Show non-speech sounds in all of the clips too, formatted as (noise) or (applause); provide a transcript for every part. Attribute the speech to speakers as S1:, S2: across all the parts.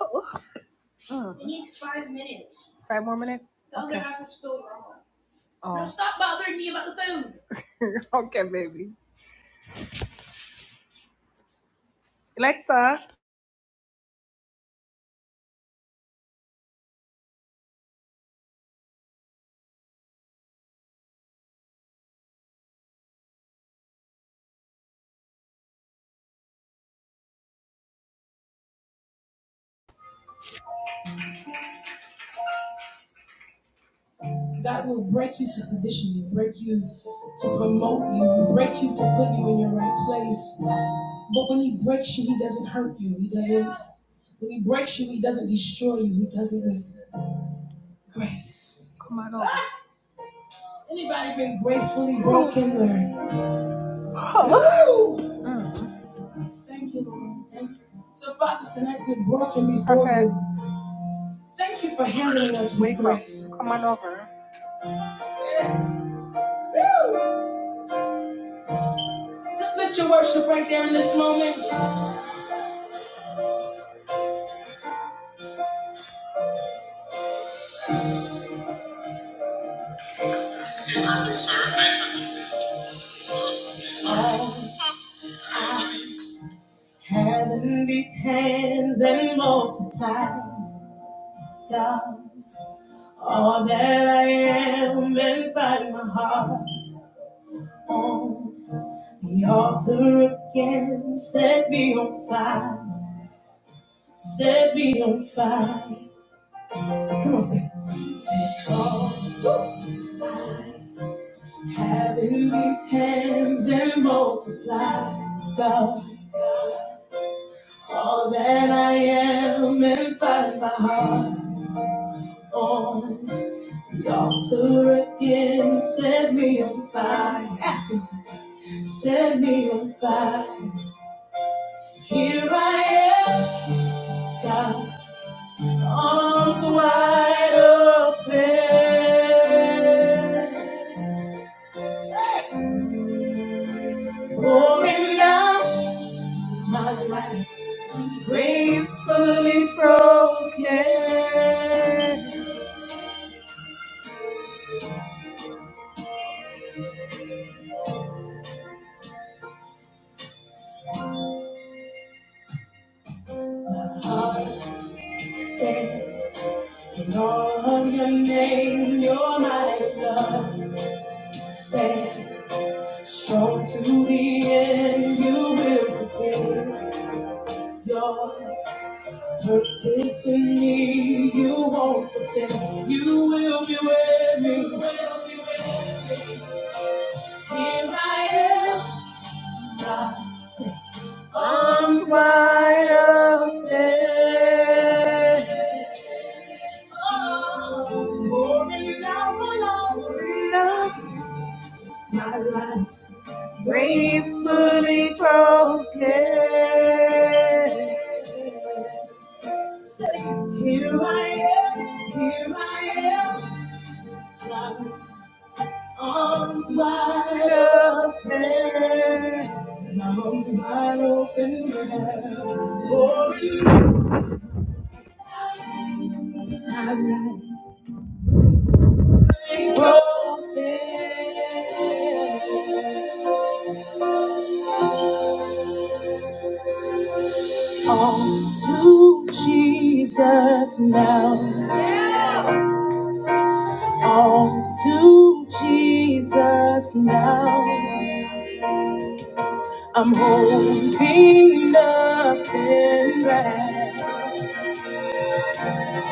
S1: Oh, oh. Five more minutes. Oh, (laughs) okay, baby. Alexa. That will break you to position you, break you to promote you, break you to put you in your right place. But when He breaks you, He doesn't hurt you. He doesn't. When He breaks you, He doesn't destroy you. He does it with grace. Come on over. Anybody been gracefully broken, Larry? Oh. Woo! Mm. Thank you, Lord. Thank you. So, Father, tonight we're broken before Perfect. you. Thank you for handling us with Wake up. grace. Up. Come on over. Just lift your worship right there in this moment. I have in these hands and multiply, God, all that I am and find my heart on the altar again. Set me on fire, set me on fire. Come on, sing. Take all I have in these hands and multiply, God. All that I am and find my heart on the altar again. Set me on fire. Ask him to set me on fire. Here I am, God, arms wide open, pouring out my life gracefully broken. Heart stands. In all of your name, your mighty love stands. Strong to the end, you will fulfill your purpose in me. You won't forsake. You will be with me. You will be with me. Here I am, God, say, arms wide open. My life gracefully broken. Say, here I am, here I am, God, arms wide open, and my arms wide open, now. for you, my life, broken. All to Jesus now. All to Jesus now. I'm holding nothing back.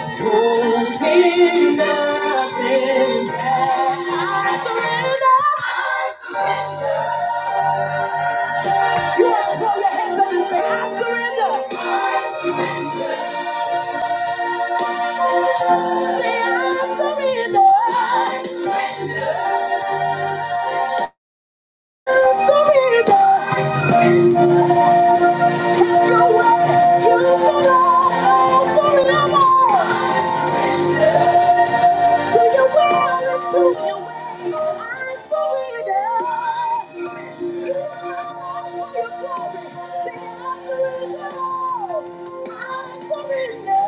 S1: Holding nothing back. I surrender. I surrender. You have to throw your hands up and say, I surrender. I surrender. I surrender. Have your way. You belong. Awesome lover. To your will and to your way, I surrender. Use my life for your glory. Say, I surrender. I surrender.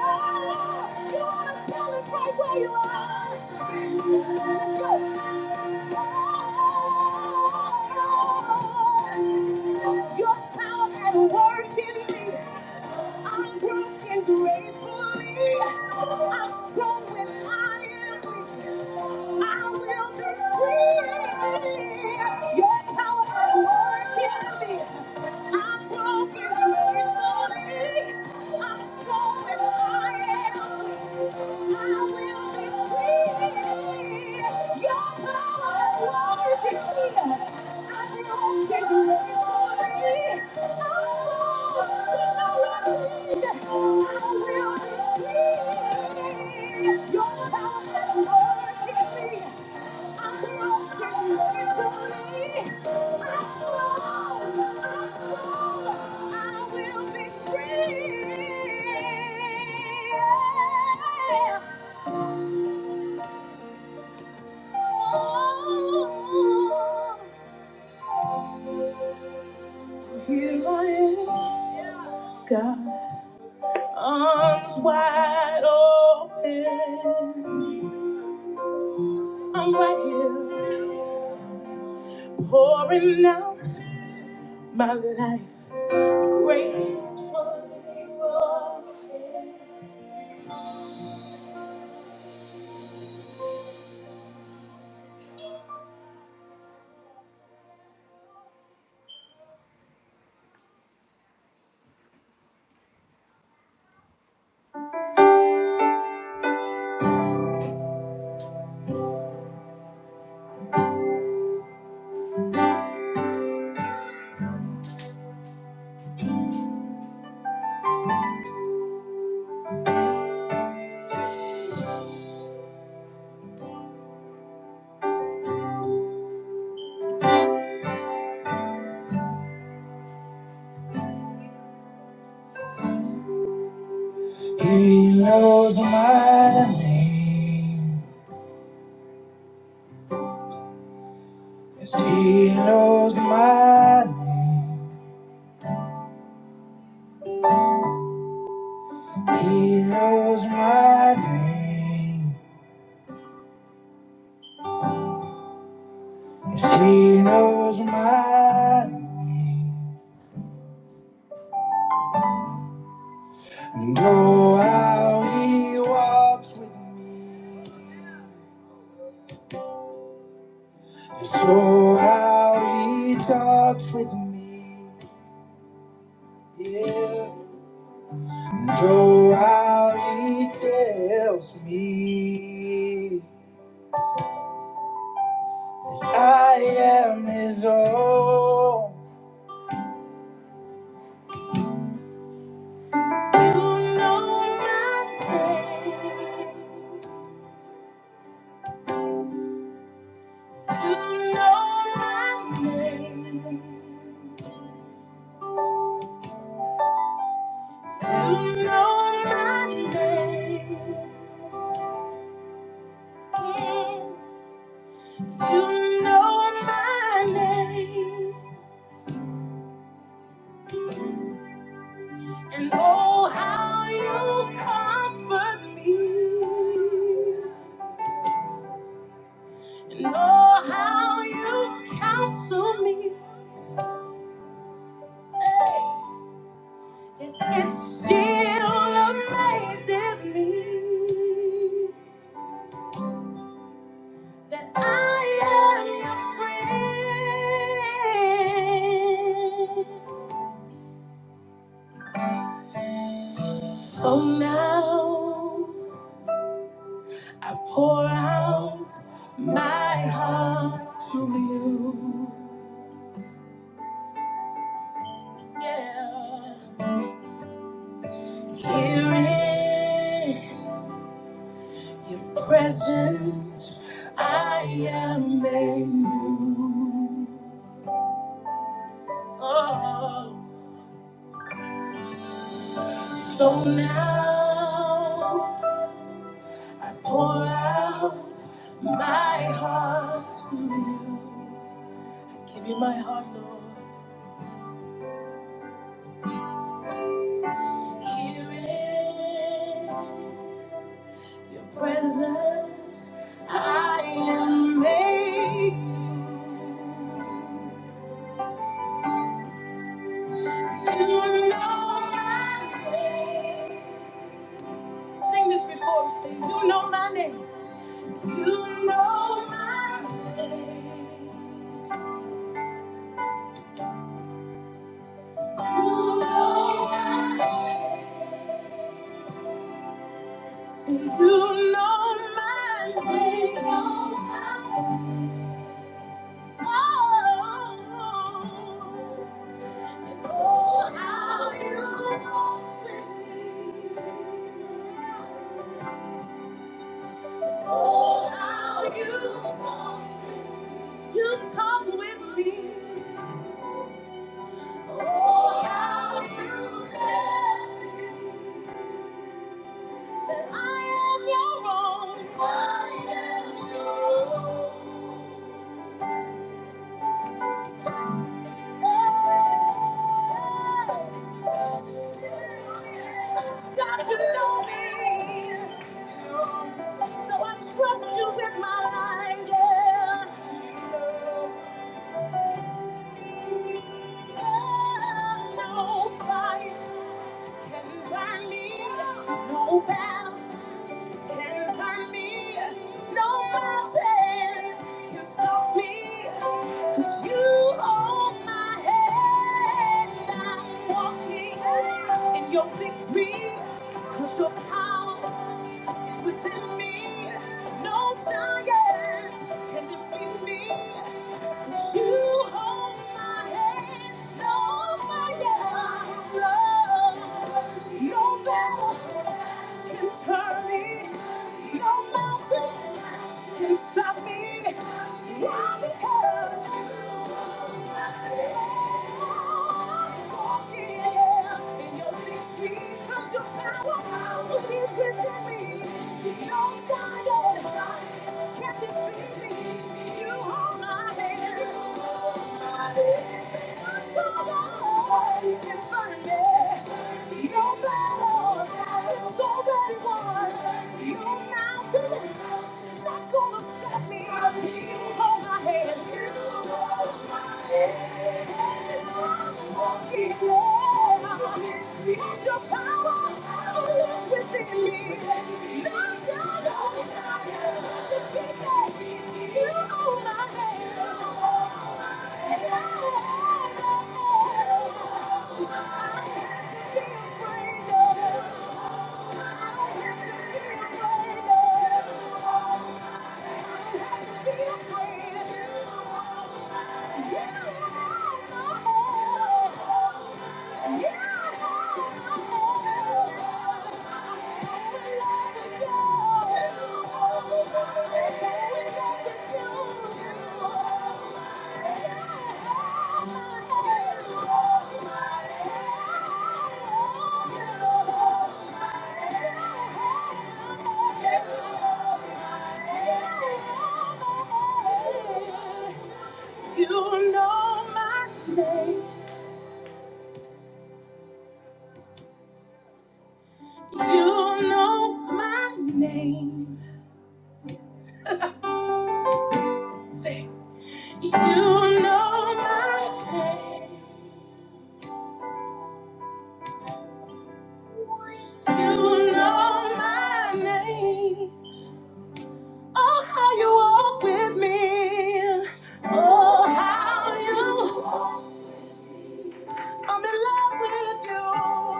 S1: Oh, you want to tell it right where you are? Let's go. Oh, Your power at work in me. I'm broken gracefully. I'm strong when I am weak. I will be free. Your power at work in me. I'm broken gracefully. I'm strong when I am weak. I will receive Your power and mercy. Arms wide open, I'm right here, pouring out my life gracefully. He knows my name. Yes, he knows my name. He knows my name. Yes, he knows my name. And oh, how he walks with me. Yes, oh, how he talks with me. Yeah. And oh, how he tells me I am his own. You know my name, and oh, how you comfort me, and oh, how you counsel me. Hey, it, still amazes me that I am your friend. So now. I pour out my heart to you. Yeah. Here in your presence, I am made new. Oh. So now I pour out my heart to you. give you my heart, Lord. Here in Your presence, I am made. You know my name. Sing this before me. Say, you know my name. You know my name. You know my name. You know Oh, oh, how you open me. Oh, how you open me. You talk with me. Oh, how you said that I am your own. I am your own. God, you know me. So I trust you with my life. Yeah. Yeah. No fire can burn me. No battle. can turn me. No mountain can stop me. 'Cause you hold my hand. I'm walking in your victory. 'Cause your power is within me. No giant can defeat me. You hold my hand, no fire. Your battle can turn it. Your mountain can stop me. No battle is already won. You now not gonna stop me. You hold my hand. You hold my hand. I Keep on. It's your power that lives within me. Not your love. Nothing can take it. You hold my hand. I I don't don't have have to to be be afraid afraid of. I don't have to be afraid of. You know my name. You know my name. Say, you know my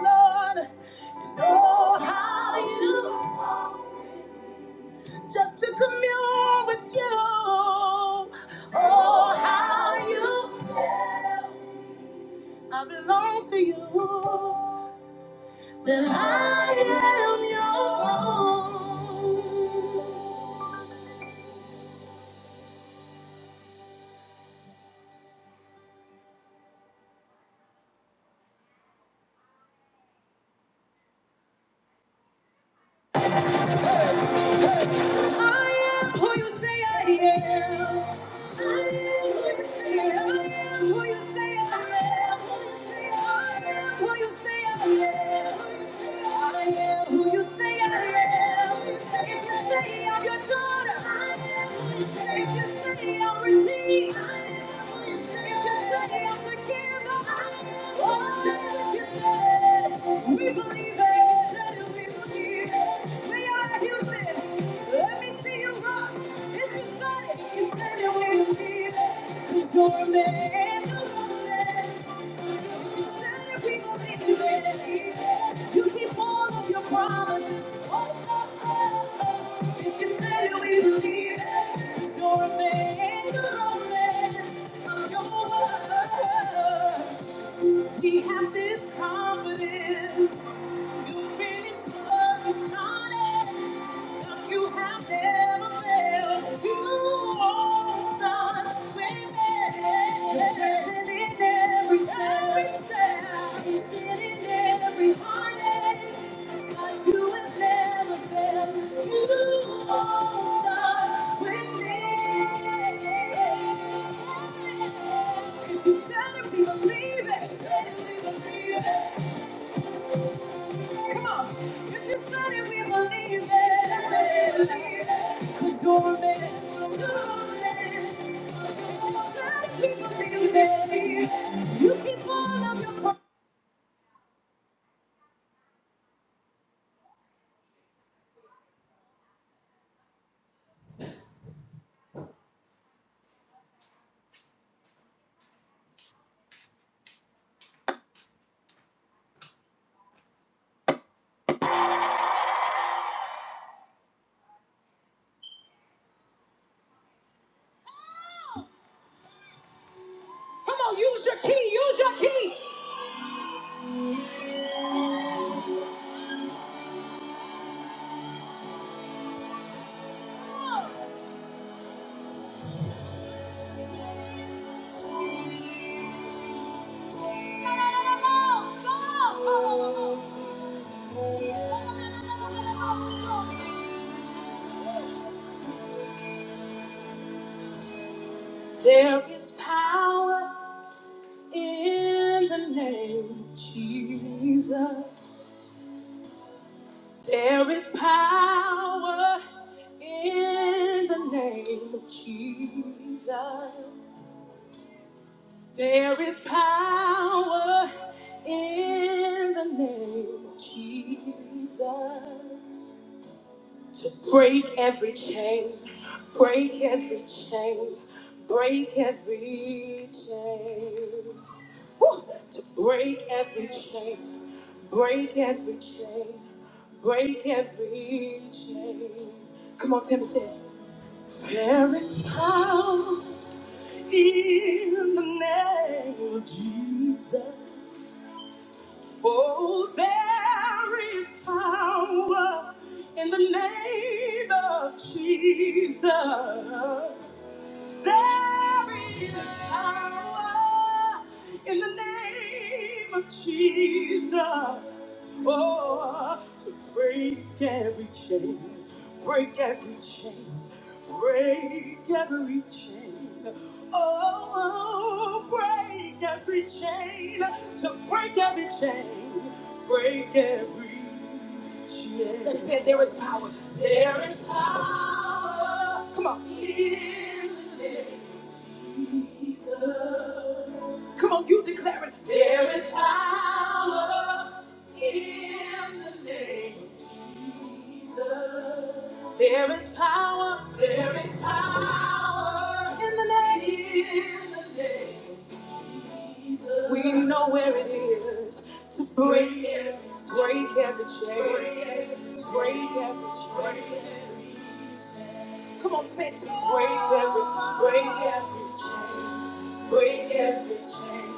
S1: name. Oh, how you just to commune with you. Oh, how you I I I I I I am am. am am. am am. you you you you you you say say say say say say If If your daughter, if you say I'm redeemed, You're a man, you're a man. You keep all of your promises. Oh, oh, oh, oh. If you said we believe it. You're a man, you're a man We have this confidence. You finished the love you started. You have never failed. You always start with me. You're present in every step. Every step. Patient in every heartache. But you have never failed. You always start with me. If you said it, we believe it. If you Said it, we believe it. Come on. If you said it, we believe it. If you Said it, we believe it. There is power in the name of Jesus. There is power in the name of Jesus. There is power in the name of Jesus. Break every chain, break every chain, break every chain. Woo! To break every chain, break every chain, break every chain. Come on, Timmy, there is power in the name of Jesus. Oh, there is power in the name of Jesus. There is power in the name of Jesus. Oh, to break every chain, break every chain, break every chain. Oh, break every chain, to break every chain, break every chain. They said there is power. There is power. Come on. In the name of Jesus. Come on, you declare it. There is power in the name of Jesus. There is power. There is power in the name. In the name of Jesus. We know it. Break every break every chain. Break every chain. Come on, say it. to me. Break every break every chain. Break every chain.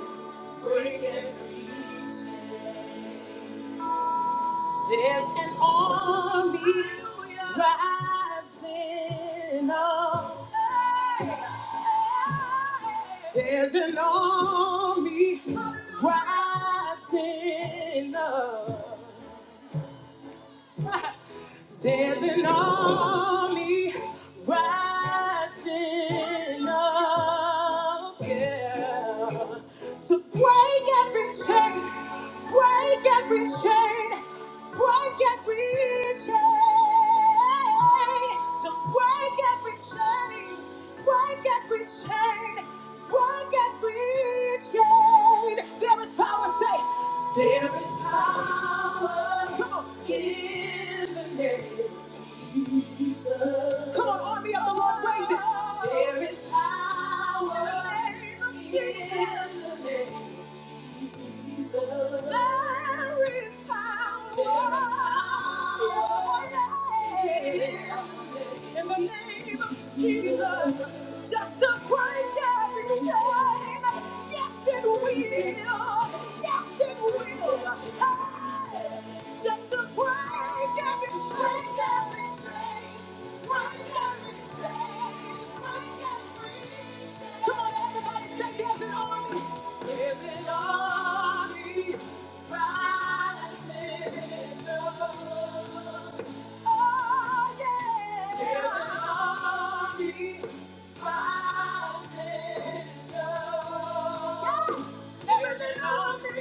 S1: Break every chain. There's an army rising up. There's an army rising up. There's an army rising up, yeah, to break every chain, break every chain, break every chain, to break every chain, break every chain, break every chain. There is power, say, there is power. Come on. Come on, army of the Lord, raise it. There is power in the name of Jesus. In the name of Jesus, just to break every chain. Yes, it will. Yes, it will. Hey, just to break every chain, Break every chain, break every chain, break every Come on, everybody, say there's an army. There's an army rising up. Oh, yeah. There's an army rising up. Yeah. There's an army.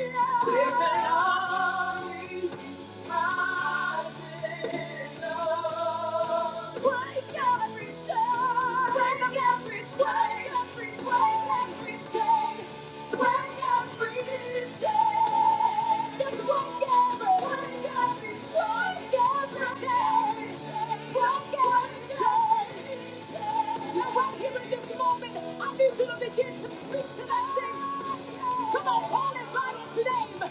S1: There's an army. Break every chain, break every chain, break every chain. I need you begin to speak to that thing. Come on, call it by name.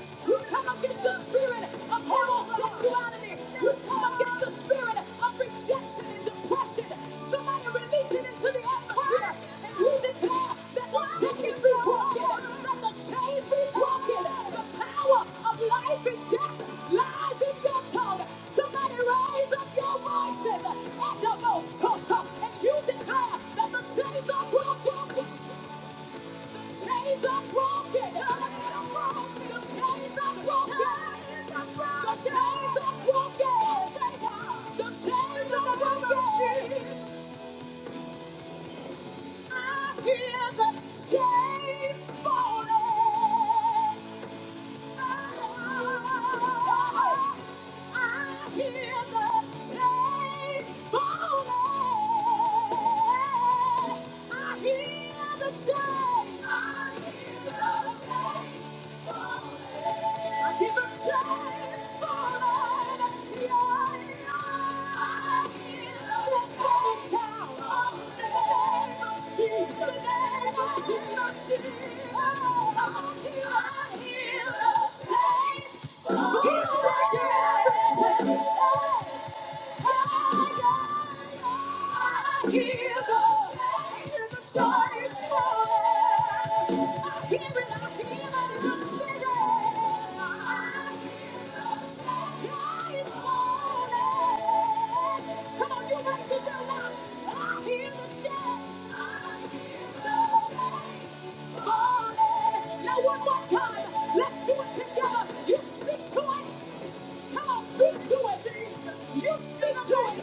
S1: come against the spirit of homosexuality. You come come against the spirit of rejection and depression. Somebody release it into the atmosphere. And we declare that the shackles be broken, that the chains be broken. The power of life and death lies in your tongue. Somebody raise up your voices at the most and you declare that the chains are broken. Chains Chains are broken. The chains are broken. The chains are broken. Yes, The chains are broken. I hear the chains falling. Ah, I hear the chains falling. I hear the chains. I hear the chains. He's my everything. Come on, you raise it up. I hear the shout. I hear the Hallelujah. Now one more time. Let's do it together. You speak to it. Come on, speak to it. You speak to it.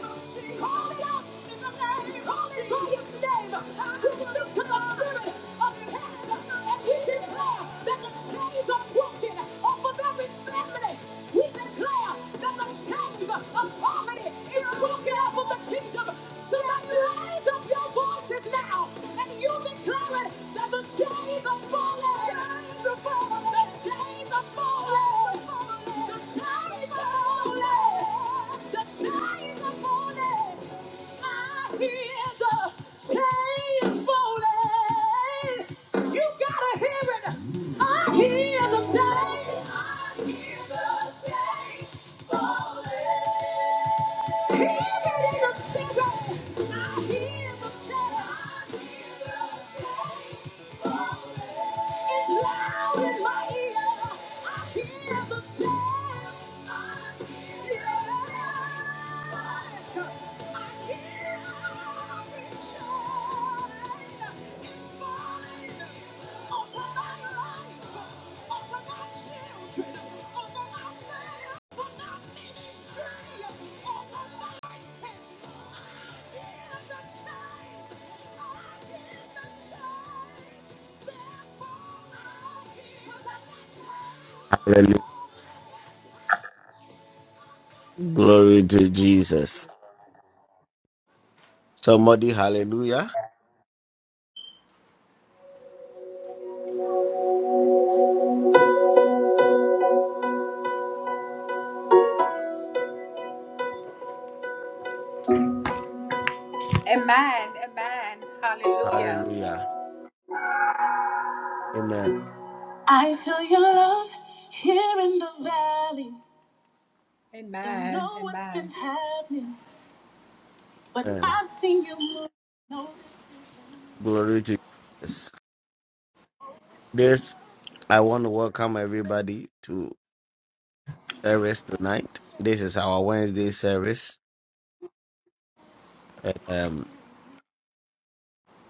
S1: Call it out. Call it by its name. You speak to the spirit of death. And we declare that the chains are broken off of every family. We declare that the chains of poverty is broken off of the kingdom. Somebody raise up your voices now and you declare it that the chains are falling. Chains are falling. The chains are falling. The chains are falling. The chains are falling. I hear the chains falling. You gotta hear it. I hear the chains. I hear the chains. I hear the it's loud in my ear. I hear the sound. I hear the sound. I hear every child. It's mine. Over my life. Over my children. Over my family. Over my ministry. Over my intent. I hear the change. I hear the change.
S2: Hallelujah. Glory to Jesus. Somebody, hallelujah.
S1: Amen. Amen. Hallelujah.
S2: Hallelujah. Amen.
S1: Amen. Amen.
S2: Amen. Glory to Jesus. This, I want to welcome everybody to service tonight. This is our Wednesday service. Um,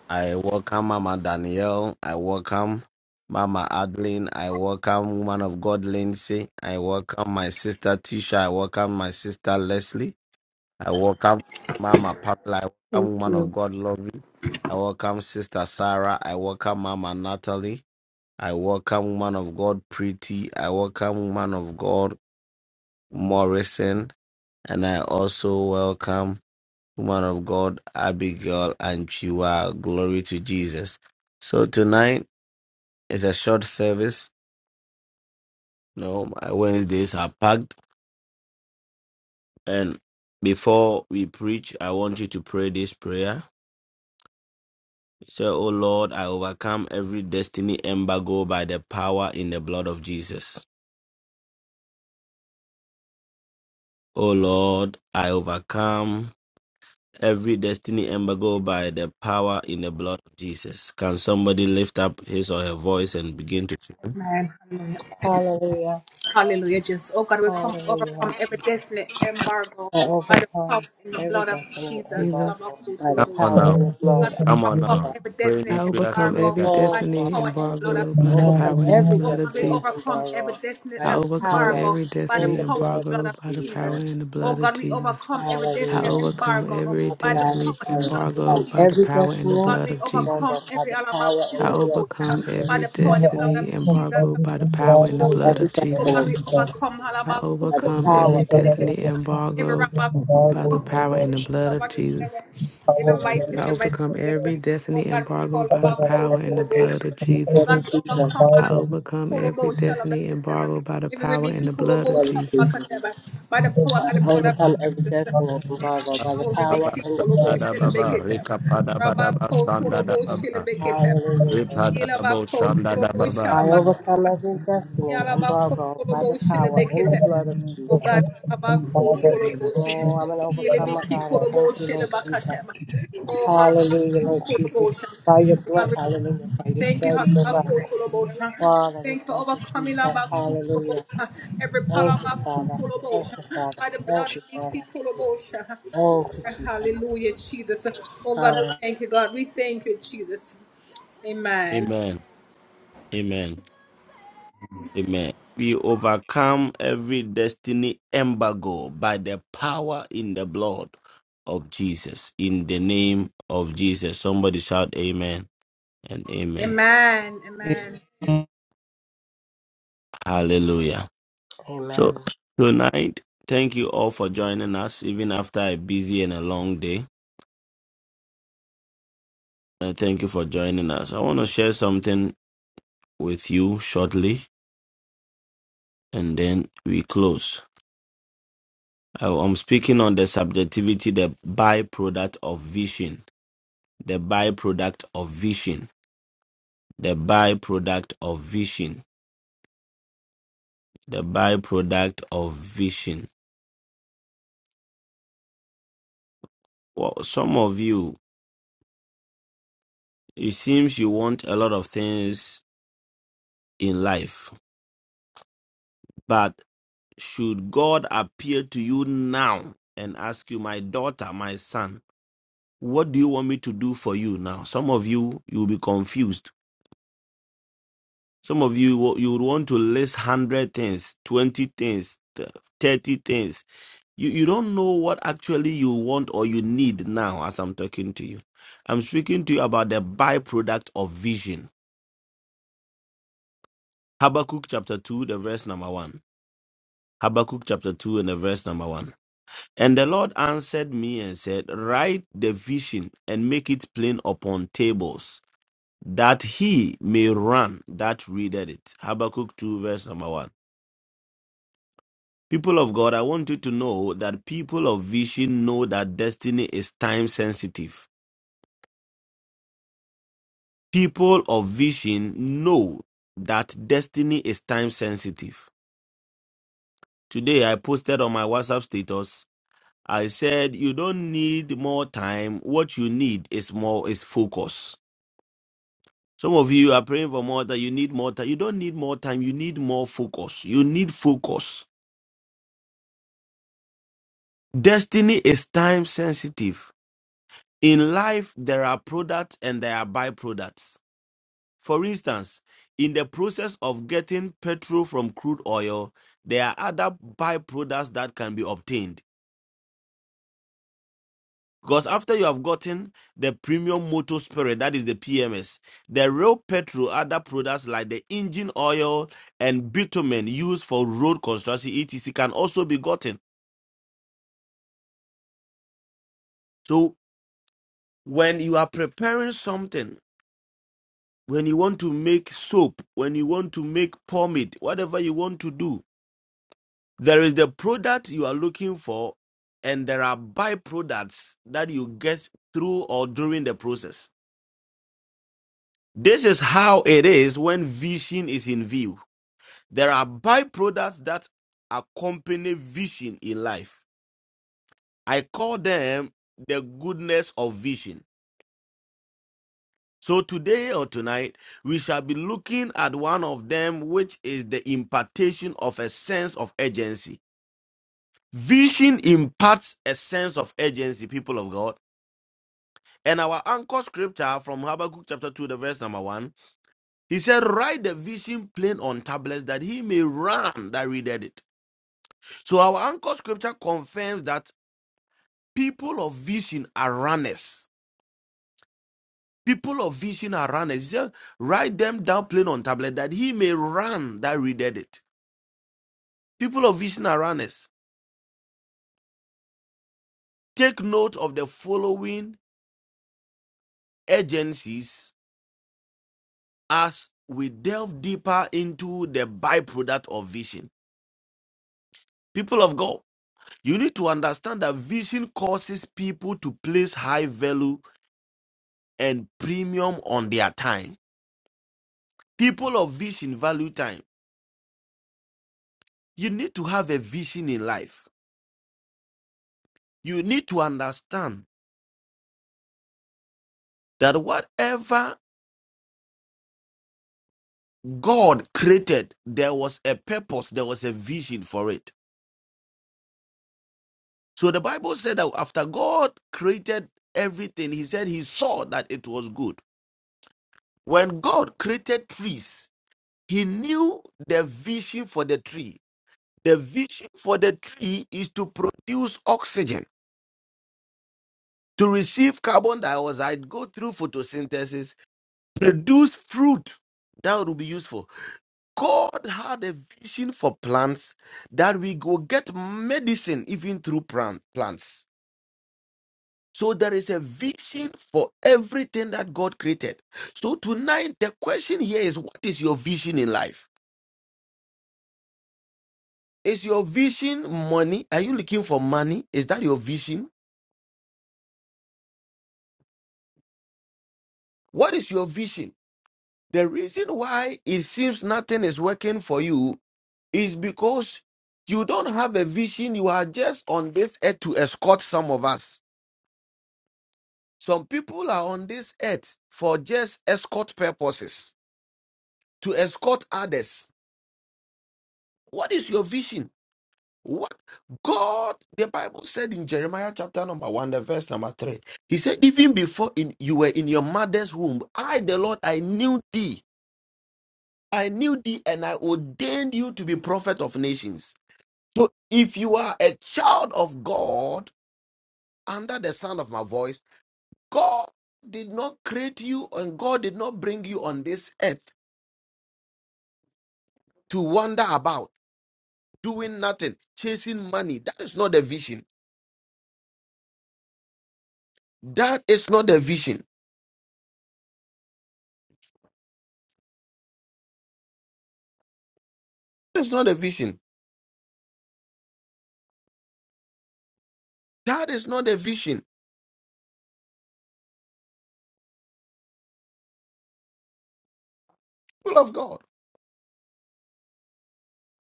S2: I welcome Mama Danielle. I welcome Mama Adeline. I welcome Woman of God Lindsay. I welcome my sister Tisha. I welcome my sister Leslie. I welcome Mama Pamela. I
S3: Thank
S2: welcome woman
S3: you.
S2: of God, Lovey. I welcome Sister Sarah. I welcome Mama Natalie. I welcome woman of God, Pretty. I welcome woman of God, Morrison. And I also welcome woman of God, Abigail and Chiwa. Glory to Jesus. So tonight is a short service. No, my Wednesdays are packed. And before we preach, I want you to pray this prayer. Say, O Lord, I overcome every destiny embargo by the power in the blood of Jesus. O Lord, I overcome every destiny embargo by the power in the blood of Jesus. Can somebody lift up his or her voice and begin to sing?
S1: Amen. Hallelujah.
S4: Hallelujah.
S1: Hallelujah. Just oh God, we come
S4: Hallelujah, Lord
S1: overcome every
S4: Jesus.
S1: destiny embargo
S4: I
S1: by the power
S4: overcome
S1: in the
S4: every
S1: blood of
S4: destiny
S1: Jesus.
S5: Jesus,
S4: embargo by the
S2: Come
S1: Salamakutulubosha.
S2: on
S4: power
S2: now.
S4: and the
S1: Oh God,
S4: blood of
S1: we
S2: Come
S6: overcome
S2: on
S1: overcome
S6: every
S2: now.
S4: God.
S1: every
S2: Pray the
S5: I overcome every
S2: entire.
S4: Oh,
S5: destiny
S4: Father, hallelujah.
S5: embargoed
S4: I
S5: by
S6: and
S5: the
S6: man
S4: overcome
S5: power
S6: and
S5: and the
S4: every
S6: man.
S5: blood of
S4: destiny
S5: Jesus.
S4: embargo by
S5: I
S4: the
S5: overcome
S4: power
S5: every destiny
S4: and the blood of
S5: embargoed by the power
S4: Jesus.
S5: and the blood of Jesus. I
S4: Hallelujah.
S5: overcome every
S4: Father God,
S5: destiny
S4: I overcome
S5: embargoed by the
S4: every
S5: power and the
S4: destiny
S5: blood of Jesus.
S4: embargo by the power and
S5: I
S4: the blood of
S5: overcome every
S4: Jesus.
S6: Never
S5: destiny
S6: overcome
S5: embargoed by the
S6: everything by
S5: power and the
S4: Um,
S6: the
S5: blood
S4: every
S5: of
S6: that
S5: Jesus.
S4: destiny
S6: we done.
S5: I
S4: by the
S5: overcome
S4: power
S5: every
S6: Every God
S4: and the
S6: that
S5: destiny
S4: blood of
S6: overcome and
S5: embargoed
S6: then God
S5: by the
S6: also
S5: power and the
S6: that
S5: blood of Jesus.
S6: our glory
S5: I
S4: Hallelujah.
S6: is in the
S5: overcome every destiny embargoed by
S6: Father
S5: the
S6: God
S5: power and the
S6: overcome
S5: blood of
S6: from
S5: Jesus.
S4: Blood of
S6: every and
S4: Jesus.
S6: the
S5: I
S6: every
S5: overcome every destiny embargo by the power and the blood of
S4: Blood of
S5: Jesus.
S4: Jesus.
S6: every
S4: I overcome every destiny and embargo by the power
S2: Baba,
S4: and the blood
S2: Sanda,
S4: of
S2: Baba,
S4: Jesus.
S2: Rika, Pada, Baba, Sanda, Baba,
S4: Hallelujah.
S2: Ripa, Baba, Sanda,
S4: I
S2: Baba.
S4: overcome every destiny embargo by the power
S6: God
S4: and the
S6: has
S4: blood of Jesus.
S6: overcome every by the the
S4: Oh,
S6: thing
S4: I'm an
S6: and blood.
S4: overcomer, God. I thank you, Lord Jesus. Hallelujah, Lord Jesus. By your blood, hallelujah. By your strength, oh God. Father, we thank you, Jesus. Hallelujah. Thank you, Father. Thank you, Father. Thank you, Father. Thank you, Jesus. Hallelujah.
S2: Amen. Amen. Amen. We overcome every destiny embargo by the power in the blood of Jesus. In the name of Jesus. Somebody shout amen and amen.
S7: Amen.
S2: Hallelujah. So
S4: Amen.
S2: tonight, thank you all for joining us, even after a busy and a long day. Uh, thank you for joining us. I want to share something with you shortly and then we close. I- I'm speaking on the subjectivity, the byproduct of vision the byproduct of vision, the byproduct of vision, the byproduct of vision. Well, some of you, it seems you want a lot of things in life, but should God appear to you now and ask you, my daughter, my son, what do you want me to do for you now? Some of you, you'll be confused. Some of you, you would want to list 100 things, 20 things, 30 things, You you don't know what actually you want or you need now as I'm talking to you. I'm speaking to you about the byproduct of vision. Habakkuk chapter 2, the verse number 1. Habakkuk chapter 2 and the verse number 1. And the Lord answered me and said, Write the vision and make it plain upon tables, that he may run that readeth it. Habakkuk 2, verse number 1. People of God, I want you to know that people of vision know that destiny is time sensitive People of vision know that destiny is time sensitive. Today, I posted on my WhatsApp status. I said, You don't need more time. What you need is more is focus. Some of you are praying for more that you need more time. You don't need more time. You need more focus. You need focus. Destiny is time sensitive. In life, there are products and there are byproducts. For instance, in the process of getting petrol from crude oil, there are other byproducts that can be obtained. Because after you have gotten the premium motor spirit, that is the PMS, the real petrol, other products like the engine oil and bitumen used for road construction, etc., can also be gotten. So when you are preparing something, when you want to make soap, when you want to make pomade, whatever you want to do, There is the product you are looking for, and there are byproducts that you get through or during the process. This is how it is when vision is in view. There are byproducts that accompany vision in life. I call them the goodness of vision. So today or tonight, we shall be looking at one of them, which is the impartation of a sense of urgency. Vision imparts a sense of urgency, people of God And our anchor scripture from Habakkuk chapter 2, the verse number 1, he said, Write the vision plain on tablets that he may run that readeth it. So our anchor scripture confirms that people of vision are runners. People of vision are runners. He said, Write them down plain on tablet that he may run that readeth it. People of vision are runners. Take note of the following agencies as we delve deeper into the byproduct of vision. People of God. You need to understand that vision causes people to place high value and premium on their time. People of vision value time. You need to have a vision in life. You need to understand that whatever God created, there was a purpose, there was a vision for it. So the Bible said that after God created everything, He said He saw that it was good. When God created trees, He knew the vision for the tree The vision for the tree is to produce oxygen, to receive carbon dioxide, go through photosynthesis, produce fruit that will be useful. God had a vision for plants that we go get medicine even through plant, plants. So there is a vision for everything that God created. So tonight the question here is what is your vision in life? Is your vision money? Are you looking for money? Is that your vision? What is your vision? The reason why it seems nothing is working for you is because you don't have a vision. You are just on this earth to escort some of us. Some people are on this earth for just escort purposes, to escort others. What is your vision? What God, the Bible said in Jeremiah chapter number one, the verse number three, He said, Even before in, you were in your mother's womb, I, the Lord, I knew thee. I knew thee and I ordained you to be prophet of nations. So if you are a child of God under the sound of my voice, God did not create you and God did not bring you on this earth to wander about doing nothing, chasing money. That is not the vision. That is not the vision. That is not the vision. That is not the vision. Full of God.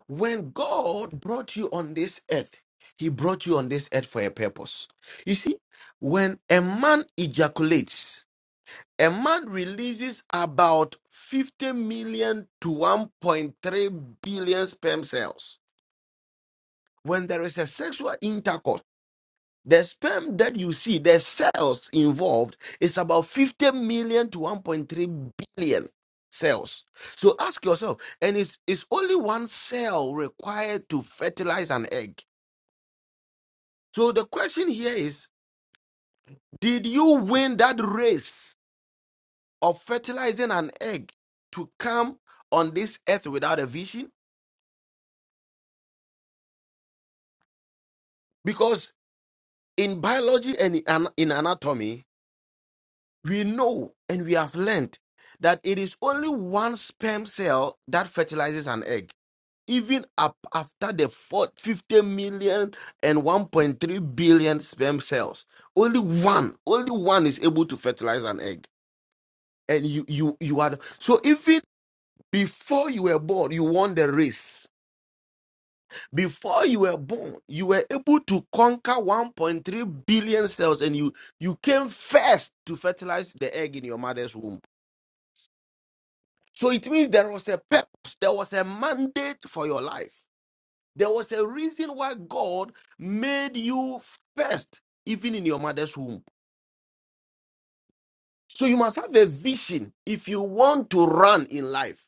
S2: When God brought you on this earth, he brought you on this earth for a purpose. You see, when a man ejaculates, a man releases about 50 million to 1.3 billion sperm cells. When there is a sexual intercourse, the sperm that you see, the cells involved, is about 50 million to 1.3 billion cells. So ask yourself, and it's, it's only one cell required to fertilize an egg. So the question here is Did you win that race? of fertilizing an egg to come on this earth without a vision? Because in biology and in in anatomy, we know and we have learned that it is only one sperm cell that fertilizes an egg. Even up after the four- 50 million and 1.3 billion sperm cells, only one, only one is able to fertilize an egg. And you, you, you are. the- so even before you were born, you won the race before you were born, you were able to conquer 1.3 billion cells and you, you came first to fertilize the egg in your mother's womb. So it means there was a purpose, there was a mandate for your life. There was a reason why God made you first, even in your mother's womb. So you must have a vision if you want to run in life.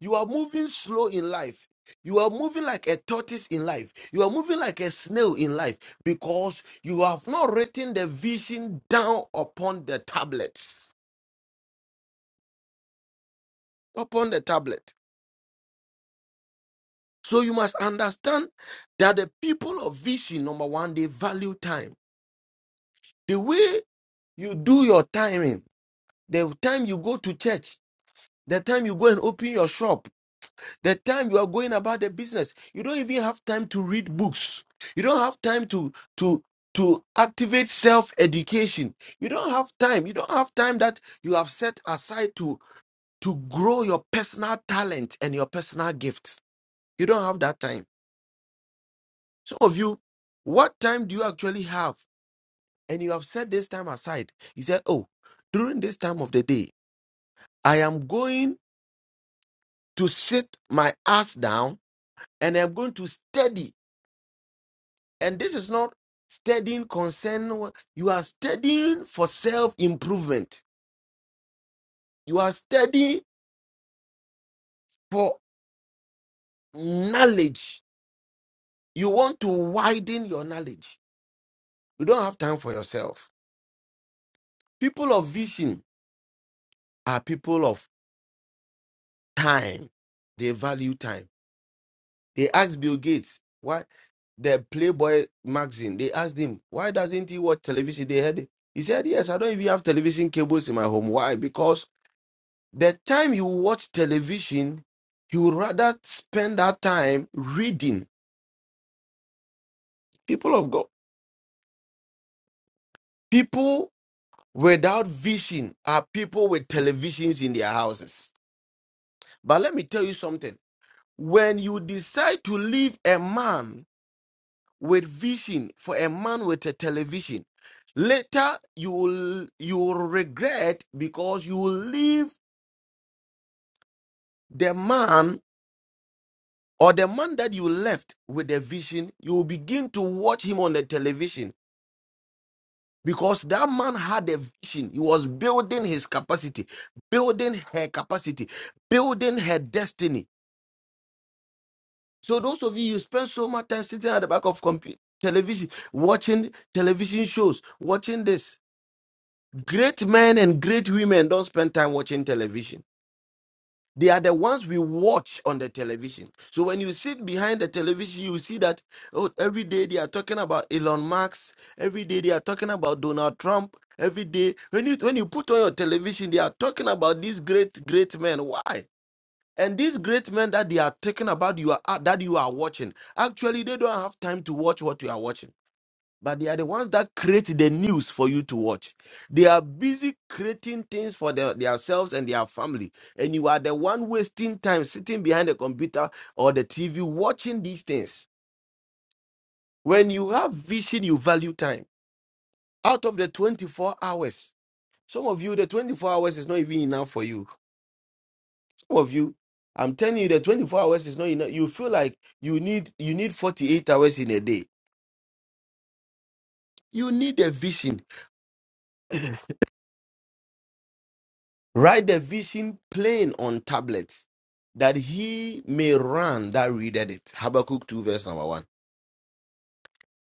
S2: You are moving slow in life. You are moving like a tortoise in life. You are moving like a snail in life because you have not written the vision down upon the tablets. Upon the tablet. So you must understand that the people of vision, number one, they value time. The way you do your timing, the time you go to church, the time you go and open your shop, The time you are going about the business, you don't even have time to read books. You don't have time to to to activate self-education. You don't have time. You don't have time that you have set aside to to grow your personal talent and your personal gifts. You don't have that time. Some of you, what time do you actually have? And you have set this time aside. You said, "Oh, during this time of the day, I am going to sit my ass down and I'm going to study And this is not studying concern. You are studying for self improvement. You are studying for knowledge. You want to widen your knowledge. You don't have time for yourself. People of vision are people of time. They value time. They ask Bill Gates why the Playboy magazine. They asked him why doesn't he watch television? They had it. He said yes. I don't even have television cables in my home. Why? Because The time you watch television, you would rather spend that time reading. People of God, people without vision are people with televisions in their houses. But let me tell you something. When you decide to leave a man with vision for a man with a television, later you will you will regret because you will leave the man or the man that you left with the vision, you will begin to watch him on the television because that man had a vision. He was building his capacity, building her capacity, building her destiny. So those of you you spend so much time sitting at the back of computer television, watching television shows, watching this. Great men and great women don't spend time watching television They are the ones we watch on the television. So when you sit behind the television, you see that oh, every day they are talking about Elon Musk. Every day they are talking about Donald Trump. Every day when you when you put on your television, they are talking about these great great men. Why? And these great men that they are talking about, you are that you are watching. Actually, they don't have time to watch what you are watching but they are the ones that create the news for you to watch. They are busy creating things for their, themselves and their family, and you are the one wasting time sitting behind the computer or the TV watching these things. When you have vision, you value time. Out of the 24 hours, some of you, the 24 hours is not even enough for you. Some of you, I'm telling you, the 24 hours is not enough. You feel like you need you need 48 hours in a day. You need a vision. (clears throat) Write the vision plain on tablets that he may run that readeth it. Habakkuk 2, verse number 1.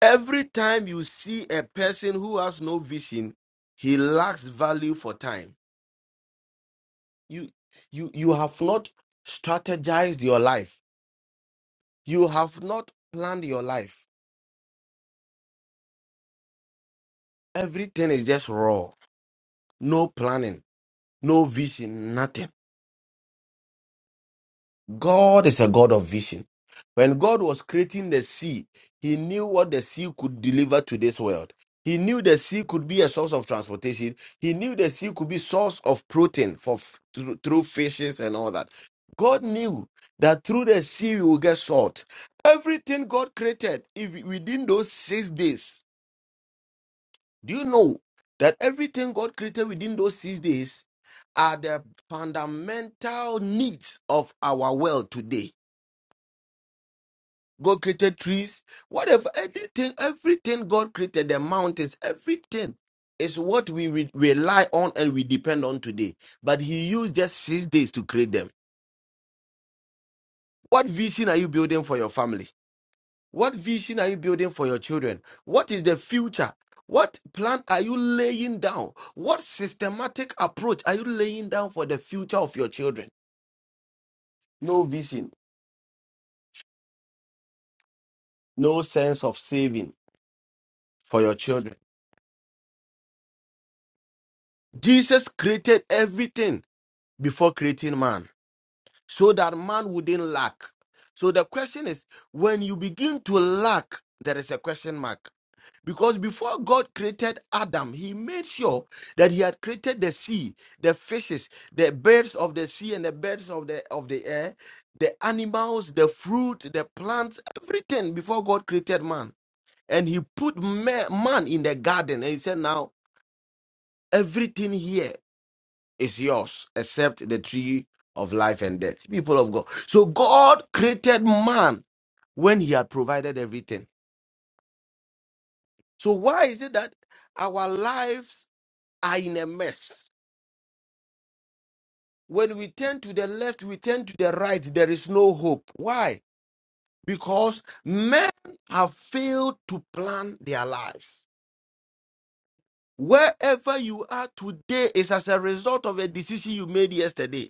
S2: Every time you see a person who has no vision, he lacks value for time. You, you, you have not strategized your life, you have not planned your life. Everything is just raw, no planning, no vision, nothing. God is a God of vision. When God was creating the sea, He knew what the sea could deliver to this world. He knew the sea could be a source of transportation. He knew the sea could be source of protein for f- through, through fishes and all that. God knew that through the sea we will get salt. Everything God created, if within those six days, do you know that everything God created within those six days are the fundamental needs of our world today? God created trees, whatever, anything, everything God created, the mountains, everything is what we re- rely on and we depend on today. But He used just six days to create them. What vision are you building for your family? What vision are you building for your children? What is the future? What plan are you laying down? What systematic approach are you laying down for the future of your children? No vision, no sense of saving for your children. Jesus created everything before creating man so that man wouldn't lack. So the question is when you begin to lack, there is a question mark. Because before God created Adam, he made sure that he had created the sea, the fishes, the birds of the sea and the birds of the of the air, the animals, the fruit, the plants, everything before God created man. And he put ma- man in the garden and he said, Now everything here is yours except the tree of life and death. People of God. So God created man when he had provided everything. So why is it that our lives are in a mess? When we turn to the left, we turn to the right, there is no hope. Why? Because men have failed to plan their lives. Wherever you are today is as a result of a decision you made yesterday.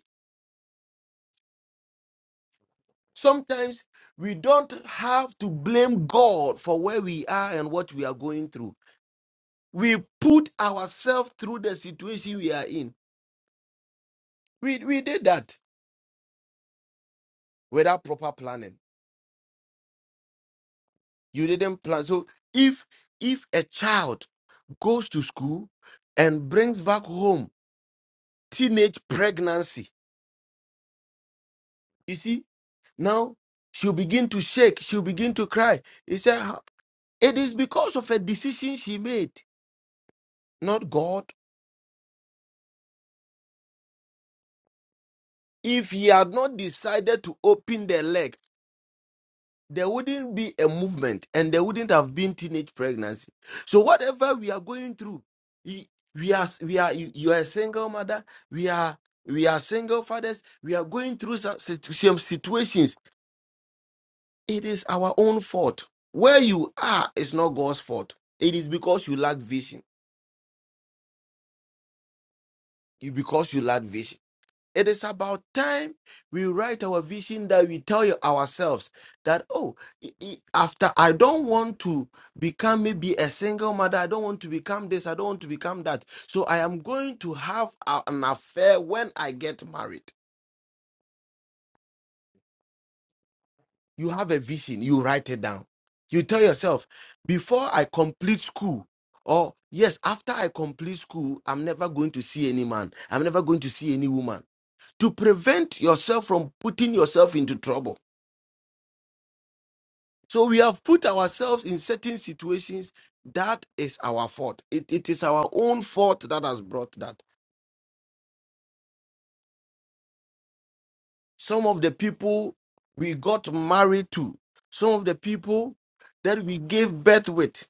S2: Sometimes we don't have to blame God for where we are and what we are going through. We put ourselves through the situation we are in. We, we did that without proper planning. You didn't plan. So if if a child goes to school and brings back home teenage pregnancy, you see, now she'll begin to shake, she'll begin to cry. He said "How- it is because of a decision she made, not God. If he had not decided to open the legs, there wouldn't be a movement and there wouldn't have been teenage pregnancy. So whatever we are going through, he- we are we are you you are a single mother, we are we are single fathers, we are going through some, situ- some situations. It is our own fault. Where you are is not God's fault. It is because you lack vision. It- Because you lack vision. It is about time we write our vision that we tell you ourselves that, oh, i- i- after I don't want to become maybe a single mother, I don't want to become this, I don't want to become that. So I am going to have a- an affair when I get married. You have a vision, you write it down. You tell yourself, before I complete school, or yes, after I complete school, I'm never going to see any man, I'm never going to see any woman. To prevent yourself from putting yourself into trouble So we have put ourselves in certain situations that is our fault. It, it is our own fault that has brought that. Some of the people we got married to, some of the people that we gave birth with,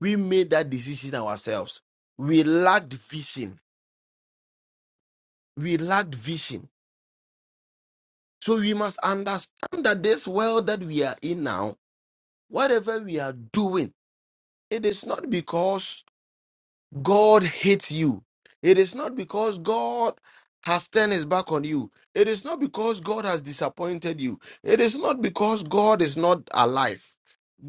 S2: we made that decision ourselves. We lacked vision. We lacked vision. So we must understand that this world that we are in now, whatever we are doing, it is not because God hates you. It is not because God has turned his back on you. It is not because God has disappointed you. It is not because God is not alive.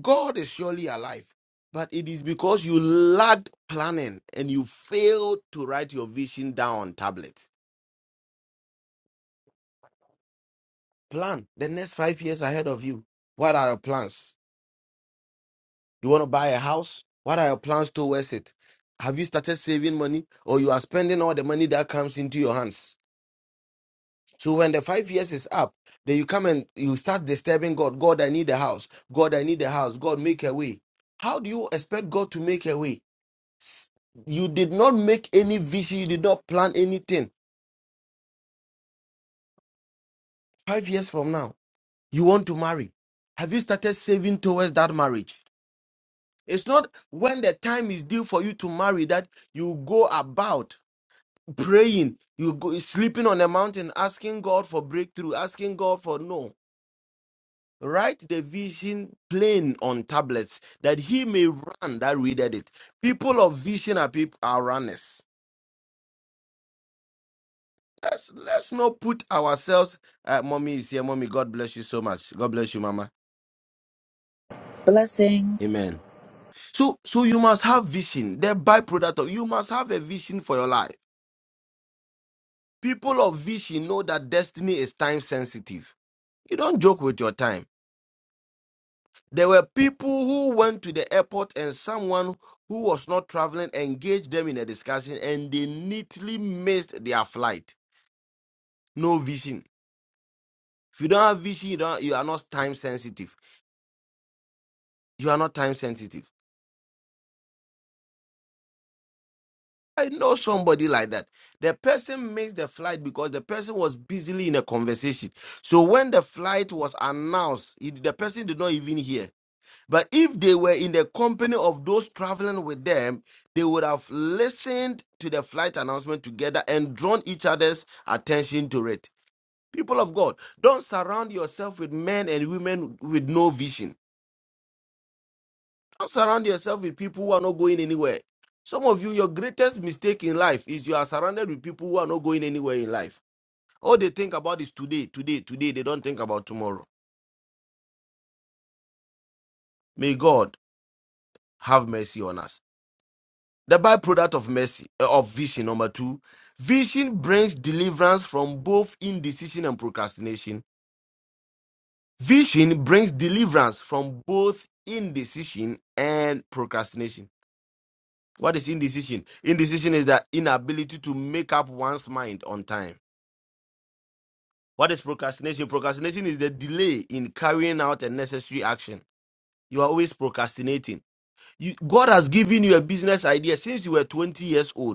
S2: God is surely alive. But it is because you lacked planning and you failed to write your vision down on tablet. Plan the next five years ahead of you. What are your plans? You want to buy a house? What are your plans towards it? Have you started saving money or you are spending all the money that comes into your hands? So when the five years is up, then you come and you start disturbing God. God, I need a house. God, I need a house. God, make a way. How do you expect God to make a way? S- You did not make any vision. You did not plan anything. Five years from now, you want to marry. Have you started saving towards that marriage? It's not when the time is due for you to marry that you go about praying, you go sleeping on a mountain, asking God for breakthrough, asking God for no. Write the vision plain on tablets that he may run that readeth it. People of vision are people are runners. Let's let's not put ourselves. Uh, mommy is here. Mommy, God bless you so much. God bless you, Mama.
S8: Blessings.
S2: Amen. So so you must have vision. The byproduct of you must have a vision for your life. People of vision know that destiny is time sensitive. You don't joke with your time. There were people who went to the airport and someone who was not traveling engaged them in a discussion and they neatly missed their flight. No vision. If you don't have vision, you, don't, you are not time sensitive. You are not time sensitive. I know somebody like that. The person missed the flight because the person was busily in a conversation. So when the flight was announced, it, the person did not even hear But if they were in the company of those traveling with them, they would have listened to the flight announcement together and drawn each other's attention to it. People of God, don't surround yourself with men and women with no vision. Don't surround yourself with people who are not going anywhere. Some of you, your greatest mistake in life is you are surrounded with people who are not going anywhere in life. All they think about is today, today, today. They don't think about tomorrow. May God have mercy on us. The byproduct of mercy, uh, of vision, number two, vision brings deliverance from both indecision and procrastination. Vision brings deliverance from both indecision and procrastination. What is indecision? Indecision is the inability to make up one's mind on time. What is procrastination? Procrastination is the delay in carrying out a necessary action. You are always procrastinating. You, God has given you a business idea since you were 20 years old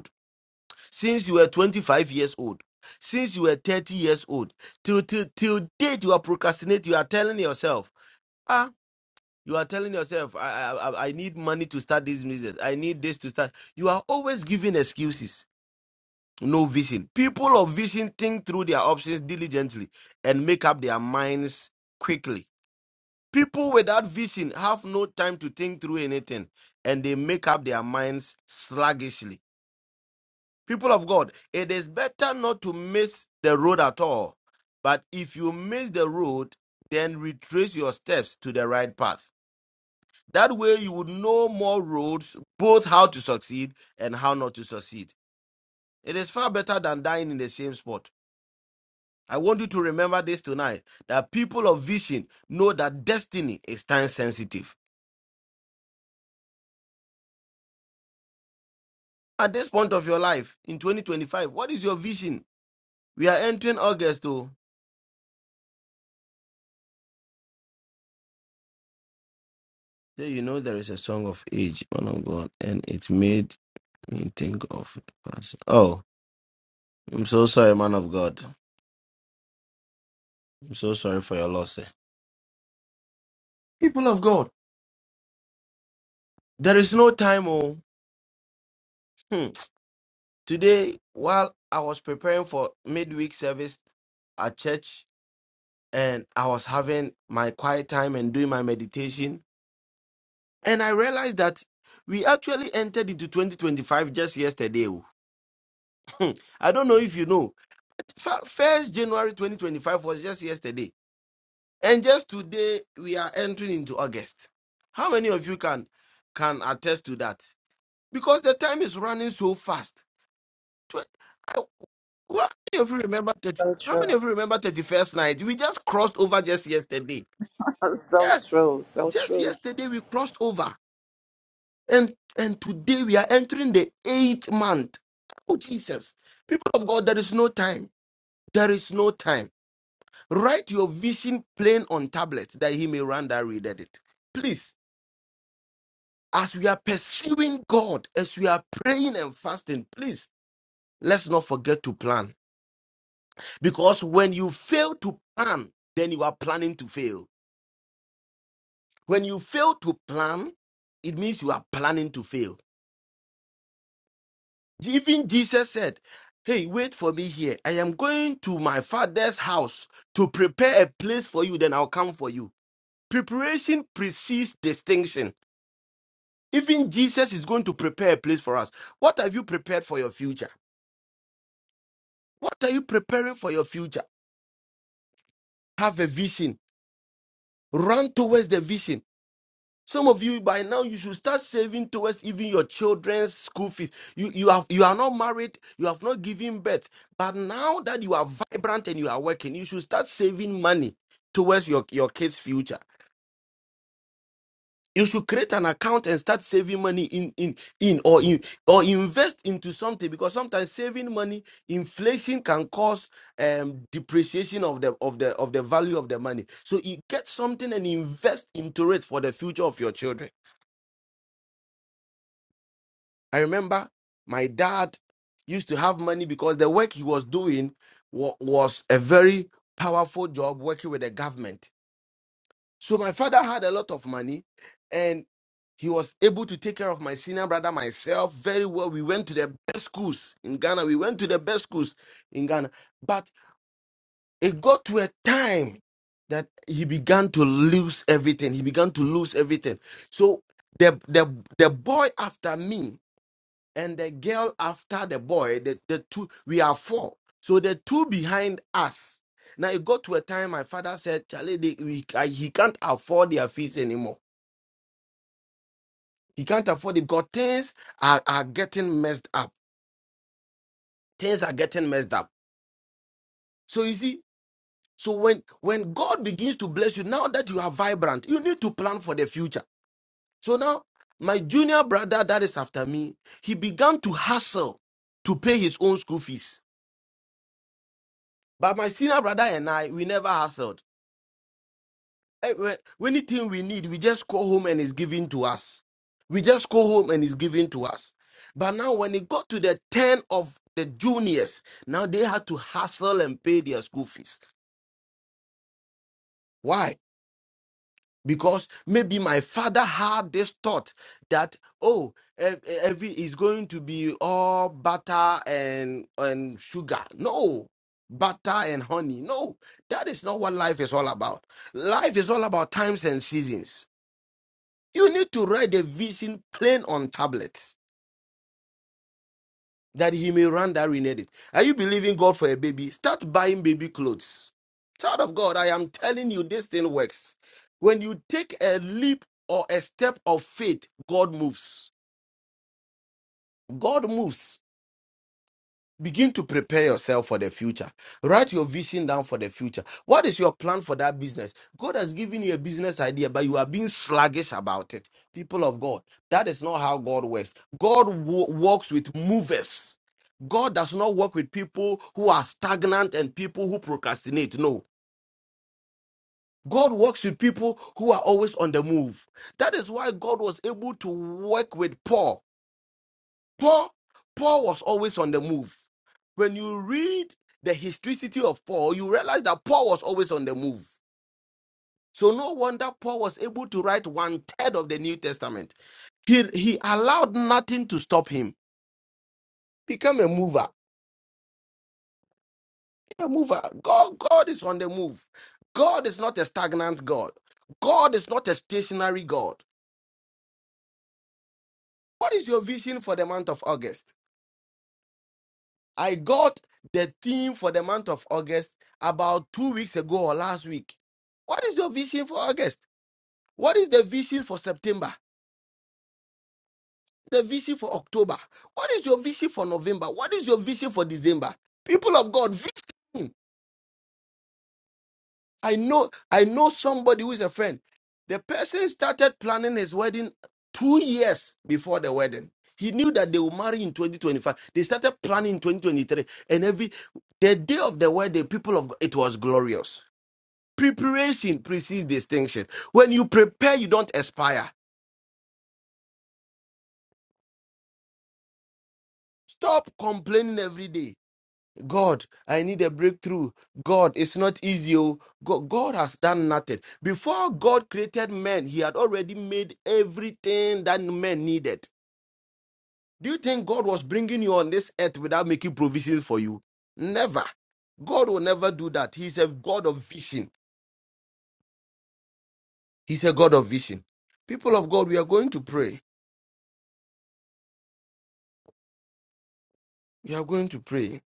S2: since you were 25 years old, since you were 30 years old, till till till date you are procrastinating. You are telling yourself, ah, you are telling yourself, I I, I I need money to start this business. I need this to start. You are always giving excuses. No vision. People of vision think through their options diligently and make up their minds quickly. People without vision have no time to think through anything and they make up their minds sluggishly. people of God, it is better not to miss the road at all. But if you miss the road, then retrace your steps to the right path. That way, you would know more roads, both how to succeed and how not to succeed. It is far better than dying in the same spot. I want you to remember this tonight that people of vision know that destiny is time sensitive. At this point of your life in 2025, what is your vision? We are entering August, though. Yeah, you know there is a song of age, man of God, and it made me think of the past. Oh, I'm so sorry, man of God. I'm so sorry for your loss. eh. People of God, there is no time. Oh, Hmm. today while I was preparing for midweek service at church, and I was having my quiet time and doing my meditation, and I realized that we actually entered into 2025 just yesterday. oh. Hmm. I don't know if you know. Fir- First January 2025 was just yesterday, and just today we are entering into August. How many of you can can attest to that? Because the time is running so fast. Twe- I- who- How many of you remember 30,
S8: So
S2: How many
S8: true. (laughs)
S2: of you remember 31st night? We just crossed over just yesterday.
S8: So
S2: Yes,
S8: true. So
S2: just
S8: true.
S2: yesterday we crossed over, and and today we are entering the eighth month. Oh Jesus, people of God, there is no time. There is no time Write your vision plain on tablet that he may run that readeth it. Please, as we are pursuing God, as we are praying and fasting, please let's not forget to plan. Because when you fail to plan, then you are planning to fail. When you fail to plan, it means you are planning to fail. Even Jesus said, Hey, wait for me here. I am going to my father's house to prepare a place for you, then I'll come for you. Preparation precedes distinction. Even Jesus is going to prepare a place for us. What have you prepared for your future? What are you preparing for your future? Have a vision. Run towards the vision. Some of you by now you should start saving towards even your children's school fees. You you have you are not married, you have not given birth. But now that you are vibrant and you are working, you should start saving money towards your, your kids' future. you should create an account and start saving money in in in or in or invest into something because sometimes saving money inflation can cause um depreciation of the of the of the value of the money so you get something and invest into it for the future of your children i remember my dad used to have money because the work he was doing wa- was a very powerful job working with the government So my father had a lot of money and he was able to take care of my senior brother, myself, very well. We went to the best schools in Ghana. We went to the best schools in Ghana. But it got to a time that he began to lose everything. He began to lose everything. So the the the boy after me and the girl after the boy, the, the two, we are four. So the two behind us. Now it got to a time my father said, Charlie, they, we, I, he can't afford their fees anymore. He can't afford it because things are, are getting messed up. Things are getting messed up. So you see, so when when God begins to bless you, now that you are vibrant, you need to plan for the future. So now my junior brother that is after me, he began to hustle to pay his own school fees But my senior brother and I, we never hustled. Eh, we- Anything we need, we just go home and it's given to us. We just go home and it's given to us. But now, when it got to the 10 of the juniors, now they had to hustle and pay their school fees. Why? because maybe my father had this thought that oh ev- e-, every is going to be all butter and and sugar no butter and honey no that is not what life is all about life is all about times and seasons you need to write the vision plain on tablets that he may run that rented it. Are you believing God for a baby? Start buying baby clothes. Child of God, I am telling you, this thing works. When you take a leap or a step of faith, God moves. God moves begin to prepare yourself for the future write your vision down for the future what is your plan for that business god has given you a business idea but you are being sluggish about it people of god that is not how god works god wo- works with movers god does not work with people who are stagnant and people who procrastinate no God works with people who are always on the move. That is why God was able to work with Paul Paul, Paul was always on the move. When you read the historicity of Paul, you realize that Paul was always on the move. So no wonder Paul was able to write one third of the New Testament. He he allowed nothing to stop him. Become a mover. A mover. God, God is on the move. God is not a stagnant God. God is not a stationary God. What is your vision for the month of August? I got the theme for the month of August about two weeks ago or last week. What is your vision for August? What is the vision for September? The vision for October? What is your vision for November? What is your vision for December? People of God, vision. I know, I know somebody who is a friend. The person started planning his wedding two years before the wedding. He knew that they will marry in 2025. They started planning in 2023, and every the day of the wedding, people of God, it was glorious Preparation precedes distinction. When you prepare, you don't expire. Stop complaining every day. God, I need a breakthrough. God, it's not easy. oh. Go- God has done nothing. Before God created man, he had already made everything that man needed. Do you think God was bringing you on this earth without making provisions for you? Never. God will never do that. He's a God of vision. He's a God of vision. People of God, we are going to pray. We are going to pray.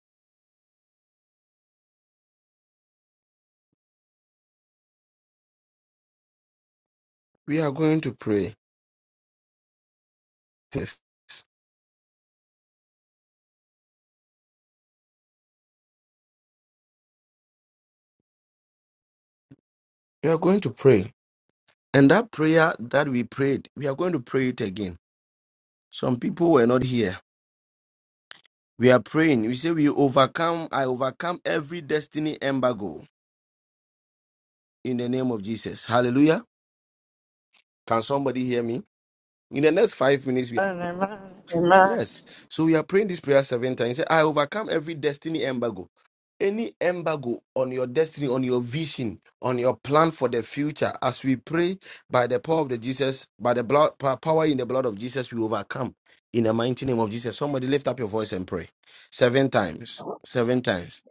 S2: We are going to pray. this. We are going to pray. And that prayer that we prayed, we are going to pray it again. Some people were not here. We are praying. We say, We overcome, I overcome every destiny embargo in the name of Jesus. Hallelujah. Can somebody hear me? In the next five minutes, we
S6: Amen. Amen.
S2: Yes. So we are praying this prayer seven times. Say, I overcome every destiny embargo. Any embargo on your destiny, on your vision, on your plan for the future, as we pray by the power of the Jesus, by the blood pa- power in the blood of Jesus, we overcome in the mighty name of Jesus. Somebody lift up your voice and pray. Seven times.
S9: I
S2: Seven times.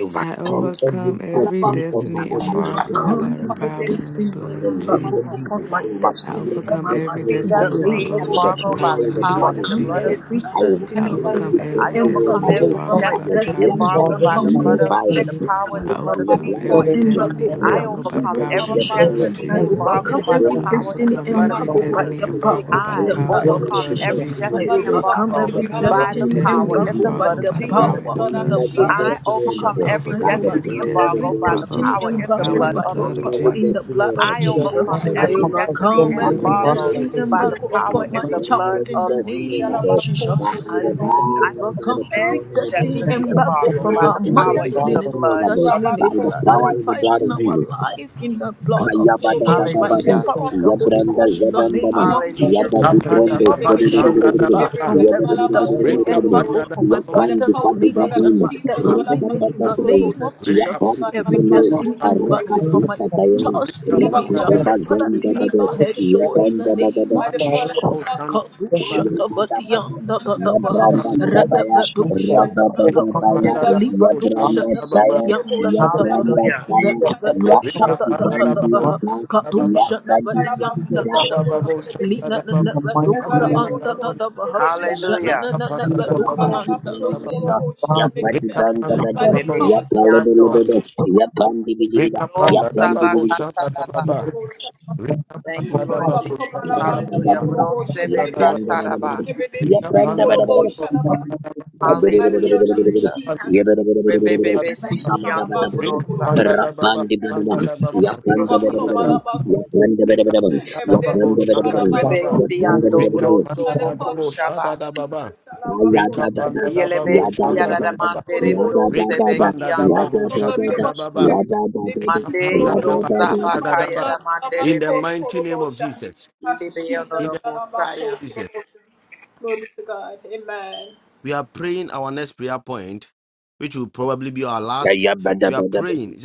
S9: overcame
S5: I overcome every
S9: and I
S5: destiny
S10: You shall
S5: embargo
S10: come
S5: by
S10: to
S5: the
S10: the
S5: power and the
S10: destiny of
S5: blood of
S10: embargo
S5: Jesus.
S10: upon my
S5: I
S10: destiny in
S5: overcome
S10: my
S8: Overcome
S5: every
S10: life
S8: every
S10: in
S5: destiny
S10: the name
S8: destiny
S10: of
S5: embargo by the
S8: embargo by
S5: power
S10: Jesus.
S8: the
S5: and the
S10: You shall
S8: power
S5: blood
S8: and
S5: of
S8: the
S10: come
S8: blood of
S5: Jesus.
S10: every
S8: Jesus.
S5: I
S10: destiny of em-
S5: overcome
S10: every
S8: I
S5: every
S8: overcome
S5: destiny
S10: embargo
S8: every
S10: over
S11: overcome
S5: embargo
S6: Overcome
S10: my
S5: by
S11: every
S5: the
S8: destiny
S9: overcame
S5: power
S6: every
S10: destiny
S5: and the
S10: in
S6: by
S11: disagreement
S10: the
S8: embargo
S5: blood
S6: the
S8: by
S5: of
S9: in
S8: the
S11: problem
S6: my
S10: name
S9: the
S8: blood
S10: of
S8: of
S5: Jesus.
S11: by the
S8: the
S6: destiny
S11: problem.
S10: Jesus.
S8: power
S10: I
S8: and
S5: I
S8: the blood
S9: in
S8: of
S9: the
S6: and
S10: overcome
S6: the
S5: overcome
S8: Jesus.
S10: every
S6: glory
S5: every
S6: of
S10: embargo
S5: destiny
S6: Jesus.
S11: I
S10: in
S8: I
S10: the
S5: embargo by
S11: overcome
S5: the
S10: name
S8: overcome
S10: of
S5: power
S11: every
S5: and
S8: every
S5: the blood
S9: power
S5: of
S10: Jesus.
S9: of power
S8: destiny
S11: disagreement
S10: I
S11: in
S5: Jesus.
S6: Overcome
S11: my
S6: every
S10: overcome
S8: embargo by
S11: world.
S8: the
S10: every
S5: I
S6: destiny
S8: power and
S10: destiny
S8: the
S5: overcome
S8: blood of
S5: every
S10: embargo
S6: bad.
S10: by
S8: Jesus.
S5: destiny
S10: the
S5: embargo
S10: power
S5: by
S10: in
S5: the
S8: I
S10: the
S5: power
S10: blood
S5: and
S6: blood
S5: the
S10: of
S6: of
S8: overcome
S5: blood of
S6: Jesus,
S8: every
S10: Jesus.
S5: Jesus.
S10: I
S11: I
S8: destiny
S11: overcome
S5: I
S10: overcome
S8: embargo
S10: every
S11: every
S5: overcome
S8: by
S5: every
S8: the
S10: destiny
S8: power
S5: destiny
S11: disagreement in
S8: and
S10: embargo
S8: the
S11: my
S10: by
S8: blood
S5: embargo
S11: group.
S8: of
S10: the
S5: by the power
S8: Jesus.
S5: and
S10: power
S9: in
S5: the
S9: the
S10: in
S5: blood
S10: the
S5: of
S6: blood
S10: blood of
S8: I
S6: of
S5: Jesus.
S8: overcome
S5: I
S10: Jesus.
S8: every
S10: I
S11: I
S5: overcome
S10: overcome
S5: every
S8: destiny
S10: overcome
S11: overcome
S5: destiny
S10: every
S8: embargo
S11: every
S9: blood
S8: by
S9: of
S8: the
S11: destiny
S5: embargo
S10: destiny
S9: Jesus.
S8: power
S11: embargo
S5: by the
S8: in
S11: by
S9: I
S8: the
S11: the
S5: power
S10: embargo
S8: blood
S5: and the
S11: power
S10: by
S11: in
S8: of
S11: the
S10: the
S5: blood
S9: overcome
S5: of
S11: blood
S9: every
S10: power
S11: of
S8: Jesus.
S5: Jesus.
S10: in the
S11: Jesus.
S9: destiny
S10: blood of
S8: I
S9: embargo
S6: Jesus,
S11: I
S9: by the
S8: overcome
S6: blood
S10: Jesus.
S6: of the
S11: overcome
S10: I
S8: every
S6: come
S11: every
S6: of the
S8: destiny
S10: overcome
S11: destiny
S9: power
S6: destiny
S9: in
S10: every
S9: the
S6: and
S11: embargo
S6: bondage
S9: blood
S8: embargo
S6: of the
S9: of
S10: destiny
S8: by
S11: by
S9: Jesus.
S8: the
S11: the
S10: embargo
S9: I
S8: power
S10: upon
S11: blood,
S10: my
S8: in the
S6: murder.
S9: overcome
S8: blood
S10: child
S11: by
S9: every
S11: the
S10: in
S8: of
S10: the
S11: power in
S9: destiny
S11: the
S8: Jesus.
S10: name
S11: blood of
S9: embargo
S10: of
S11: Jesus.
S9: by
S10: Jesus. I
S9: the
S10: will we
S9: blood
S8: I
S9: by
S8: overcome
S9: the
S10: overcome every
S9: power in the
S8: every
S9: blood of
S10: destiny
S6: Honorable
S8: destiny
S9: Jesus.
S6: come
S9: I
S10: embargo
S6: of the
S8: embargo
S10: from
S8: by
S10: our
S8: the
S9: overcome
S6: destiny
S8: power
S6: and
S9: every
S10: mother's
S8: in
S6: blood
S8: the
S10: lineage,
S6: of
S9: destiny
S8: blood
S9: embargo
S10: father's
S8: of
S9: by
S10: lineage
S8: Jesus.
S9: the
S10: that
S9: power
S10: is
S6: the
S9: by the power in the blood of Jesus. I overcome every destiny embargo by the power in the blood of
S10: fighting our
S9: Jesus.
S10: life in the blood of
S6: Come
S10: Jesus,
S6: of
S10: by
S6: the
S9: Kayabadadadabada,
S10: the
S8: Hallelujah.
S10: power
S6: destiny
S10: of the
S6: and
S10: Holy
S9: Yabranda
S6: bondage.
S10: Ghost, in the
S9: Zabandana,
S10: name of
S6: By the
S8: Hallelujah,
S9: Yabadi
S10: Jesus.
S6: blood of
S8: Jesus.
S9: Brondo,
S10: Deliver
S6: Jesus,
S2: Rapadababa,
S10: my soul, oh
S6: come of
S10: God,
S6: the
S2: shandadababa,
S10: from
S6: destiny
S10: every
S6: and
S10: destiny
S6: bondage.
S8: Hallelujah.
S10: embargo, from my
S6: That
S2: rekapandadababa,
S9: Yapan de
S6: is
S10: paternal
S6: the
S10: lineage
S6: power
S2: shandadababa,
S6: of
S10: and
S9: Kadibadina,
S10: maternal
S6: the
S10: lineage
S6: destiny
S10: in the
S2: shandadababa,
S6: and
S9: Rekatatatea,
S10: name
S6: bondage.
S10: of
S8: Jesus' name.
S9: Yapan
S10: Jesus.
S2: rekapandadababa,
S10: Every
S6: May
S9: Titele,
S6: not
S10: destiny
S6: Jesus
S10: embargo
S2: shandadababa.
S6: overcome
S10: from
S6: the
S9: Arikatis
S10: my
S9: Kataya,
S6: comfort of the
S10: child's
S2: Rika
S6: destiny and
S2: panda
S10: lineage. uh,
S2: da ba
S6: bondage.
S2: bo
S10: Father,
S9: Rakadabazenda
S2: shanda da
S10: deliver
S9: Bade,
S8: Jesus'
S2: ba
S6: The
S10: her
S8: name.
S6: blood
S10: soul
S6: of
S10: in the
S9: Yabanda
S10: name
S9: Badada,
S6: the
S10: of
S2: panda da
S6: power
S2: ba
S10: Jesus.
S6: of
S2: bo shanda da ba
S6: destiny
S2: da ba
S10: Kadushadavadiyandadadavaha,
S6: and
S2: ba ba.
S9: Yabranda
S6: the blood of
S9: Shabaya,
S6: Jesus,
S2: Rika
S6: overcome
S10: Radabadushadadadavaha,
S6: the
S9: Rabadabaya,
S2: panda da
S6: destiny
S2: ba
S6: and
S2: bo shanda
S6: bondage.
S9: Yabranda
S2: da ba ba.
S9: Shaya,
S6: Salvation,
S10: Livadushadavadiyandadadavaha,
S6: let
S9: Yabranda
S6: me
S8: Hallelujah.
S9: Shaya,
S6: go in
S2: Rika
S9: Yakati
S2: panda
S6: the
S2: da ba bo
S10: Radabadushadadadavaha,
S9: Bandiata,
S6: blood
S2: da ba ba.
S9: Yakati Kitida,
S2: Rika ba ba
S10: Kadushadavadiyandadadavaha,
S2: bo shanda da ba ba. Rika
S10: Linanavadura
S2: panda
S9: Yabba,
S2: da ba.
S10: andadadavaha,
S9: Yabba,
S8: Hallelujah.
S2: Rika panda da ba
S10: Janananavaduma
S2: bo
S9: Rapadi
S10: andadavaha.
S2: shanda da
S9: Brenda
S6: of
S2: ba ba.
S9: Shots, Yapadi
S2: Rika
S9: Banda
S2: panda da ba
S9: Badets,
S2: bo shanda da ba
S8: Rebesiando.
S2: ba.
S9: Yapalabelebedets, Yapandi Vidibida,
S2: Rika
S8: Pro
S2: panda da ba
S9: Yapandi
S2: bo
S9: Vidibida,
S2: shanda da ba ba. Rika
S8: Thank you,
S2: panda da
S8: Lord
S2: ba bo
S8: Jesus.
S2: shanda da ba
S9: Yapanda
S8: Hallelujah.
S2: ba.
S9: Badabada,
S2: Panda
S8: Brosebe
S2: da ba
S9: Yapanda
S2: ba.
S8: kataraba.
S9: Badabada,
S2: Rika
S9: Yapanda
S2: panda da ba
S9: Badabada,
S2: bo shanda
S9: Yabba
S8: Hallelujah, Jesus.
S2: panda,
S8: Rebebebe
S2: ba ba.
S8: sikiando
S2: Rick
S8: brosa.
S2: Panda da Baba, Panda da Baba,
S8: Father.
S2: Panda da Baba, Rick da Babo, Shanda da
S8: Rebe
S2: Baba,
S8: siando
S2: Rick
S8: broso
S2: Panda da
S8: boko
S2: Babo, Shada
S8: shaba.
S2: da Baba, Rick Panda da
S8: Yelebe
S2: Babo, Shanda da
S8: siarada
S2: Baba,
S8: mandere
S2: Rick
S8: brosebe
S2: Panda da
S8: kiando.
S2: Babo, Shanda da Baba,
S8: Mande
S2: Panda da Babo,
S8: brosa
S2: Shada da
S8: bakaya
S2: Baba.
S8: da
S2: In the
S8: manderebe.
S2: mighty name of Jesus,
S8: Libe
S2: in the name
S8: honorable saya.
S2: of Jesus, we are praying our next prayer point, which will probably be our last. We
S9: dabba
S2: are
S9: dabba.
S2: praying.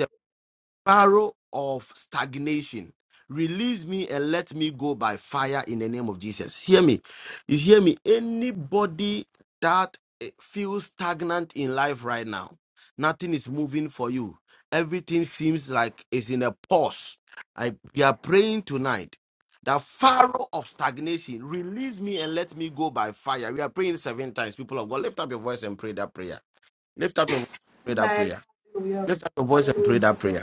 S2: Barrow of stagnation. Release me and let me go by fire in the name of Jesus. Hear me. You hear me? Anybody that eh, feels stagnant in life right now, nothing is moving for you. Everything seems like it's in a pause. I we are praying tonight. The Pharaoh of stagnation, release me and let me go by fire. We are praying seven times. People of God, lift up your voice and pray that prayer. Lift up your voice and pray that prayer. Lift up your voice and pray that prayer.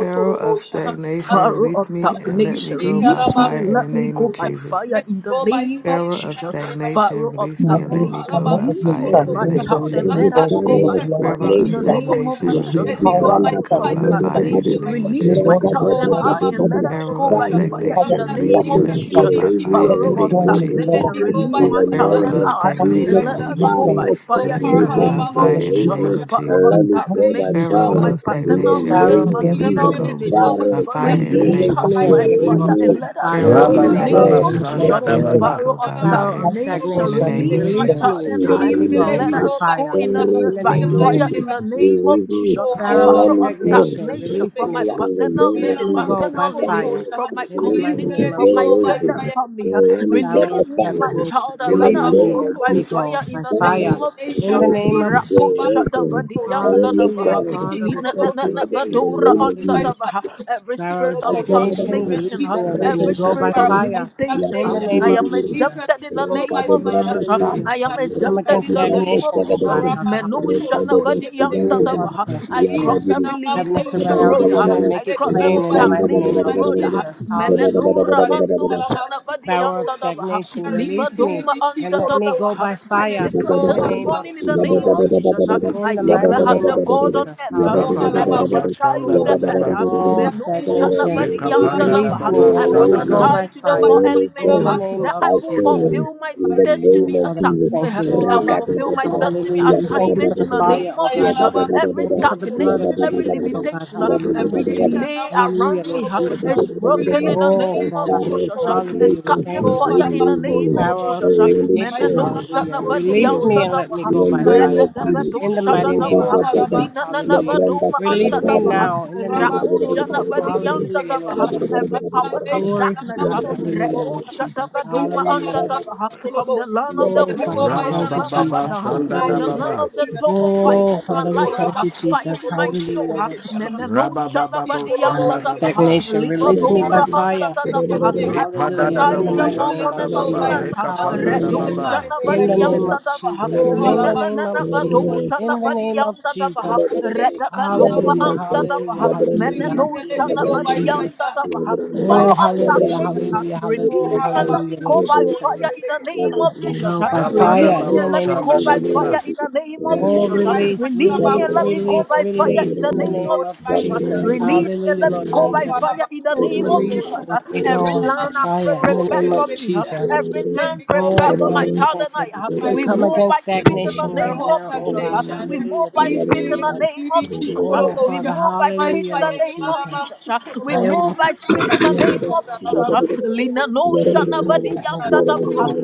S5: Pharaoh of stagnation,
S10: Pharaoh of
S5: release me and let me
S10: stagnation,
S5: go by
S10: release me
S5: fire
S10: and
S5: in the
S10: let me
S5: name
S10: go
S5: of
S10: by
S5: Jesus.
S10: fire in the name of
S5: Pharaoh of
S10: Jesus.
S5: stagnation,
S10: Pharaoh of
S5: release me and let me
S10: stagnation,
S5: go by
S10: release
S5: fire
S10: me and
S5: in the
S10: my
S5: name of
S10: child and
S9: Every
S10: let
S5: Jesus.
S10: us go
S9: pharaoh
S10: by fire
S5: Pharaoh of
S10: in the
S9: stagnation,
S6: Jesus.
S10: name of
S5: stagnation,
S6: The
S5: release
S9: Yapati
S10: Jesus.
S5: me and
S6: power
S5: let
S6: of
S5: me
S9: are
S10: Pharaoh
S5: go
S10: of
S5: by
S9: Shada Dada
S6: salvation,
S5: fire in the
S9: Badu,
S10: stagnation,
S5: name
S6: let
S5: of
S6: me
S10: release
S6: go
S10: my
S5: Jesus.
S9: Raga
S6: in the
S10: child
S9: Dada
S10: and
S6: blood of
S10: I
S9: Dada
S10: and
S9: Badu,
S10: let
S6: Jesus.
S10: us
S5: Pharaoh
S10: go
S5: of
S10: by
S6: The
S9: Pharaoh of
S10: fire in
S6: power of
S10: the
S5: stagnation, release
S10: name
S5: me and
S9: stagnation,
S10: of
S5: let me
S9: you
S6: salvation,
S5: go by
S10: Jesus.
S9: leave
S5: fire
S9: me
S6: let
S5: in the
S10: Pharaoh
S6: me
S9: alone
S10: of
S9: with
S6: go
S5: name of
S6: in
S9: blood
S6: the
S9: and
S5: Jesus.
S6: blood
S10: stagnation,
S6: of
S9: fire,
S6: Jesus.
S10: release
S9: in
S10: my
S9: the
S10: child
S5: Pharaoh
S6: We
S9: name
S10: and
S9: of
S5: of
S10: I
S6: come on
S10: and
S6: against
S9: Jesus,
S5: stagnation,
S10: let us
S5: release
S10: go
S9: Pharaoh
S5: me
S6: stagnation.
S10: by
S9: of
S5: and
S10: fire
S6: We
S5: let me
S10: in
S6: come
S10: the
S5: go
S9: stagnation,
S6: down
S5: by
S6: with
S10: name
S9: you
S6: blood
S10: of
S5: fire
S6: of
S5: in the
S9: leave
S6: Jesus.
S5: name
S10: Jesus.
S9: me
S5: of
S10: Pharaoh
S5: Jesus.
S10: of
S6: We
S9: alone with
S6: come on
S9: blood and
S6: against
S10: stagnation
S5: Pharaoh
S10: from
S9: fire,
S10: my
S5: of
S6: stagnation.
S9: in the
S10: paternal
S5: stagnation,
S6: We
S10: lineage,
S9: name
S4: Pharaoh
S5: release
S6: come
S9: of
S5: me
S6: down
S5: and let
S6: with
S5: me
S10: maternal
S9: Jesus,
S6: blood of
S5: go
S10: lineage.
S6: Jesus.
S9: Pharaoh
S5: by
S10: uh,
S9: of
S10: Fa-
S5: fire
S6: And we
S5: in the
S6: come
S10: Release
S9: stagnation,
S5: name
S4: Release
S5: of
S6: up
S10: us
S4: me
S9: you
S4: and
S6: against
S10: by
S4: let
S5: Jesus.
S4: me
S9: leave
S4: go
S10: fire and
S6: stagnation.
S9: me
S4: by
S10: let us
S4: fire
S10: go
S5: Pharaoh
S9: let
S4: in
S5: of
S10: in
S4: the
S9: me
S10: the
S6: We come
S4: name of
S6: down
S10: name
S9: go
S2: Rabadababa
S10: of
S5: stagnation,
S6: with blood
S4: Jesus.
S9: with
S6: of
S2: Sanda
S5: release me
S10: Jesus.
S5: and
S9: God,
S5: let
S6: Jesus.
S5: me
S2: Dabada
S10: Pharaoh
S5: go
S10: of
S5: by
S6: And we
S4: Pharaoh
S5: fire
S4: of
S6: come up
S10: stagnation,
S5: in
S6: against
S5: the
S4: stagnation,
S5: name of
S10: release my
S4: release
S6: stagnation.
S5: Jesus.
S10: child
S4: me
S10: and
S9: in the
S4: and let
S10: I
S4: me
S9: name
S10: and
S9: of
S4: go
S10: let
S4: by
S9: Jesus,
S10: us go
S4: fire
S10: in
S9: all
S10: the n-
S4: in the
S10: by
S4: name of
S10: fire
S6: Amen.
S9: restoration,
S10: in
S4: Jesus.
S10: the name of
S9: revival,
S10: Jesus.
S4: Pharaoh of
S10: Pharaoh of
S9: unleavened bread.
S4: stagnation,
S10: stagnation
S9: The
S4: release
S10: from
S9: Father,
S10: my
S4: me
S9: in the
S10: paternal
S9: name
S4: and let
S9: of
S10: lineage,
S4: me
S9: Jesus,
S4: go by
S10: maternal
S9: all
S10: lineage,
S4: fire
S10: from my
S4: in the
S9: restoration,
S4: mighty
S10: community,
S4: name of
S10: from my
S9: revival,
S4: Jesus.
S10: standard family. uh,
S9: unleavened
S4: Pharaoh
S9: bread by
S4: of
S10: Release me and
S9: fire.
S10: my
S4: stagnation,
S10: child and
S9: In the
S10: let
S4: release
S10: us
S4: me
S9: name
S4: and
S10: go
S4: let
S9: of
S10: by
S4: me
S9: Jesus,
S4: go
S10: fire in
S4: by
S10: the
S9: all
S4: fire
S10: name of
S4: in the
S10: Jesus.
S4: name
S9: restoration,
S4: of
S10: Rako
S4: Jesus.
S10: shada
S9: revival,
S10: vadiyam da da
S9: unleavened
S4: Hallelujah,
S10: baha.
S9: God.
S4: Father, we
S10: Lina
S9: The
S10: na
S4: thank
S10: na
S4: you,
S10: na
S4: Lord
S9: Father, in the
S4: Jesus.
S10: vadora
S9: name of
S10: on da da
S4: Hallelujah.
S9: Jesus,
S10: baha every spirit
S4: Narrow
S10: of
S4: stagnation,
S10: stagnation,
S4: release
S10: uh,
S4: me and let me
S10: every
S4: go by
S10: spirit of
S4: fire
S10: limitation.
S4: in
S10: uh,
S4: the
S10: I
S4: name of
S10: am
S9: I
S4: Jesus.
S10: exempted in the
S9: Roca
S10: name
S9: de
S10: of
S9: grande
S10: Jesus. uh,
S9: stan,
S4: Hallelujah,
S10: I
S4: Father.
S10: am
S4: We come
S9: roca
S10: exempted
S4: against
S10: in
S9: de
S10: the
S9: grande
S10: name
S4: stagnation,
S10: of
S4: oh God,
S9: sagadere,
S10: Jesus.
S4: Father.
S10: Menusha
S9: roca
S4: Hallelujah.
S10: na
S9: de
S10: vadiyanda
S4: Oh,
S9: vesigandere,
S10: dava,
S4: Father,
S10: uh,
S4: thank you
S10: I
S4: for
S10: cross
S9: yabadiri,
S10: every
S4: having us to
S10: limitation
S4: write
S9: sabala
S4: our
S10: road.
S9: bala
S10: uh,
S4: vision and
S9: bala,
S10: I
S4: make it
S10: cross every
S4: plain in
S9: roca
S4: the mighty
S9: de
S4: name
S10: stagnation
S4: of
S10: road. uh,
S4: Jesus.
S9: bala
S4: Hallelujah,
S9: bala
S10: Menenura
S4: Lord.
S9: bala
S10: ando
S9: bala,
S10: shana
S4: Power of
S10: vadiyanda dava, uh,
S4: stagnation,
S10: liva
S4: release me
S10: doma
S4: and
S10: anda
S4: let me
S10: dadava,
S4: go
S10: uh,
S4: by
S9: by
S10: I
S4: fire
S9: faith
S10: declare
S4: in the
S10: this
S4: name of
S10: morning in the
S4: Jesus.
S10: name of Jesus. uh,
S4: In
S10: I
S4: the mighty
S10: declare as
S4: name
S10: a
S4: of
S10: God on
S4: Jesus.
S10: earth, uh, and
S4: Hallelujah,
S10: I
S4: Lord Jesus.
S2: Rabadababa
S10: prophesy
S2: Sanda
S10: to the
S2: Dababa
S4: Oh,
S10: earth no
S4: stagnation,
S2: Rekapanda
S4: release me
S2: Dababa
S10: I
S4: and let
S2: Sada
S4: me go
S2: Daba
S4: by
S10: prophesy to the four
S4: fire
S10: elements
S4: in the
S10: huh,
S4: name
S10: that
S4: of
S10: I will
S4: Jesus.
S10: fulfill my
S9: in the
S4: Oh,
S9: name
S10: destiny
S9: of
S4: Father, we
S9: Jesus.
S10: assignment.
S4: thank you,
S10: huh.
S4: Lord
S10: I will
S4: Jesus.
S10: fulfill my
S9: Ragadabada,
S10: destiny
S4: Hallelujah. We thank you for
S10: assignment
S4: the
S10: in the
S9: yabadabadabada,
S4: fire,
S10: name
S4: oh
S10: of
S4: God.
S10: Jesus. huh. Every
S4: Thank
S9: yabadabadabada,
S4: you for the blood of
S10: stagnation, every
S4: Jesus, oh
S9: yabadabadabada,
S4: God.
S10: limitation, huh,
S4: Hallelujah,
S10: every
S4: Lord
S9: yabadabadabada,
S4: Jesus.
S10: delay
S4: Hallelujah,
S10: around me
S4: Lord
S10: huh,
S9: and
S4: Jesus.
S10: is broken in the
S4: Oh,
S10: name of
S4: Father.
S9: Father,
S10: Jesus. huh. It's
S4: Hallelujah. We
S9: foundation,
S10: catching
S4: thank you, God.
S10: fire in the
S9: remove
S10: name
S9: me,
S10: of
S4: Power
S9: and
S4: of
S10: Jesus.
S9: let it
S10: Men
S9: go,
S4: stagnation,
S10: no shut
S9: and
S4: hallelujah.
S10: never the
S4: Release me
S10: under
S4: and
S9: turn,
S4: let me
S9: in the
S10: the
S4: go by
S10: red
S9: name of
S4: fire.
S10: never
S9: Jesus.
S10: do
S4: In the
S10: shut
S4: mighty name of
S10: the
S9: Rabba-ba-ba-ba.
S4: Jesus,
S10: Lina never
S4: hallelujah.
S10: do
S4: Release
S10: under
S4: me
S9: Yabranda-ba-ba-ba-ba-ba.
S4: now in the name of
S10: the
S4: Jesus,
S9: Yabranda-ba-ba-ba-ba-ba.
S4: hallelujah, Lord Jesus.
S10: every powers of
S9: Yabranda-ba-ba-ba-ba-ba.
S4: Glory to
S10: darkness
S4: God,
S10: uh,
S4: hallelujah,
S10: Reko
S4: Lord
S9: Yabranda-ba-ba-ba-ba-ba.
S4: Jesus,
S10: Shatavadoma
S4: hallelujah,
S10: under
S4: Lord.
S10: the uh, from the land of the
S4: Oh, Father,
S10: Vuda,
S4: we
S10: from the
S4: thank you,
S10: land of
S2: Rabababa
S10: Ada,
S4: Jesus,
S10: uh,
S2: Sanda
S10: from the
S4: hallelujah.
S9: Yabranda-ba-ba-ba-ba-ba.
S10: land
S2: Dababa
S10: of the Togo,
S4: Oh,
S10: fighting my
S4: Father, we
S10: life,
S4: thank
S10: uh,
S4: you, Jesus,
S10: fighting my show.
S4: hallelujah,
S10: uh,
S4: Lord Jesus.
S10: Meneno Shadavadi
S2: Rabababo
S10: the
S4: power
S2: Sanda
S4: of
S10: uh,
S2: Dababa
S4: stagnation,
S9: Thank
S4: release me by
S10: Livadora
S4: fire.
S10: Andadava, uh, I
S2: Ripada
S4: Hallelujah.
S10: prophesy
S4: In the
S10: to
S2: Dadabo
S10: the
S4: mighty
S10: four
S4: name
S2: Sanda
S4: of
S10: corners of the
S2: Dababa
S10: earth.
S4: Jesus.
S10: uh,
S2: Rekapanda
S4: Hallelujah.
S10: Redo
S2: Dababa
S4: In
S10: Janavadi
S4: the name of
S10: Andadava, uh,
S4: Jesus. In
S10: Lina
S4: the name of
S10: Nanavado
S4: Jesus. In the
S10: Shanavadi
S4: name of
S10: under the
S4: Jesus.
S10: uh, Redavadoma
S4: Hallelujah. Hallelujah.
S10: Andadava,
S4: Hallelujah.
S10: no shut
S4: Hallelujah,
S10: up
S4: Lord
S10: at the young
S4: Jesus.
S10: of the
S4: Oh,
S10: Pharaoh of
S4: hallelujah.
S10: stagnation, uh,
S4: Hallelujah. Hallelujah.
S10: release me and let me
S4: Hallelujah, Lord
S10: go by
S4: Jesus.
S10: fire in the name
S4: Let
S10: of
S4: me
S10: Jesus.
S4: go
S10: uh,
S4: by
S2: Rapada
S4: fire
S10: Release
S4: in
S10: me
S4: the
S2: Babo
S10: and let
S4: name
S10: me
S4: of
S10: go
S2: Sanda
S10: by
S9: you.
S4: Jesus.
S10: fire
S2: Dababa
S10: in the name of
S4: Oh,
S9: Thank
S10: Jesus. uh,
S4: release,
S10: Release me
S4: release,
S10: and let me go
S4: release,
S10: by fire
S4: release
S10: in
S4: in
S10: the
S4: the
S10: name
S4: name
S10: of
S4: of
S10: Jesus. uh,
S4: Jesus.
S10: Release me and
S4: Hallelujah,
S10: let me
S4: Lord
S10: go by
S4: Jesus.
S10: fire in the name of
S4: Release
S10: Jesus.
S4: and
S10: uh,
S4: let me
S10: Every
S4: go by
S10: land I pre-
S4: fire in the
S10: prepared
S4: name of
S10: for me, uh,
S4: Jesus.
S10: every land
S4: Oh,
S10: prepared for
S4: Father,
S10: my
S4: we
S10: child and
S4: thank
S10: I,
S4: you.
S10: uh,
S4: We
S10: we
S4: come
S10: move
S4: against
S10: by speed in the
S4: stagnation right
S10: name of
S4: now, oh
S10: Jesus. uh,
S4: God.
S10: We move
S4: Hallelujah.
S10: by
S4: Thank you,
S10: speed in the
S4: Jesus.
S10: name of Jesus. uh,
S4: Oh,
S10: We
S4: Father,
S10: move by speed
S4: hallelujah,
S10: in the
S4: Lord
S10: name name of
S4: Jesus.
S10: Jesus. uh, We
S4: I am
S10: move by
S4: welcome.
S10: spirit. in the name of Jesus. uh, Lina no
S4: Release me and
S10: shanavadi
S4: let me
S10: yanda
S4: go by
S10: dava.
S4: fire.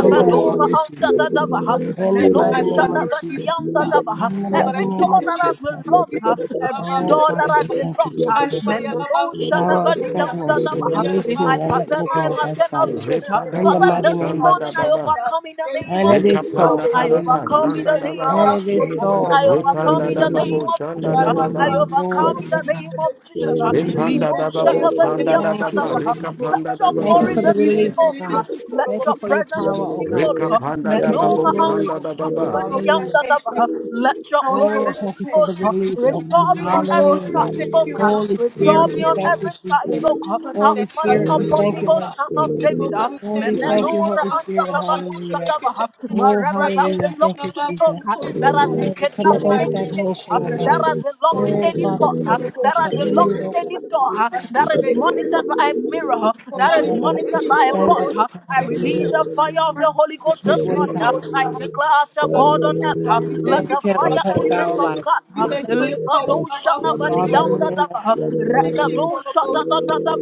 S4: In the name of Jesus.
S10: anda dava.
S4: In the
S10: Neno
S4: mighty name of
S10: shanavadi
S4: Jesus.
S10: yanda
S4: In
S10: dava.
S4: the mighty
S10: Every
S4: name
S10: door
S4: of
S10: that has been
S4: Jesus.
S10: locked, uh, every
S4: Oh,
S10: door that
S4: Father, we
S10: has been
S4: thank you,
S10: locked, uh,
S4: Jesus.
S10: meneno
S4: Power of
S10: shanavadi yanda
S4: stagnation,
S10: dava.
S4: release
S10: In my
S4: me and let me
S10: paternal and
S4: go by
S10: maternal
S4: fire.
S10: lineage, uh,
S2: Ripada
S4: In the
S10: Father,
S2: Baba
S4: mighty
S10: this
S4: name
S2: Sanda
S4: of
S10: morning I
S4: Jesus.
S2: Dababa
S10: overcome in the name
S4: And
S10: of
S4: it is
S10: Jesus. uh,
S4: so.
S2: Rekapanda
S10: I
S2: Dababa
S4: Hallelujah.
S10: overcome in
S2: Sanda
S10: the name
S4: And
S10: of
S2: Dababa
S4: it is
S10: Jesus. uh,
S4: so.
S10: I overcome
S4: Hallelujah,
S2: Ripanda
S10: in the
S4: Lord
S2: Dababo
S10: name
S4: Jesus.
S10: of
S2: Sanda
S10: Jesus. uh, I
S2: Dababa
S4: Glory
S10: overcome in
S4: to
S10: the name
S4: God.
S10: name of Jesus. uh,
S4: Thank you,
S2: Repanda
S10: Lino
S2: da
S4: Jesus.
S2: babo shanda da
S10: Shanavadianda
S4: Thank you,
S2: baba,
S10: Davaha.
S4: Jesus.
S2: reka
S10: Let
S2: panda da
S10: your
S4: Thank you
S10: glory
S2: baba,
S4: for
S10: be
S4: the
S10: seen,
S4: release, oh
S10: O
S4: God.
S10: God. Let
S4: Thank you
S10: your
S4: for your
S10: presence be
S4: power, oh
S10: seen,
S4: God.
S10: O
S2: reka
S10: Lord.
S2: panda
S4: Thank
S2: da
S4: you for your
S2: babo
S10: Menoma
S4: glory,
S10: Andu
S2: shanda
S4: oh
S2: da
S4: God.
S2: baba,
S4: Hallelujah,
S10: Shanavadianda
S4: Lord Jesus.
S10: Davaha. Let your glory
S9: Yeah,
S4: Oh,
S10: be
S4: thank
S10: seen,
S4: you for
S10: O
S4: the
S10: Lord.
S4: release,
S9: Thank
S4: oh God.
S10: Restore me on every
S4: Hallelujah, Lord.
S10: side, O God.
S4: Holy
S10: Restore
S4: Spirit,
S10: me
S4: we
S10: on
S4: thank you,
S10: every side,
S4: Jesus.
S10: O God. Have
S4: Holy
S10: mercy
S4: Spirit, we
S10: upon
S4: thank
S10: me,
S4: you,
S10: O
S4: Lord
S10: Son of
S4: Jesus.
S10: David. uh,
S4: Oh, we thank you,
S10: Menenora
S4: Holy
S10: Anda
S4: Spirit.
S10: Davadu
S4: Hallelujah.
S10: Shadavaha.
S4: Oh,
S10: Wherever that
S4: hallelujah. Thank
S10: belongs
S4: you,
S10: to me, O
S4: Jesus.
S10: God, that has been
S4: Oh, we come
S10: kidnapped in
S4: against
S10: any cage,
S4: stagnation,
S10: uh,
S4: oh
S10: that
S4: God.
S10: has been locked in
S4: Oh,
S10: any
S4: Father, give us
S10: pot
S4: the
S10: that
S4: push
S10: has
S4: that we
S10: been
S4: need,
S10: locked in
S4: oh God,
S10: any
S4: in
S10: door
S4: the
S10: uh,
S4: name of
S10: that is
S4: Jesus.
S10: monitored by a mirror, uh,
S4: Oh,
S10: that is
S4: Father, help us
S10: monitored
S4: to
S10: by a
S4: stand up,
S10: pot.
S4: oh
S10: uh,
S4: God,
S10: I release
S4: hallelujah,
S10: the fire of the Holy
S4: and
S10: Ghost
S4: take
S10: this
S4: what is
S10: morning. uh,
S4: ours,
S10: I declare
S4: hallelujah.
S10: as a
S9: you.
S10: God on
S4: Father,
S10: earth, uh,
S4: we know
S10: let the
S4: that you have a
S10: fire
S4: plan for
S10: element
S4: our
S10: of
S4: life,
S10: God
S4: in the
S10: uh,
S4: name of
S10: leave a
S4: Jesus.
S10: dotion over the
S4: Father, in the
S10: yonder
S4: name of
S10: dava,
S4: Jesus, hallelujah.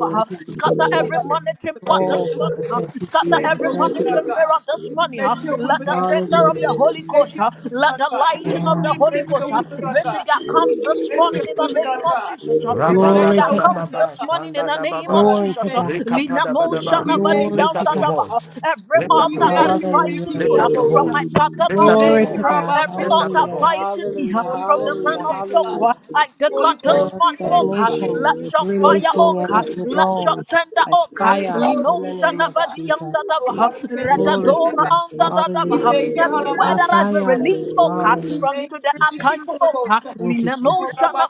S4: Thank you, Lord
S10: scatter
S4: Jesus.
S10: every monitoring pot
S4: Oh,
S10: this morning,
S4: Father,
S10: uh,
S4: thank you,
S10: scatter
S4: Jesus.
S10: every
S4: Thank you, Lord
S10: monitoring
S4: Jesus.
S10: mirror this morning. uh, Let the tender of
S4: Hallelujah.
S10: the Holy Ghost, uh, let the lighting of
S4: Oh,
S10: the Holy Ghost uh, visit their comes this morning in the name name of Jesus. uh,
S2: raba
S10: Vision
S2: da
S4: glory
S10: that
S2: ba
S4: to
S2: da
S10: comes
S4: God.
S2: baba
S10: this morning in
S2: shanda
S10: the
S2: da
S10: name of
S2: baba,
S4: Glory to
S10: Jesus. uh,
S4: God.
S2: reka
S10: Lina
S2: pada ba
S10: no
S2: da ba.
S4: Glory
S2: Lift
S4: to
S2: up your
S4: God.
S10: shanavadiyandadava, uh,
S2: voice,
S10: Every
S2: lift up your
S10: altar that is
S2: voice,
S10: fighting
S4: Hallelujah.
S10: me
S2: lift
S10: uh,
S2: up your
S4: Jesus.
S10: from my
S2: voice, lift
S10: paternal
S2: up your
S10: lineage,
S4: Glory to
S2: voice,
S10: uh,
S4: God.
S10: every
S9: Thank
S2: lift
S9: you.
S2: up
S10: altar
S2: your
S4: Hallelujah.
S2: voice.
S10: fighting
S9: Thank
S10: me
S4: Hallelujah.
S10: uh, from the
S4: Hallelujah.
S10: land of Tokwa,
S4: Hallelujah.
S10: I declare
S4: Power
S10: this
S4: of
S10: morning, oh God,
S4: stagnation,
S10: let your fire,
S4: release
S10: oh
S4: me and
S10: God,
S4: let me
S10: let
S4: go.
S10: your tender,
S4: Like
S10: oh God,
S4: fire in
S10: Lino
S4: the name of Jesus.
S10: shanavadiyandadava,
S4: Glory to
S10: Radadoma
S4: God.
S10: andadadava,
S4: Hallelujah.
S10: every word
S4: By
S10: that has been
S4: fire.
S9: you.
S10: released, oh God,
S4: Hallelujah.
S10: from to the
S4: Jesus.
S10: Akans, oh God,
S4: Thank you,
S10: Lina no
S4: Jesus.
S10: shana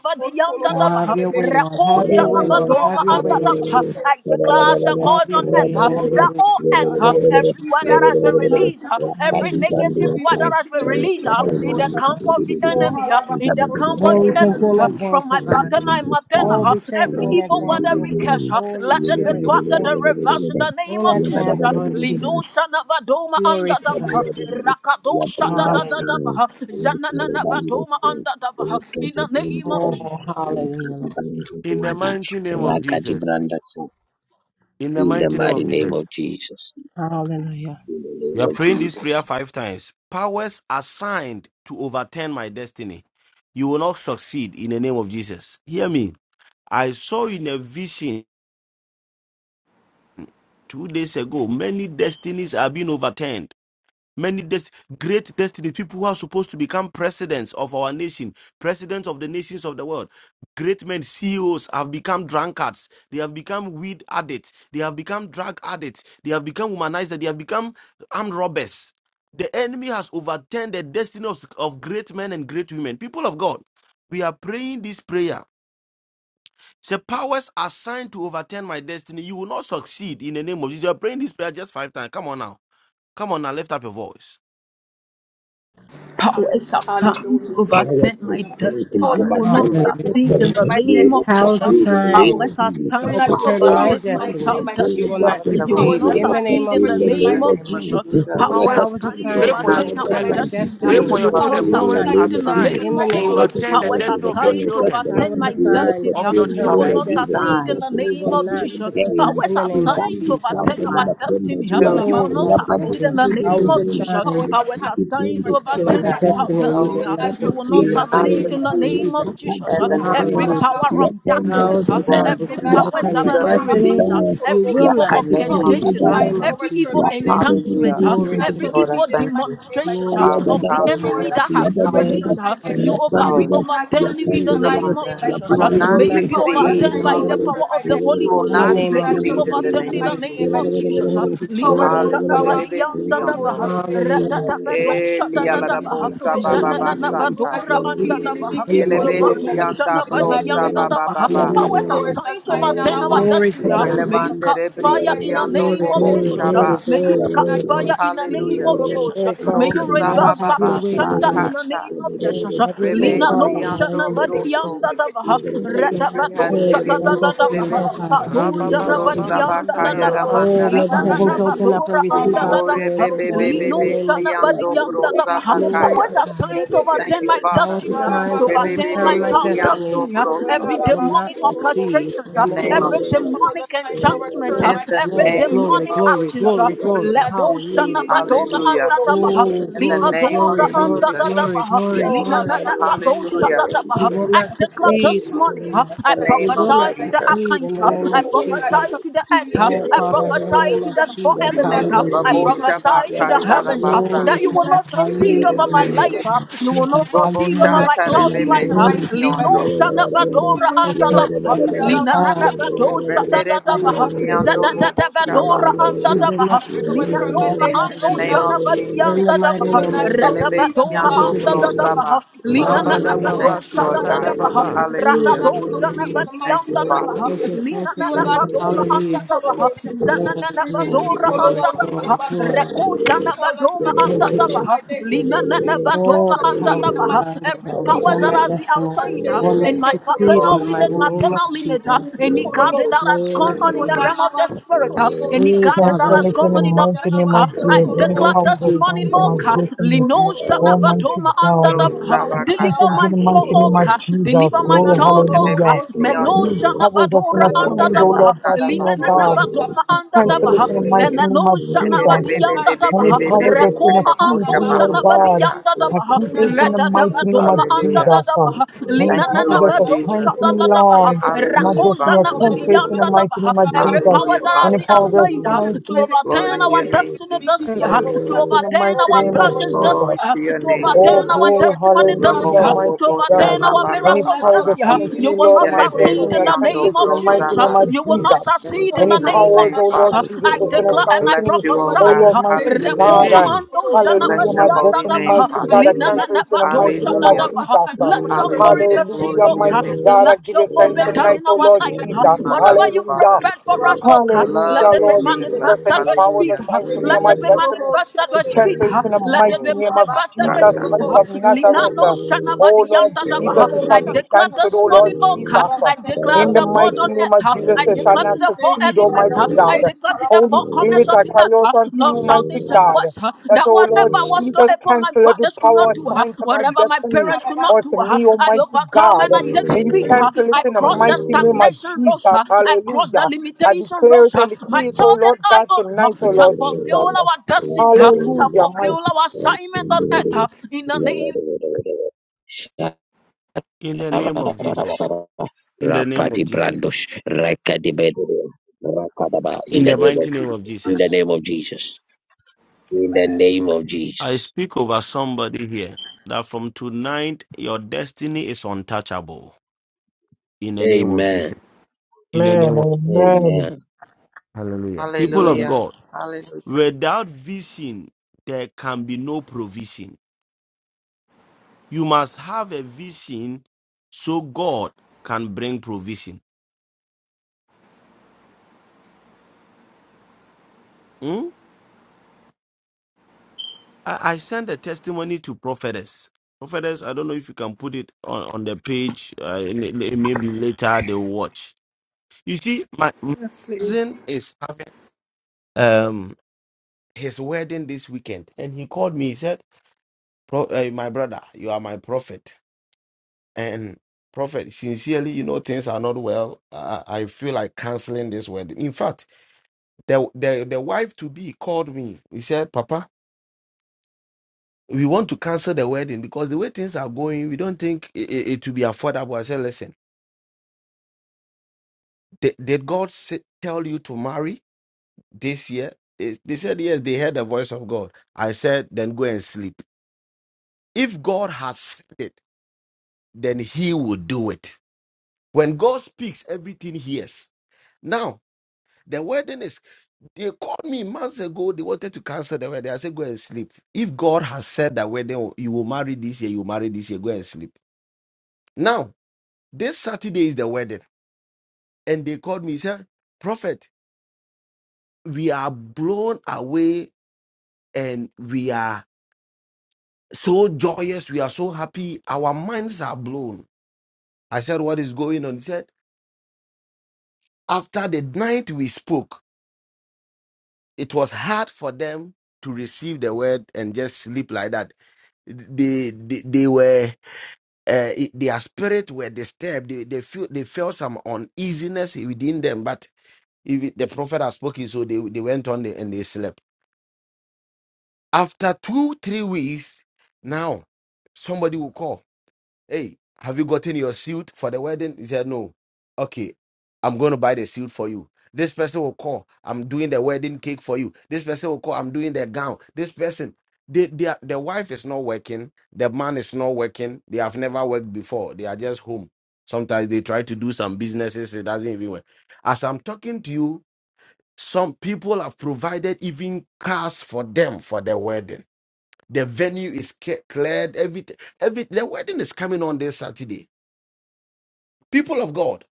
S4: Have
S10: yandadaba,
S4: your way, Lord.
S10: reko
S4: Have
S9: Thank
S4: your way, Lord.
S10: shanabadoma
S4: Have your way, Lord
S10: andadaba.
S4: Jesus.
S10: I declare as a
S4: Have
S10: God
S4: your
S10: on
S4: way.
S10: earth uh,
S4: Have your
S10: that
S4: way.
S10: all earth,
S4: Lord.
S10: uh,
S4: Thank you,
S10: every
S4: Jesus.
S10: word that has been released, uh,
S4: Have
S10: every
S4: your way,
S10: negative
S4: God.
S10: word that has been released uh,
S4: Yes,
S10: in the
S4: God.
S10: camp of the enemy, uh, in the camp of
S4: Oh, we
S10: the
S4: thank
S10: enemy,
S4: you
S10: uh,
S4: in advance,
S10: from
S4: oh
S10: my
S4: God.
S10: paternal and maternal,
S4: Oh,
S10: uh, uh,
S4: we thank
S10: every
S4: you in
S10: evil word,
S4: advance, oh
S10: every
S4: God.
S10: curse, uh,
S4: Holy
S10: let it be
S4: Spirit, we
S10: thwarted
S4: thank
S10: and reversed in the
S4: you
S10: name
S4: in
S10: of
S4: advance,
S10: Jesus.
S4: Lord
S9: you
S10: Lino
S4: Jesus.
S10: Sanavadoma Under
S4: Glory to
S10: uh,
S4: God.
S10: Lino shanabadoma andadaba, rakado
S9: ya branda
S4: Hallelujah.
S9: science
S10: shadadadadaba,
S9: unofanira bando
S10: zananavadoma
S9: science the
S10: andadaba, In the
S9: bando
S10: name of
S9: bando
S10: Jesus.
S4: Oh, hallelujah,
S9: unokati
S4: Lord Jesus.
S9: bando
S2: In the
S9: kuwada
S2: mighty name of
S9: rakati
S2: Jesus,
S9: branda science
S2: in the
S9: in the
S2: mighty name
S9: mighty
S2: of
S9: name
S2: Jesus,
S9: of Jesus
S4: Hallelujah.
S9: in the
S2: We
S9: name
S2: are
S9: of
S2: praying this
S9: Jesus
S2: prayer five times. Powers assigned to overturn my destiny. You will not succeed in the name of Jesus. Hear me. I saw in a vision two days ago many destinies are being overturned. Many des- great destinies, people who are supposed to become presidents of our nation, presidents of the nations of the world, great men, CEOs have become drunkards. They have become weed addicts. They have become drug addicts. They have become womanizers. They have become armed robbers. The enemy has overturned the destiny of, of great men and great women. People of God, we are praying this prayer The powers assigned to overturn my destiny, you will not succeed in the name of Jesus. You're praying this prayer just five times. Come on now. Come on now. Lift up your voice.
S10: powers are sent to
S9: powers
S10: overtake
S9: and
S10: my
S9: strength to
S10: destiny. You will
S8: Hallelujah.
S10: not
S9: overturn my
S10: succeed
S9: destiny.
S10: in
S4: Hallelujah.
S10: the
S9: You
S10: name
S9: will not
S10: of
S4: How is
S10: Jesus.
S4: a
S9: succeed in the name
S4: sign
S9: of
S10: Powers are
S9: Jesus.
S4: to
S10: sent to
S4: overturn
S9: Powers
S4: my
S9: and
S10: overtake
S8: Ours.
S10: my
S9: strength to
S4: destiny?
S10: child
S9: overturn
S4: You
S9: my
S4: will
S10: destiny.
S4: not
S8: Ours
S9: destiny.
S8: that
S10: You
S8: will
S10: will
S4: succeed
S9: You
S10: not
S9: will
S4: in
S9: not
S4: the
S8: be.
S4: name
S10: succeed
S4: of
S10: in
S9: succeed
S10: the
S9: in the
S8: In the
S4: Jesus.
S10: name
S9: name of
S10: of
S8: name of
S9: Jesus.
S10: Jesus.
S8: Jesus.
S9: Powers
S10: Powers are
S9: and
S2: Powers,
S4: How is a
S9: strength
S10: sent
S9: to
S10: to
S8: You
S4: sign
S2: pray
S8: will
S2: for
S9: overturn
S4: to
S2: your
S8: not
S10: overtake
S9: my
S10: our
S4: overturn
S2: children.
S8: success.
S4: my
S9: destiny.
S10: destiny.
S9: You
S8: In
S2: Pray
S9: will
S4: destiny?
S8: the
S2: for
S9: not
S8: name
S10: You
S2: your
S10: will
S8: of
S10: not
S4: You
S2: children.
S9: succeed
S4: will
S9: in the
S2: Powers
S8: Jesus,
S4: not
S9: name
S10: succeed in
S9: of
S10: the
S4: succeed
S9: Jesus.
S2: assigned
S10: name
S4: in the
S10: of
S2: to
S4: name
S9: Powers
S4: of
S10: Jesus.
S9: and
S2: overturn the
S9: strength
S10: Powers
S4: Jesus.
S9: to
S10: are
S2: destiny of your
S9: overturn my
S10: sent to
S2: children.
S9: destiny.
S10: overtake
S4: Power is
S10: my
S9: You will not
S4: assigned to
S10: destiny.
S2: Of
S9: succeed
S2: your
S9: in the
S10: You
S8: I
S4: overturn
S10: will
S9: name
S4: my
S8: was
S9: of
S2: children.
S10: not
S9: Jesus. That
S4: destiny.
S10: succeed in
S8: designed
S10: the
S9: plan,
S4: You will
S10: name
S9: that
S10: of
S4: not
S9: plan,
S10: Jesus.
S9: tell
S4: succeed
S9: me.
S4: in
S10: Powers
S4: the
S10: are
S9: In
S4: name of
S10: sent to
S9: Bambi
S4: Jesus.
S9: Sam,
S8: of
S10: overtake
S9: the
S10: our
S9: name
S8: my
S9: of Kenda,
S10: destiny.
S9: dear.
S10: You
S8: children
S10: will
S4: Oh,
S10: not
S4: Father,
S9: Rabba, the,
S4: thank
S10: succeed
S4: you.
S10: in the
S9: the,
S8: and
S9: the,
S4: Power
S9: the,
S10: name
S4: is
S8: me
S10: of
S9: the,
S10: Jesus
S4: assigned
S10: powers
S4: to
S10: assigned to
S8: will
S4: overturn
S10: overturn
S4: my
S10: my
S8: have
S10: child
S4: destiny. You
S10: destiny.
S8: no
S4: will
S10: uh,
S4: not
S10: You will not
S8: succeed
S4: succeed
S8: will
S4: in the
S8: not
S10: succeed
S4: name
S10: in
S4: of
S10: the
S8: succeed.
S10: name
S4: Jesus.
S10: of Jesus.
S8: In
S10: uh,
S8: the name
S10: Every
S8: of
S4: Hallelujah.
S8: Jesus,
S10: power of
S4: Power
S10: darkness,
S4: is
S10: uh,
S8: you will
S4: assigned
S10: every
S4: to
S8: not
S10: powers
S4: overturn
S10: that
S4: my
S10: has been
S4: destiny.
S10: released, uh,
S8: succeed.
S4: You
S10: every
S4: will
S8: In
S10: evil
S8: the
S4: not
S8: name of
S4: succeed in
S10: orchestration,
S4: the
S10: uh,
S8: Jesus.
S4: name of
S10: every evil
S4: Jesus.
S10: enchantment,
S8: Hallelujah.
S10: uh,
S4: Glory
S10: every
S4: to
S8: Lord,
S4: God.
S9: Yakati
S8: I
S10: evil
S8: thank you.
S10: demonstration uh,
S4: Glory to
S8: Ours.
S4: God.
S10: of the enemy
S8: Hallelujah.
S10: that has
S4: Hallelujah.
S10: been released,
S4: Hallelujah.
S10: uh, you
S4: Hallelujah.
S10: over we
S8: Ours.
S10: overturn
S4: Thank
S10: you
S4: you,
S10: in the
S8: Come
S4: Jesus.
S8: on,
S10: name of
S8: guys. You
S10: Jesus. uh,
S8: will
S4: You will
S10: May
S8: not
S10: you
S4: not
S10: be
S8: succeed.
S4: succeed.
S10: overturned by the
S4: Hallelujah.
S10: power of the Holy
S8: You will
S10: Ghost.
S4: In
S10: uh,
S4: the
S8: not
S4: name
S10: May
S4: of
S10: you be
S8: succeed
S4: Jesus.
S8: in the
S10: overturned
S8: name
S10: in
S8: of
S10: the
S4: Hallelujah.
S10: name
S8: Jesus.
S10: of Jesus. uh,
S4: Thank you,
S10: Lino
S4: Jesus.
S8: Hallelujah.
S4: Glory to God.
S8: Debe
S10: yanda da
S8: siando.
S10: baha, rata
S4: Hallelujah.
S10: da
S4: Thank
S10: vado
S4: you,
S10: shada
S8: Eli
S4: God.
S10: da
S8: alla
S10: da
S8: da
S4: I
S10: baha,
S8: bossa
S4: declare
S8: ba
S4: my
S8: ba
S10: jana na
S8: ba
S10: na
S4: destiny will
S8: sata.
S4: not
S10: vadora anda
S4: succeed.
S10: da baha,
S4: In the mighty
S8: Yelebe
S10: lipa do
S4: name of
S8: sianda
S10: na
S4: Jesus.
S10: vadi
S8: brosa
S10: yanda
S8: ba
S10: da
S8: ba ba
S10: baha.
S8: ba.
S4: Hallelujah. Lord
S10: Powers are
S9: yeah,
S4: Jesus.
S10: signed over then our
S4: Glory
S10: destiny.
S4: to
S10: ah.
S4: God.
S10: May you
S8: Elevande
S4: Hallelujah.
S10: catch
S8: rebri
S10: fire in the
S8: siando
S4: Glory,
S10: name
S8: bo
S10: of
S8: bo
S4: glory,
S10: Jesus. ah.
S4: glory,
S8: shaba.
S10: May you
S4: glory,
S10: catch
S4: glory.
S10: fire
S4: Hallelujah.
S10: in the name
S8: Hallelujah.
S10: of Jesus. ah.
S4: Oh,
S10: May
S4: Father,
S10: you
S8: Brosa
S4: God,
S8: ba
S10: reverse
S8: ba
S4: have
S10: back
S4: your
S10: to
S8: ba
S4: way, oh
S10: sender
S4: God.
S10: in the
S8: sakata.
S10: name of
S4: Oh,
S10: Jesus. ah.
S4: have your way,
S8: Rebe
S10: Lina no
S4: Father.
S10: shana
S8: siando
S4: Hallelujah, Lord
S10: vadi
S4: Jesus.
S8: broso.
S10: yanda da baha,
S4: We love you,
S10: rata
S8: Brisi
S4: Lord.
S10: vado
S4: Praise the
S8: handere
S10: shada da
S4: one
S10: da
S4: just
S10: da baha,
S8: brusebe.
S4: oh God.
S10: kato
S2: Rabba
S4: Hallelujah,
S10: na
S4: Lord
S2: baba ba
S10: vadi
S8: Brosa
S4: Jesus.
S8: ba
S10: yanda
S2: shanda
S10: da
S2: da
S8: kaya
S10: da baha,
S2: baba.
S8: ramanda
S4: Oh, may the
S10: lina
S4: heavens
S8: rabase.
S4: open up and
S10: Vadora
S4: receive
S10: under
S4: our
S8: Ore
S4: prayers,
S8: be
S4: oh
S8: be
S10: the
S8: be
S4: God,
S8: be
S4: in
S10: Lino
S4: the
S8: be
S4: name of
S10: Shana
S4: Jesus.
S8: siando
S10: Vadianda
S8: brosa ba
S4: Glory
S8: kaya.
S4: to
S10: Powers
S4: God.
S10: assigned to
S8: Thank
S10: overturn
S8: you,
S4: The
S10: my
S4: power
S8: Father.
S4: to
S10: destiny, uh,
S4: sign
S10: to
S4: to
S10: overturn my
S4: overturn
S8: Rebebebe
S4: my
S9: yeah,
S10: child
S4: destiny
S8: siando
S10: destiny, uh,
S8: broso.
S10: every
S4: will not
S10: demonic
S4: succeed
S10: orchestration,
S8: In the
S10: uh,
S4: in the
S8: name
S4: name
S8: of
S10: every
S4: of Jesus.
S8: Jesus.
S10: demonic enchantment, uh,
S4: Glory,
S8: In the
S10: every
S4: glory,
S8: name
S4: glory,
S10: demonic
S8: of
S4: glory,
S10: action, uh,
S4: glory, glory.
S10: let those
S4: Hallelujah.
S10: Shana Vadoma
S8: Hallelujah.
S10: under the Baha,
S4: Oh,
S8: In the
S10: Lina
S4: glory,
S8: name of
S4: glory,
S10: Dora under
S4: glory,
S8: Jesus.
S10: the
S4: glory,
S10: Baha,
S4: glory,
S10: Lina
S4: glory.
S10: Nana
S4: Hallelujah.
S10: Vadosha
S8: Hallelujah.
S10: the
S4: You
S10: Baha.
S4: will
S10: I
S4: not
S10: declare
S4: succeed.
S10: this morning, uh,
S4: Hallelujah.
S8: In the
S10: I
S4: You
S8: name of
S10: prophesy
S4: will not
S10: to the
S8: Jesus.
S4: succeed in the
S10: Arkansas,
S4: name
S10: I
S4: of
S10: prophesy
S4: Jesus.
S10: to the earth, uh,
S4: Oh,
S10: I
S4: Father, in the
S10: prophesy
S4: name
S10: to
S4: of
S10: the four
S4: Jesus.
S10: element. uh,
S4: Hallelujah.
S10: I
S4: Lord
S8: Robo
S10: prophesy
S4: Jesus.
S10: to
S8: shabaka
S10: the heavens uh,
S8: tarabasa.
S4: Glory
S10: that you
S4: to
S10: will
S4: God.
S10: not succeed
S4: Hallelujah.
S10: over my
S9: yeah,
S10: life. uh,
S4: Lord
S10: You will
S4: Jesus.
S10: not
S8: Robo
S10: succeed over
S4: Hallelujah.
S10: my child's life.
S8: shatarebebe
S10: uh,
S4: Glory to God.
S10: Lino
S8: sisiondo.
S10: Shanabadora
S4: Yes,
S10: under the
S4: God. Father,
S10: Lina
S4: Father,
S10: Nanabado
S8: Rendere
S4: Father,
S10: Shadadadabaha
S8: brisiando
S4: in the name
S8: bobo
S4: of Jesus.
S8: shaba.
S10: Zadadadabadora under
S4: You will not
S10: the
S4: succeed in
S10: Lina Noma
S4: the name of
S8: In the
S10: Ando
S8: name of
S4: Jesus.
S10: Shanabadi
S8: Jesus.
S4: In the
S10: under
S4: mighty name of
S8: Elebe
S10: Ratabadoma
S8: kiando
S10: under
S4: Jesus.
S8: brosaba.
S10: the Lina
S2: Rabba da
S4: Hallelujah,
S8: Thank
S2: baba
S10: Nanabado
S4: Lord
S8: you, Lord
S4: Jesus.
S2: shanda da
S8: God.
S10: Shadadadabaha
S2: baba.
S4: Ooh,
S8: Hallelujah.
S10: Ratado
S4: glory, thank you.
S10: Shanabadi
S8: Thank you, Father.
S4: Thank
S10: under
S4: you,
S10: the
S4: thank you,
S10: Zanana
S4: thank you.
S10: Vadoma under
S4: Hallelujah.
S10: the Baha,
S4: Glory,
S10: Zanana
S4: glory,
S10: Vadora
S4: glory,
S10: under the
S4: glory,
S10: Baha,
S4: glory.
S9: Yeah,
S10: Vadoma under
S4: Thank you,
S10: the
S4: Jesus.
S10: Baha, Lina
S4: All
S10: Vadoma
S4: the
S10: under
S4: power to find over,
S10: Every power
S4: overturn
S10: that
S4: my
S10: has been
S4: destiny.
S9: Thank
S10: assigned uh,
S4: Will
S10: in
S4: not
S10: my
S8: you,
S4: succeed in
S10: paternal
S4: the
S8: Lord.
S10: lineage,
S4: mighty name of
S10: maternal lineage, uh,
S4: Jesus.
S10: any garden that has
S4: Glory
S10: gone
S4: to
S10: on in the
S4: God.
S10: realm of the spirit, uh, any
S4: Hey,
S10: garden that
S4: Father.
S6: Cancel
S10: has
S6: it
S10: gone
S6: in the
S10: on in the
S6: mighty name
S10: physical,
S6: of
S10: I
S6: Jesus. Any
S10: declare
S4: Thank
S6: power
S4: you,
S10: this
S6: that
S10: morning,
S6: finds
S4: Jesus.
S10: oh
S6: my
S10: God,
S6: destiny,
S10: Lino Shana
S6: Almighty
S10: Vadoma under
S6: God.
S10: the
S6: I
S10: deliver
S6: cancel it
S8: Rosabakata,
S6: in
S10: my
S6: the
S10: soul,
S6: mighty name
S10: oh
S6: of
S10: God,
S6: Jesus.
S10: deliver my
S6: Glory,
S10: child, oh
S6: hallelujah.
S8: Elebe
S10: God, Lo
S8: Siondo,
S6: Any
S10: shana
S6: powers that's been
S10: vadora anda
S6: assigned,
S8: Master
S6: oh
S10: dava,
S6: Lord, by me, oh
S10: Limena na
S8: Katarabasa,
S6: God.
S10: vadoma anda
S6: Cancel it
S10: davaha.
S6: in the mighty
S10: Nene
S6: name
S10: no
S6: of
S8: and
S10: shana
S8: the
S6: Jesus.
S8: baby,
S10: vadiyanda
S8: baby,
S6: Any
S10: davaha.
S8: baby,
S6: power
S8: baby,
S6: that's been
S10: Rekoma
S6: assigned
S10: ando
S8: Sekosha
S6: to me, oh
S10: shana
S6: God,
S8: Babakata.
S10: vadiyanda
S6: I
S10: davaha.
S6: cancel it in the
S10: Reda
S6: mighty name of
S10: davadoma anda
S8: Hallelujah.
S6: Jesus.
S10: dava,
S6: Any
S8: Thank
S10: Limena
S6: power
S8: you,
S10: na
S8: Lord
S6: that's
S10: vado
S6: assigned
S8: Jesus.
S6: to
S10: shada
S6: me,
S10: dava,
S6: Lord, my
S8: Hallelujah,
S10: Rako
S6: destiny, I
S10: shana
S8: Father.
S6: cancel it in the
S10: vadiyanda
S6: mighty
S10: dava.
S6: name of
S10: Every
S6: Jesus.
S10: power
S8: Hallelujah,
S10: that has
S6: Any
S10: been
S8: Father.
S6: power that's
S10: assigned uh,
S6: assigned
S10: to
S6: to me
S8: Glory
S10: overturn
S8: to
S10: our
S8: your name,
S10: destiny
S8: Jesus.
S10: this year, uh, to
S9: you.
S6: in the
S10: overturn
S6: mighty
S10: our
S9: Thank
S6: name of
S10: blessings
S9: you.
S10: this year,
S8: Glory
S6: Jesus.
S10: uh,
S8: to your
S10: to
S8: name,
S6: Oh,
S10: overturn
S8: Jesus.
S10: our
S6: glory,
S10: testimony this
S8: Robo
S10: year,
S6: hallelujah,
S10: uh,
S8: Bobo
S10: to
S6: mighty
S8: Bosha
S6: God.
S10: overturn our
S8: Baba
S6: Any
S8: Baba
S10: miracles this
S8: Baba
S6: powers
S10: mercy. huh?
S8: Baba.
S6: assigned to
S10: You
S6: me,
S10: will
S6: Lord,
S10: not
S6: of my
S8: Yelebe
S10: succeed
S6: destiny,
S10: in
S6: I
S10: the
S6: cancel
S8: Siondo
S10: name
S6: it in
S10: of
S6: the mighty
S10: Jesus. huh?
S6: name
S8: Brosaba.
S6: of
S10: You will not
S6: Jesus.
S8: In
S10: succeed in the
S6: Any
S8: Jesus'
S10: name
S6: powers,
S10: of
S8: name,
S6: oh
S10: Jesus.
S6: Lord
S10: huh?
S8: Father.
S6: Jesus,
S10: I
S6: that's been
S10: declare and
S6: assigned
S10: I
S6: to
S8: Bless
S6: me,
S8: you, oh
S10: prophesy.
S6: oh
S8: God.
S6: Lord,
S10: huh?
S6: mighty
S2: In the
S8: Hallelujah.
S6: God.
S10: Rekoma
S6: I,
S2: name.
S10: ando janava
S6: hallelujah,
S8: Bless your
S6: my
S10: dianda
S8: holy
S6: destiny,
S10: dava,
S8: name,
S10: huh?
S6: mighty
S8: Father.
S6: God, I
S10: Lina na
S6: cancel
S10: na
S6: it in the mighty
S10: dosha
S6: name
S10: da
S6: of
S8: Hallelujah.
S6: Jesus.
S10: huh?
S6: Uh,
S10: Let your glory
S8: Hallelujah.
S10: be seen,
S8: Glory
S6: Hallelujah,
S10: O
S8: to your
S10: God.
S6: mighty
S8: name,
S6: God, I
S8: Jesus.
S10: Let
S6: give
S10: your
S6: you
S10: will
S6: thanks
S10: be done
S6: tonight,
S10: in our
S6: oh Lord
S8: In
S10: life.
S6: Jesus.
S10: huh?
S8: your name, I love
S10: Whatever
S8: you,
S10: you
S6: Hallelujah.
S8: Father.
S10: prepared for us, O
S8: I
S10: God, let
S6: Hallelujah,
S8: love
S10: it
S8: you,
S10: be
S6: Lord
S8: Jesus.
S6: Jesus.
S10: manifested
S6: Any
S10: with
S6: powers
S10: speed.
S8: Hallelujah.
S10: huh?
S6: assigned to me
S10: Let
S6: or my
S10: it be
S6: destiny,
S10: manifested
S6: we
S10: with speed.
S6: cancel it
S10: huh?
S6: in the
S10: Let
S6: mighty
S10: it be
S8: Oh,
S6: name of
S8: Papa.
S10: manifested
S6: Jesus
S10: with
S8: Tata.
S10: speed.
S6: Christ
S10: huh?
S6: of
S10: Lina
S6: Nazareth.
S10: no
S6: Oh Lord Jesus, it shall
S10: I
S6: be
S10: declare
S6: canceled,
S10: this
S6: oh
S10: morning,
S6: Lord
S10: oh
S6: Jesus.
S10: God, I declare
S6: In
S10: as
S6: the
S10: a
S6: mighty
S10: God on
S6: name
S10: earth,
S6: of
S10: huh,
S6: Jesus,
S10: I
S6: they shall
S10: declare to
S6: not
S10: the four
S6: succeed,
S10: elements, huh,
S6: Almighty
S10: I
S6: God.
S10: declare to the
S6: Holy
S10: four corners
S6: Spirit,
S10: of
S6: I
S10: the
S6: cry out
S10: earth,
S6: unto
S10: north,
S6: you,
S10: south,
S6: mighty
S10: east, and
S6: God,
S10: west,
S6: that,
S10: that
S6: oh Lord
S10: whatever was not
S6: Jesus,
S10: able my
S6: cancel every
S10: fathers could not
S6: power
S10: do, huh,
S6: assigned to my
S10: whatever my
S6: destiny
S10: parents could not
S6: or
S10: do,
S6: to
S10: huh,
S6: me,
S10: I
S6: Almighty
S10: overcome
S6: God.
S10: and I take
S6: May you
S10: speed, huh,
S6: cancel it
S10: I
S6: in the
S10: cross the
S6: mighty name
S9: Rapadi
S6: of
S10: stagnation
S6: Jesus.
S10: road, I cross
S6: Hallelujah.
S10: the
S6: I
S10: limitation road.
S6: declare it and
S10: My
S6: decree it, oh
S10: child and
S6: Lord
S10: I,
S6: God,
S10: oh Lord,
S6: tonight, oh
S10: shall
S6: Lord Jesus.
S10: fulfill our destiny, huh, shall
S6: Hallelujah,
S10: fulfill
S6: mighty
S10: our assignment on earth huh, in the name
S2: In the name of Jesus. In the name of Jesus.
S9: brandosh, rakadi bedo, rakadaba. In
S2: In
S9: the
S2: the
S9: name of
S2: mighty name of
S9: Jesus. In the
S2: Jesus.
S9: name of Jesus. In the name of
S2: I
S9: Jesus.
S2: speak over somebody here that from tonight your destiny is untouchable in the name of
S9: Amen.
S2: Jesus. In the
S6: man.
S2: name of
S6: Amen.
S9: Amen.
S2: Hallelujah. People of
S9: Amen.
S8: Hallelujah.
S2: God,
S8: Hallelujah.
S2: without vision, there can be no provision. You must have a vision so God can provision. Hmm? I, I sent a testimony to prophetess. Prophetess, I don't know if you can put it on, on the page. Uh, l- l- maybe later they'll watch. You see, my my
S1: yes, please.
S2: cousin is having. um, his wedding this weekend and he called me he said Pro, uh, my brother you are my prophet and prophet sincerely you know things are not well uh, i I feel like canceling this wedding in fact the the, the wife to be called me he said papa we want to cancel the wedding because the way things are going we don't think it, it, it will be affordable i said listen did, did god say, tell you to marry this year Is- they said yes they heard the voice of god i said then go and sleep if god has said it then he will do it. When God speaks, everything hears. Now, the wedding is, they called me months ago. They wanted to cancel the wedding. I said, go and sleep. If God has said that wedding, oh, you will marry this year, you will marry this year, go and sleep. Now, this Saturday is the wedding. And they called me, said, Prophet, we are blown away and we are so joyous. We are so happy. Our minds are blown. I said, What is going on? He said, After the night we spoke, it was hard for them to receive the word and just sleep like that. They they, they were uh, it- their spirit were disturbed. They they feel they felt some uneasiness within them. But if it- the prophet had spoken, so they they went on and they slept. After two three weeks, now somebody will call. Hey, have you gotten your suit for the wedding? He said, No. Okay, I'm going to buy the suit for you. This person will call. I'm doing the wedding cake for you. This person will call. I'm doing the gown. This person, they, they are, the wife is not working. The man is not working. They have never worked before. They are just home. Sometimes they try to do some businesses. It doesn't even work. As I'm talking to you, some people have provided even cars for them for their wedding. The venue is ca- cleared. Everything, every the wedding is coming on this Saturday. People of God,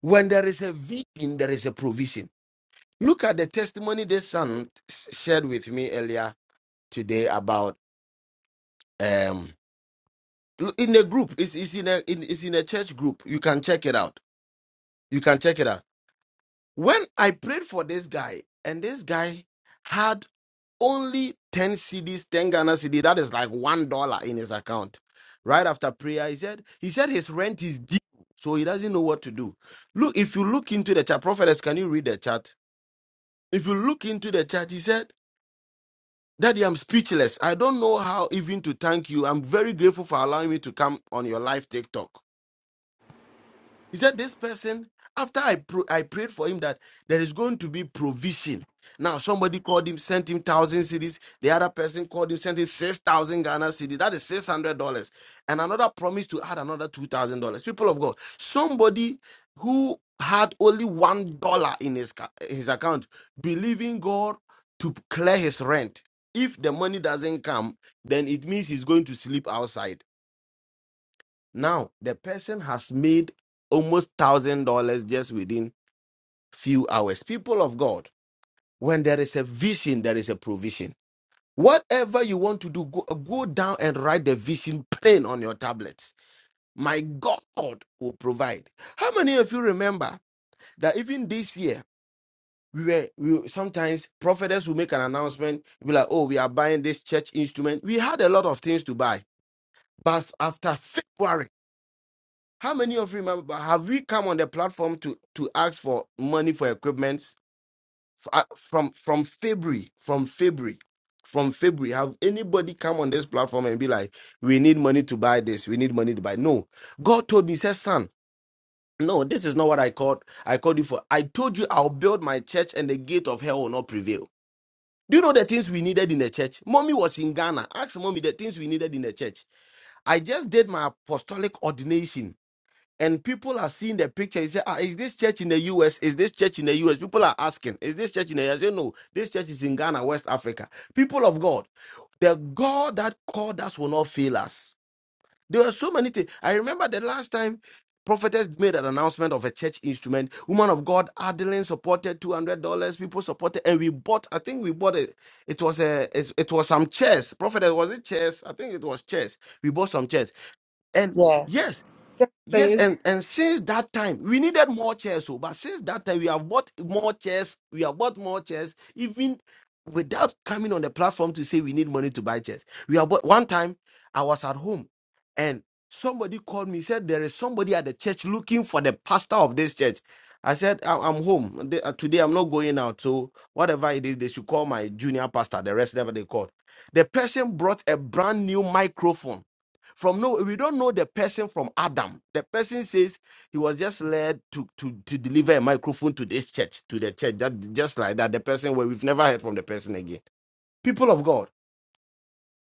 S2: when there is a vision, there is a provision. Look at the testimony this son shared with me earlier today about um in a group. It's, it's in a in, it's in a church group. You can check it out. You can check it out. When I prayed for this guy, and this guy had only 10 CDs, 10 Ghana CD. That is like one dollar in his account. Right after prayer, he said, he said his rent is due, so he doesn't know what to do. Look, if you look into the chat, prophetess, can you read the chat? If you look into the chat, he said, Daddy, I'm speechless. I don't know how even to thank you. I'm very grateful for allowing me to come on your live TikTok. He said, This person, after I pro- I prayed for him that there is going to be provision. Now, somebody called him, sent him one thousand Cedis. The other person called him, sent him 6,000 Ghana city. That is $600. And another promised to add another $2,000. People of God, somebody who had only $1 in his, ca- his account, believing God to clear his rent. If the money doesn't come, then it means he's going to sleep outside now the person has made almost thousand dollars just within few hours. People of God, when there is a vision, there is a provision. Whatever you want to do, go, uh, go down and write the vision plain on your tablets. My God will provide. How many of you remember that even this year we were we sometimes prophetess will make an announcement, be like, oh, we are buying this church instrument. We had a lot of things to buy, but after February. How many of you remember have we come on the platform to to ask for money for equipment F- uh, from from February, from February, from February? Have anybody come on this platform and be like, "We need money to buy this. We need money to buy." No, God told me, he "says son." No, this is not what I called. I called you for. I told you I'll build my church, and the gate of hell will not prevail. Do you know the things we needed in the church? Mommy was in Ghana. Ask mommy the things we needed in the church. I just did my apostolic ordination and people are seeing the picture. They say, ah, is this church in the US? Is this church in the US? People are asking, is this church in the US? I say, no, this church is in Ghana, West Africa. People of God, the God that called us will not fail us. There were so many things. I remember the last time prophetess made an announcement of a church instrument. Woman of God, Adeline supported $200. People supported, and we bought, I think we bought it. It was a, it, it was some chairs. Prophetess, was it chairs? I think it was chairs. We bought some chairs. And
S8: Yes.
S2: yes
S1: Yes,
S2: Yes,
S1: please.
S2: and and since that time we needed more chairs, so but since that time we have bought more chairs, we have bought more chairs, even without coming on the platform to say we need money to buy chairs. We have bought one time I was at home and somebody called me, said there is somebody at the church looking for the pastor of this church. I said, "I- I'm home. They- uh, Today I'm not going out. So whatever it is, they should call my junior pastor, the rest never they called. The person brought a brand new microphone from no, we don't know the person from Adam. The person says he was just led to to to deliver a microphone to this church, to the church. That just like that, the person where we've never heard from the person again. People of God,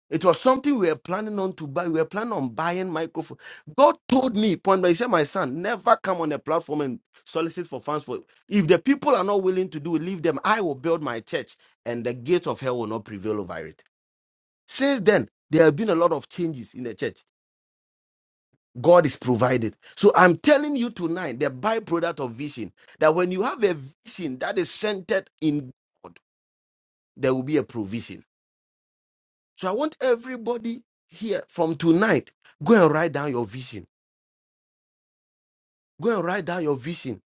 S2: it was something we were planning on to buy. We were planning on buying microphone. God told me point by he said, my son, never come on a platform and solicit for funds for. If the people are not willing to do, it, leave them. I will build my church, and the gates of hell will not prevail over it. Since then, there have been a lot of changes in the church. God is provided. So I'm telling you tonight the byproduct of vision that when you have a vision that is centered in God, there will be a provision. So I want everybody here from tonight go and write down your vision. Go and write down your vision,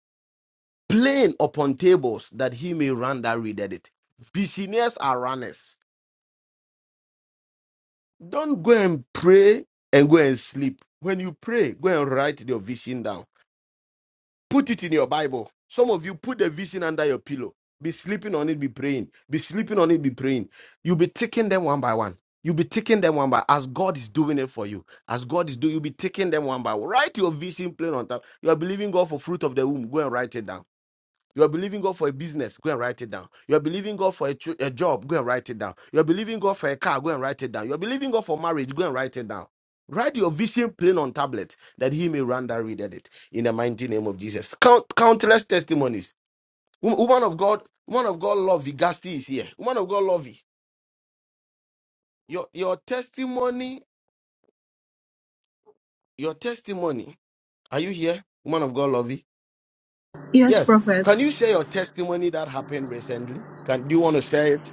S2: plain upon tables that he may run that readeth it. Visionaries are runners. Don't go and pray and go and sleep. When you pray, go and write your vision down Put it in your Bible. Some of you put the vision under your pillow. Be sleeping on it, be praying. Be sleeping on it, be praying. You'll be taking them one by one. You'll be taking them one by as God is doing it for you. As God is doing, you'll be taking them one by one. Write your vision plain on top. You are believing God for fruit of the womb. Go and write it down. You are believing God for a business, go and write it down. You are believing God for a, tr- a job, go and write it down. You are believing God for a car, go and write it down. You are believing God for marriage, go and write it down. Write your vision plain on tablet that he may run that read it in the mighty name of Jesus. Count, countless testimonies. Wo- Woman of God, woman of God, Lovey Gasti is here. Woman of God, Lovey, your your testimony, your testimony. Are you here, woman of God, Lovey?
S10: Yes,
S2: Yes.
S10: Prophet.
S2: Can you share your testimony that happened recently? Can do you want to share it?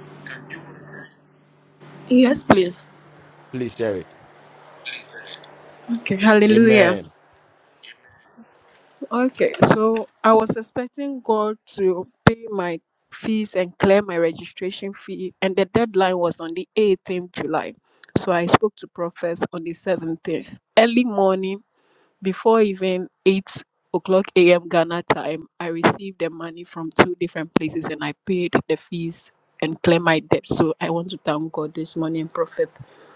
S10: Yes, please.
S2: Please share it.
S10: Okay, hallelujah.
S2: Amen.
S10: Okay, so I was expecting God to pay my fees and clear my registration fee, and the deadline was on the 18th July. So I spoke to prophets on the 17th. Early morning, before even 8 o'clock a.m. Ghana time, I received the money from two different places and I paid the fees and clear my debt. So I want to thank God this morning, prophet,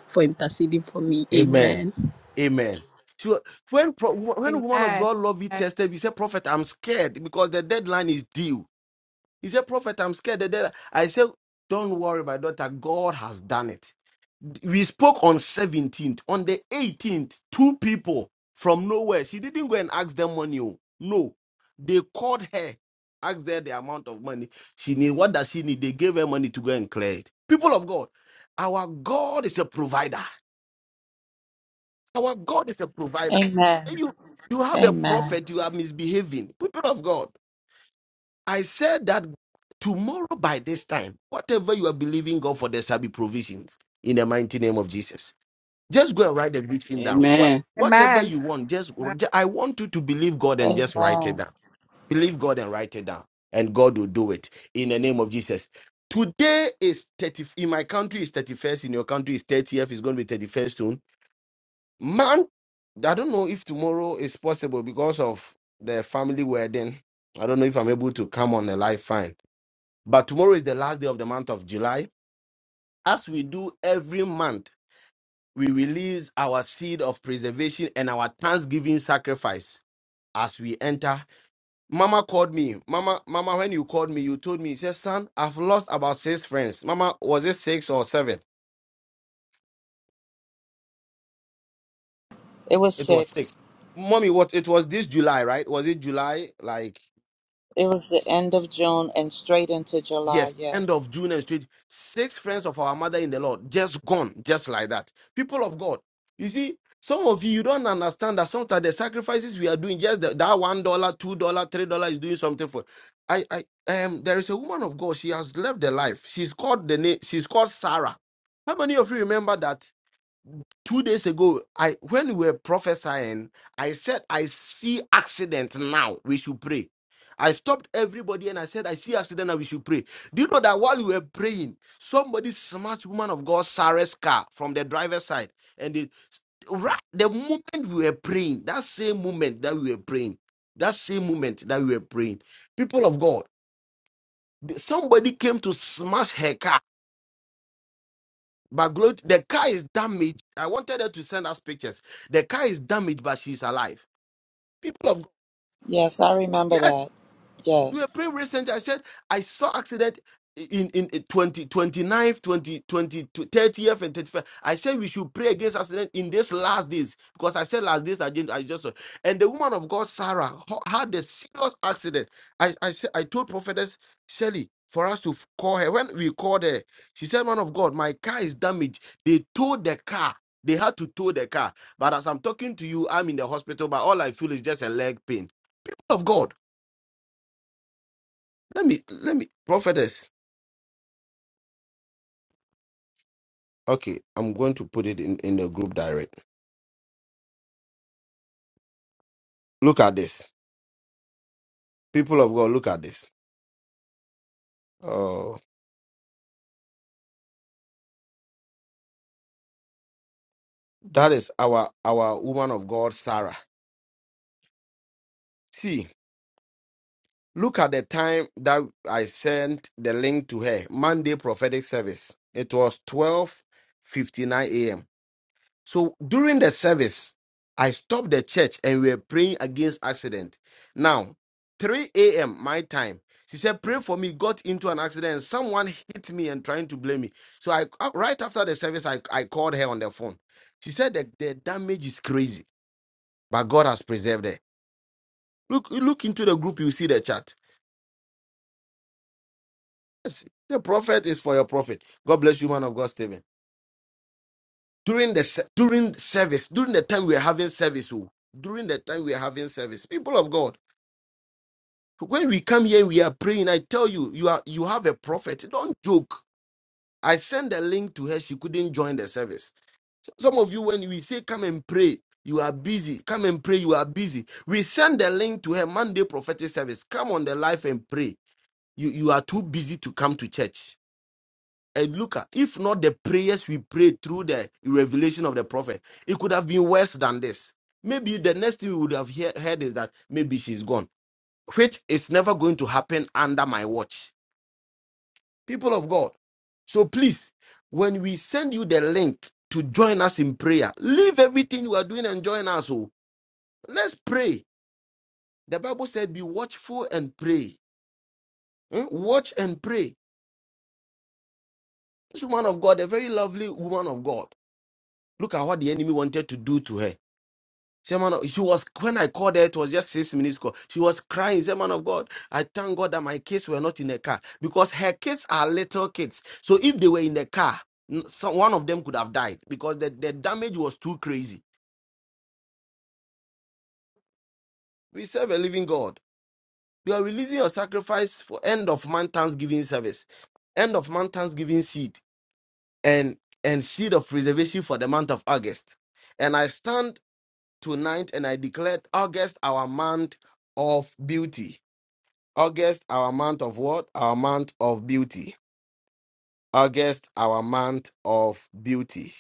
S10: for interceding for me.
S2: Amen.
S10: Amen.
S2: Amen. So when pro- when woman of
S1: Amen.
S2: God love you
S1: Amen.
S2: tested, you say, Prophet, I'm scared because the deadline is due. He said, Prophet, I'm scared. The deadline. I said, Don't worry, my daughter. God has done it. We spoke on 17th. On the 18th, two people from nowhere. She didn't go and ask them money. oh. No. They called her, asked her the amount of money she need. What does she need? They gave her money to go and clear it. People of God, our God is a provider. Our God is a provider. And
S8: Amen.
S2: you you have a
S8: Amen.
S2: prophet, you are misbehaving. People of God, I said that tomorrow by this time, whatever you are believing God for, there shall be provisions in the mighty name of Jesus. Just go and write the big thing down. What-
S12: Amen.
S2: Whatever
S1: Amen.
S2: you want, just
S1: Amen.
S2: I want you to believe God and just write it
S8: Amen.
S2: down. Believe God and write it down, and God will do it in the name of Jesus. Today is 30 in my country is 31st, in your country is 30th, it's going to be 31st soon Man, I don't know if tomorrow is possible because of the family wedding. I don't know if I'm able to come on a live fine. But tomorrow is the last day of the month of July. As we do every month, we release our seed of preservation and our thanksgiving sacrifice as we enter. Mama called me. Mama, Mama, when you called me, you told me, you said, son, I've lost about six friends. Mama, was it six or seven?
S8: It was
S2: It was six.
S8: six.
S2: Mommy, what it was this July, right? Was it July? Like
S8: It was the end of June and straight into July.
S2: Yes, end
S8: Yes.
S2: of June and straight. Six friends of our mother in the Lord just gone, just like that. People of God, you see, some of you you don't understand that sometimes the sacrifices we are doing, just the, that one dollar, two dollar, three dollar is doing something for. I, I, um, there is a woman of God. She has left the life. She's called the name. She's called Sarah. How many of you remember that? two days ago i when we were prophesying i said i see accident now we should pray i stopped everybody and i said i see accident now we should pray do you know that while we were praying somebody smashed woman of god sarah's car from the driver's side and the right the moment we were praying that same moment that we were praying that same moment that we were praying people of god somebody came to smash her car But Glo- the car is damaged. I wanted her to send us pictures. The car is damaged, but she's alive. People of
S8: Yes, I remember
S2: yes,
S8: that.
S2: we
S8: Yes.
S2: were praying recently. I said, I saw accident in, in in 20, 29th, 20, 20, 30th, and 31st. I said we should pray against accident in this last days because I said last days, I, didn't, I just saw. And the woman of God, Sarah, ho- had a serious accident. I, I, said, I told Prophetess Shelley for us to f- call her. When we called her, she said, Man of God, my car is damaged. They towed the car. They had to tow the car. But as I'm talking to you, I'm in the hospital, but all I feel is just a leg pain. Of God. Let me let me prophetess. Okay, I'm going to put it in in the group direct. Look at this, people of God. Look at this. Oh, that is our our woman of God, Sarah. See, look at the time that I sent the link to her Monday prophetic service. It was 12:59 a.m. So during the service, I stopped the church and we were praying against accident. Now, 3 a.m. my time, she said, pray for me, got into an accident. And Someone hit me and trying to blame me. So I uh, right after the service, I, I called her on the phone. She said that the damage is crazy, but God has preserved her. Look, you look into the group, you see the chat. Yes, the prophet is for your prophet. God bless you, man of God, Stephen. During the se- during service, during the time we are having service, oh, during the time we are having service, people of God. When we come here, we are praying. I tell you, you are you have a prophet. Don't joke. I sent a link to her. She couldn't join the service. So some of you, when we say come and pray, you are busy. Come and pray, you are busy. We send the link to her Monday prophetic service. Come on the life and pray. You you are too busy to come to church. And look, at- if not the prayers we prayed through the revelation of the prophet, it could have been worse than this. Maybe the next thing we would have hear, heard is that maybe she's gone, which is never going to happen under my watch people of God. So please, when we send you the link to join us in prayer, leave everything you are doing and join us. Oh, let's pray. The Bible said, "Be watchful and pray." Hmm? Watch and pray. This woman of God, a very lovely woman of God. Look at what the enemy wanted to do to her. Say, man, of- she was when I called her, it was just six minutes call. She was crying. Say, man of God, I thank God that my kids were not in the car because her kids are little kids. So if they were in the car, n- some, one of them could have died because the, the damage was too crazy. We serve a living God. You are releasing your sacrifice for end of month Thanksgiving service, end of month Thanksgiving seed, and and seed of preservation for the month of August. And I stand tonight and I declare August our month of beauty. August, our month of what? Our month of beauty. August, our month of beauty.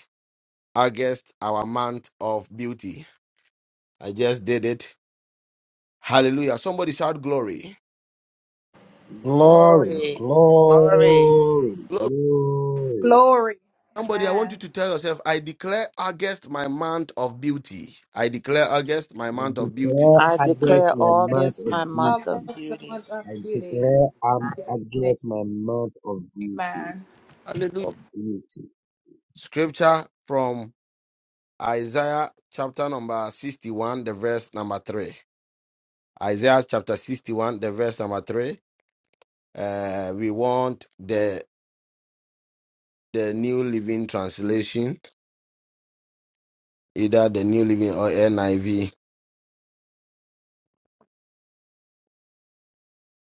S2: August, our month of beauty. I just did it. Hallelujah. Somebody shout glory.
S9: Glory,
S8: Glory. Glory.
S9: glory,
S2: Glory.
S9: glory.
S1: Glory.
S2: Somebody, I want you
S1: Amen.
S2: to tell yourself, I declare August my month of beauty. I declare August my
S9: We
S2: month of beauty.
S9: declare
S8: I
S9: others
S8: declare
S9: the
S1: And
S9: mouth
S8: August
S9: of
S8: my
S1: God
S8: month
S9: beauty.
S8: of
S1: bless the-
S8: beauty.
S9: I declare I'm against my month of beauty,
S2: Hallelujah.
S9: of beauty.
S2: Scripture from Isaiah chapter number 61, the verse number 3. Isaiah chapter 61, the verse number 3 uh, we want the the New Living Translation, either the New Living or NIV.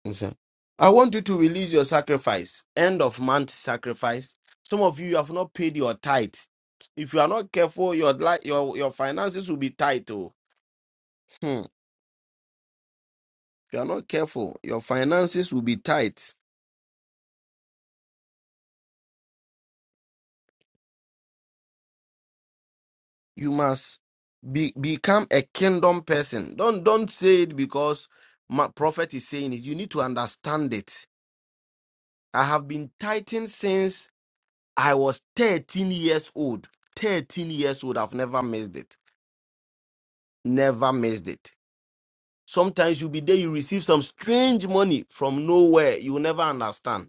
S2: I'm sorry. I want you to release your sacrifice, end of month sacrifice. Some of you have not paid your tithe. If you are not careful, your li- your your finances will be tight. Oh, Hmm. if you are not careful, your finances will be tight. You must be become a kingdom person. Don't don't say it because my prophet is saying it. You need to understand it. I have been tightened since I was 13 years old. 13 years old. I've never missed it. Never missed it. Sometimes you'll be there, you receive some strange money from nowhere. You will never understand.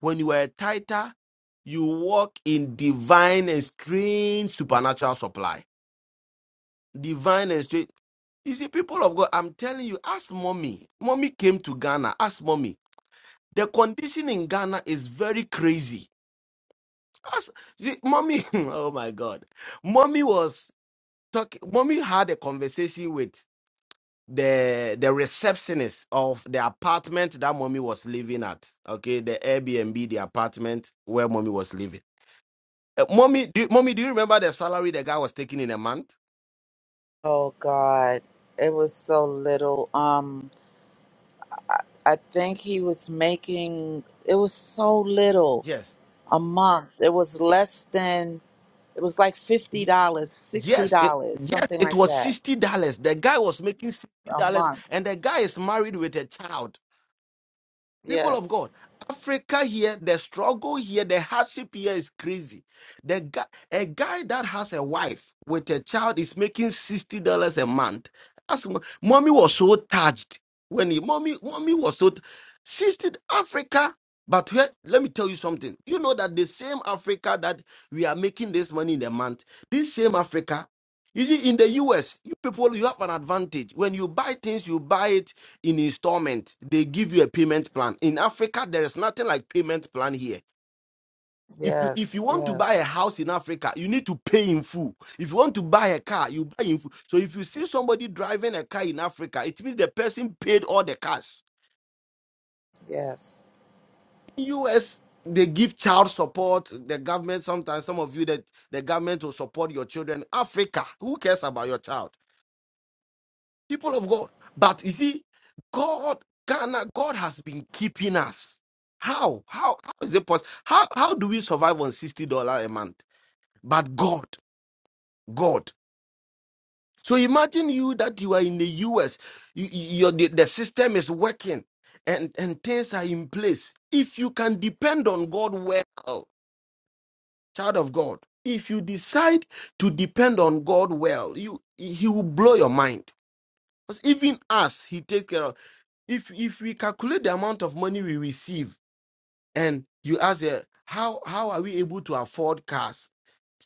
S2: When you are a tither, you walk in divine and strange supernatural supply. Divine and strange. You see, people of God, I'm telling you, ask mommy. Mommy came to Ghana. Ask mommy. The condition in Ghana is very crazy. Ask, see, mommy, (laughs) oh my God. Mommy was talk when we had a conversation with the the receptionist of the apartment that mommy was living at okay the airbnb the apartment where mommy was living uh, mommy do, mommy do you remember the salary the guy was taking in a month
S8: Oh God, it was so little. Um, I think he was making it was so little
S2: yes
S8: a month. It was less than it was like fifty
S2: Y-
S8: dollars, sixty
S2: yes it,
S8: dollars,
S2: yes
S8: something
S2: it
S8: like
S2: was
S8: that
S2: 60 dollars the guy was making 60
S8: a
S2: dollars
S8: month.
S2: and the guy is married with a child People of
S8: Yes,
S2: God, Africa here, the struggle here, the hardship here is crazy. The guy, a guy that has a wife with a child is making sixty dollars a month. As mo- mommy was so touched when he, mommy, mommy was so t- sixty Africa. But here, let me tell you something. You know that the same Africa that we are making this money in a month, this same Africa, you see, in the U.S., you people, you have an advantage. When you buy things, you buy it in installment. They give you a payment plan. In Africa, there is nothing like payment plan here. If you, if you
S8: yes,
S2: want to buy a
S8: yes,
S2: house in Africa, you need to pay in full. If you want to buy a car, you buy in full. So if you see somebody driving a car in Africa, it means the person paid all the cash.
S8: yes.
S2: In US, they give child support. The government sometimes some of you that the government will support your children. Africa, who cares about your child? people of God. But you see, God, Ghana, God has been keeping us. How? How? How is it possible? How? How do we survive on sixty dollar a month? But God, God. So imagine you that you are in the U.S. You, you, you're- the, the system is working, and and things are in place. If you can depend on God well, child of God. If you decide to depend on God well, you He will blow your mind. Because even us, He takes care of. if if we calculate the amount of money we receive and you ask eh, how how are we able to afford cars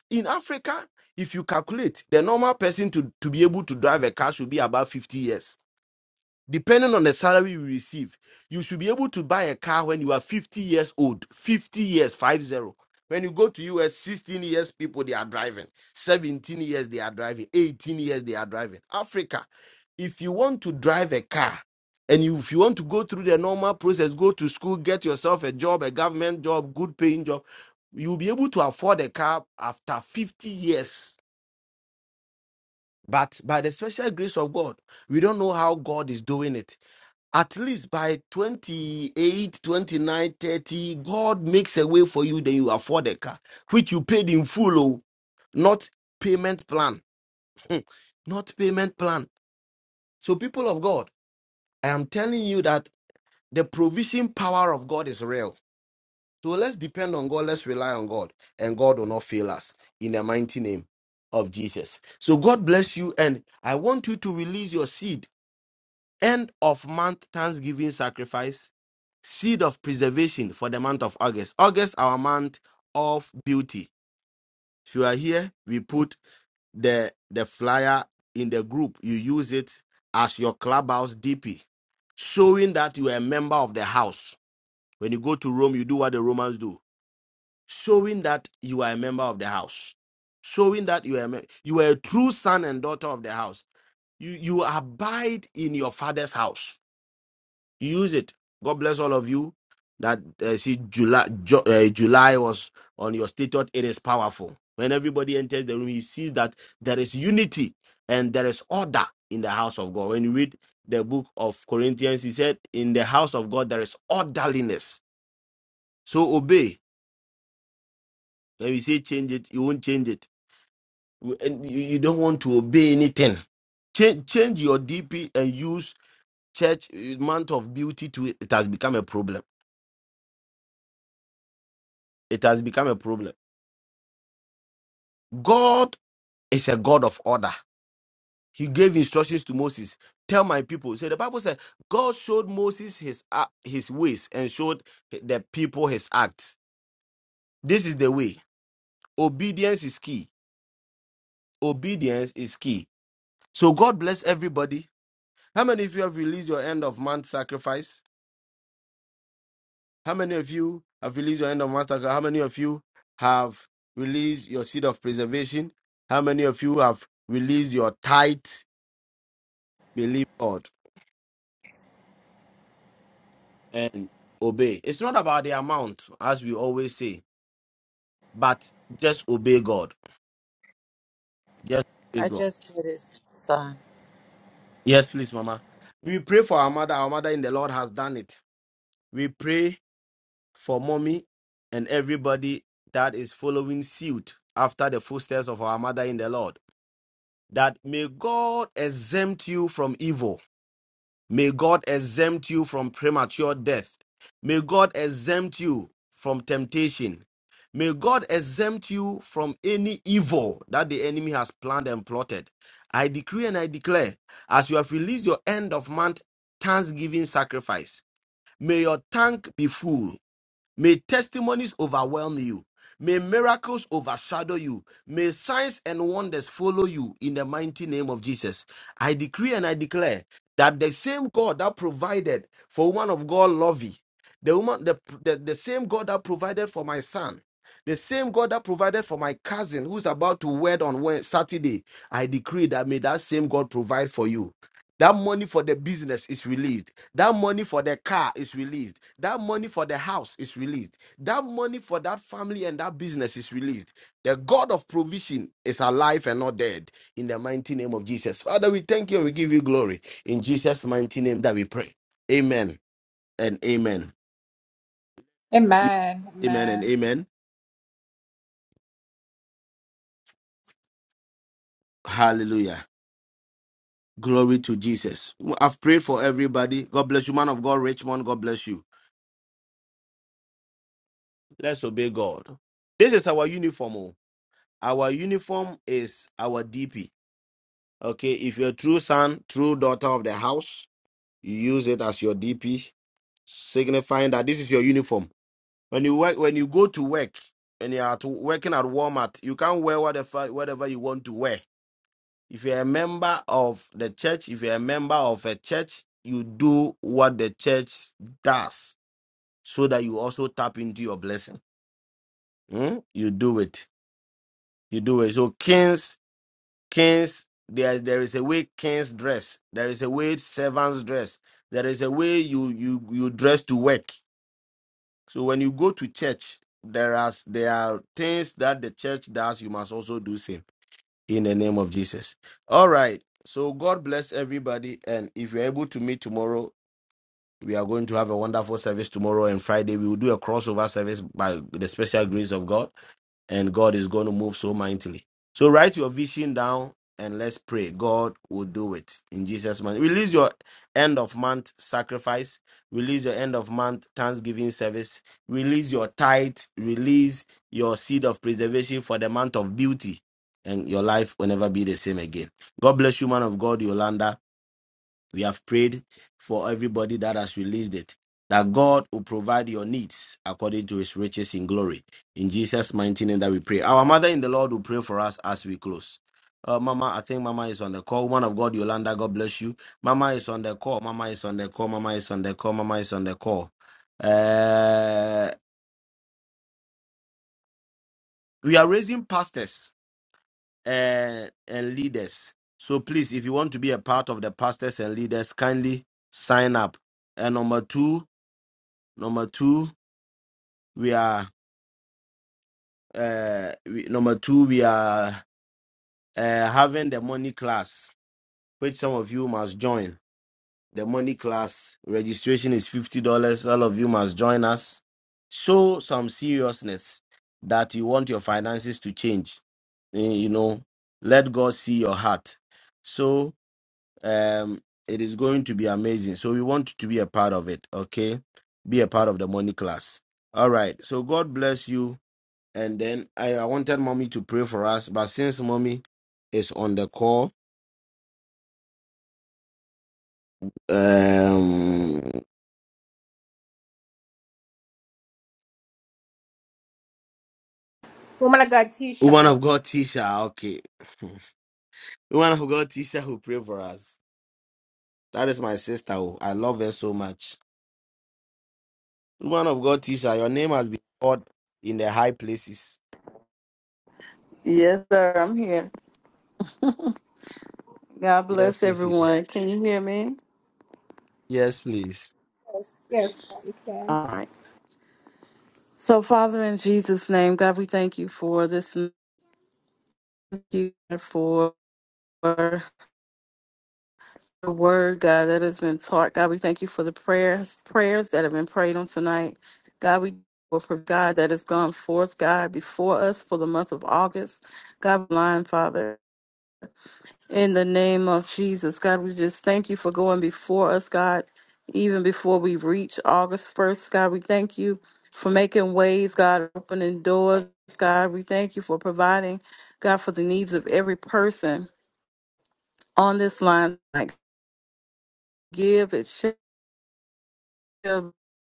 S2: in africa if you calculate the normal person to to be able to drive a car should be about 50 years depending on the salary you receive, you should be able to buy a car when you are 50 years old. 50 years, 50. When you go to US, 16 years people they are driving, 17 years they are driving, 18 years they are driving. Africa, if you want to drive a car and you, if you want to go through the normal process, go to school, get yourself a job, a government job, good paying job, you'll be able to afford a car after 50 years. But by the special grace of God, we don't know how God is doing it at least by 28, 29, 30, God makes a way for you, then you afford a car, which you paid in full, oh, not payment plan. Hmm, not payment plan. So, people of God, I am telling you that the provision power of God is real. So let's depend on God, let's rely on God, and God will not fail us in the mighty name of Jesus. So God bless you, and I want you to release your seed end of month thanksgiving sacrifice, seed of preservation for the month of August. August, our month of beauty. If you are here, we put the the flyer in the group. You use it as your clubhouse DP, showing that you are a member of the house. When you go to Rome, you do what the Romans do, showing that you are a member of the house, showing that you are a, mem- you are a true son and daughter of the house. You you abide in your father's house use it. God bless all of you. That uh, see July Ju- uh, July was on your status. It is powerful. When everybody enters the room, he sees that there is unity and there is order in the house of God. When you read the book of Corinthians, he said, "In the house of God there is orderliness." So obey. When we say change it, you won't change it. We- And you you don't want to obey anything. Change, change your DP and use church uh, month of beauty to it. It has become a problem. It has become a problem God is a God of order. He gave instructions to Moses. Tell my people. So the Bible said God showed Moses his act- his ways and showed the people his acts. This is the way. Obedience is key. Obedience is key. So God bless everybody. How many of you have released your end of month sacrifice? How many of you have released your end of month? sacrifice? How many of you have released your seed of preservation? How many of you have released your tithe? Believe God. and obey. It's not about the amount, as we always say, but just obey God. Just obey
S8: I
S2: God.
S8: just did it, son.
S2: Yes, please, Mama. We pray for our mother. Our mother in the Lord has done it. We pray for mommy and everybody that is following suit after the footsteps of our mother in the Lord. That may God exempt you from evil May God exempt you from premature death. May God exempt you from temptation. May God exempt you from any evil that the enemy has planned and plotted. I decree and I declare, as you have released your end of month thanksgiving sacrifice, may your tank be full. May testimonies overwhelm you. May miracles overshadow you. May signs and wonders follow you in the mighty name of Jesus. I decree and I declare that the same God that provided for woman of God, Lovey, the woman, the, the, the same God that provided for my son, the same God that provided for my cousin who's about to wed on Wed- Saturday, I decree that may that same God provide for you. That money for the business is released. That money for the car is released. That money for the house is released. That money for that family and that business is released. The God of provision is alive and not dead. In the mighty name of Jesus. Father, we thank you and we give you glory. In Jesus' mighty name that we pray. Amen and amen.
S1: Amen.
S2: Amen and
S1: Amen.
S2: amen. Hallelujah. Glory to Jesus. I've prayed for everybody. God bless you, man of God, Richmond. God bless you. Let's obey God. This is our uniform. oh. Our uniform is our DP. Okay, if you're a true son, true daughter of the house, you use it as your DP, signifying that this is your uniform. When you work, when you go to work, and you're at, working at Walmart, you can't wear whatever whatever you want to wear. If you're a member of the church, if you're a member of a church, you do what the church does, so that you also tap into your blessing. Hmm? You do it. You do it. So kings Kings, there, there is a way kings dress. There is a way servants dress. There is a way you you you dress to work. So when you go to church, there are there are things that the church does. You must also do same in the name of Jesus. All right. So God bless everybody, and if you're able to meet tomorrow. We are going to have a wonderful service tomorrow and Friday. We will do a crossover service by the special grace of God and God is going to move so mightily. So write your vision down and let's pray. God will do it in Jesus' name. Release your end of month sacrifice. Release your end of month Thanksgiving service. Release your tithe. Release your seed of preservation for the month of beauty. And your life will never be the same again. God bless you, man of God, Yolanda. We have prayed for everybody that has released it, that God will provide your needs according to his riches in glory. In Jesus' mighty name that we pray. Our mother in the Lord will pray for us as we close. Uh, Mama, I think Mama is on the call. One of God, Yolanda, God bless you. Mama is on the call. Mama is on the call. Mama is on the call. Mama is on the call. Uh, we are raising pastors uh, and leaders. So please, if you want to be a part of the pastors and leaders, kindly sign up. And number two, Number two, we are uh, we, number two, we are uh, having the money class, which some of you must join. The money class registration is fifty dollars. All of you must join us. Show some seriousness that you want your finances to change. Eh, You know, let God see your heart. So um, it is going to be amazing. So we want you to be a part of it. Okay, be a part of the money class. All right. So God bless you and then I, I wanted mommy to pray for us, but since mommy is on the call, um,
S1: Woman of God,
S2: woman
S1: Tisha.
S2: of God, Tisha, okay, (laughs) woman of God, Tisha, who pray for us. That is my sister. oh, I love her so much. Woman of God, Tisha, your name has been called in the high places.
S13: Yes, sir, I'm here. God
S2: Yes,
S13: bless
S2: yes, yes,
S13: everyone. Can you hear me?
S2: Yes, please.
S1: Yes, you can.
S13: All right. So, Father, in Jesus' name, God, we thank you for this. Thank you for the word, God, that has been taught. God, we thank you for the prayers, prayers that have been prayed on tonight. God, we thank you for God that has gone forth, God, before us for the month of August. God, blind Father. In the name of Jesus, God, we just thank you for going before us, God, even before we reach August 1st. God, we thank you for making ways, God, opening doors. God, we thank you for providing, God, for the needs of every person on this line. Like, give it, shall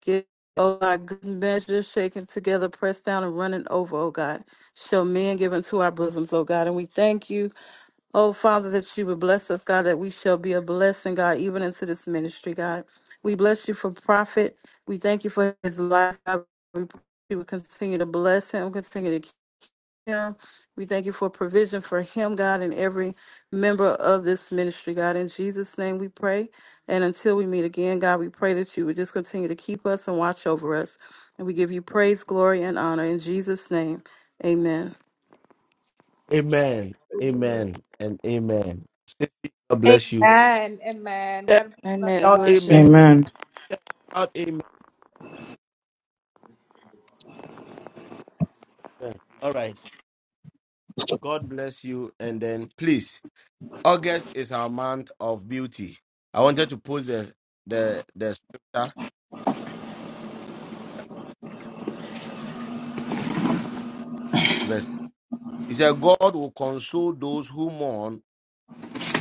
S13: give. Oh, God, good measure, shaken together, pressed down and running over, oh God. Shall men give into our bosoms, oh God. And we thank you Oh, Father, that you would bless us, God, that we shall be a blessing, God, even into this ministry, God. We bless you for profit. We thank you for his life. God. We pray you would continue to bless him, continue to keep him. We thank you for provision for him, God, and every member of this ministry, God. In Jesus' name we pray. And until we meet again, God, we pray that you would just continue to keep us and watch over us. And we give you praise, glory, and honor. In Jesus' name, amen.
S2: Amen, amen, and amen. God bless you.
S1: Amen. Amen.
S2: Shout
S1: God bless you, love
S13: Amen.
S2: out
S1: God.
S13: Bless you.
S2: amen.
S6: Amen.
S2: Shout out amen. All right. God bless you, and then please. August is our month of beauty. I wanted to post the the the scripture verse. He said, God will console those who mourn,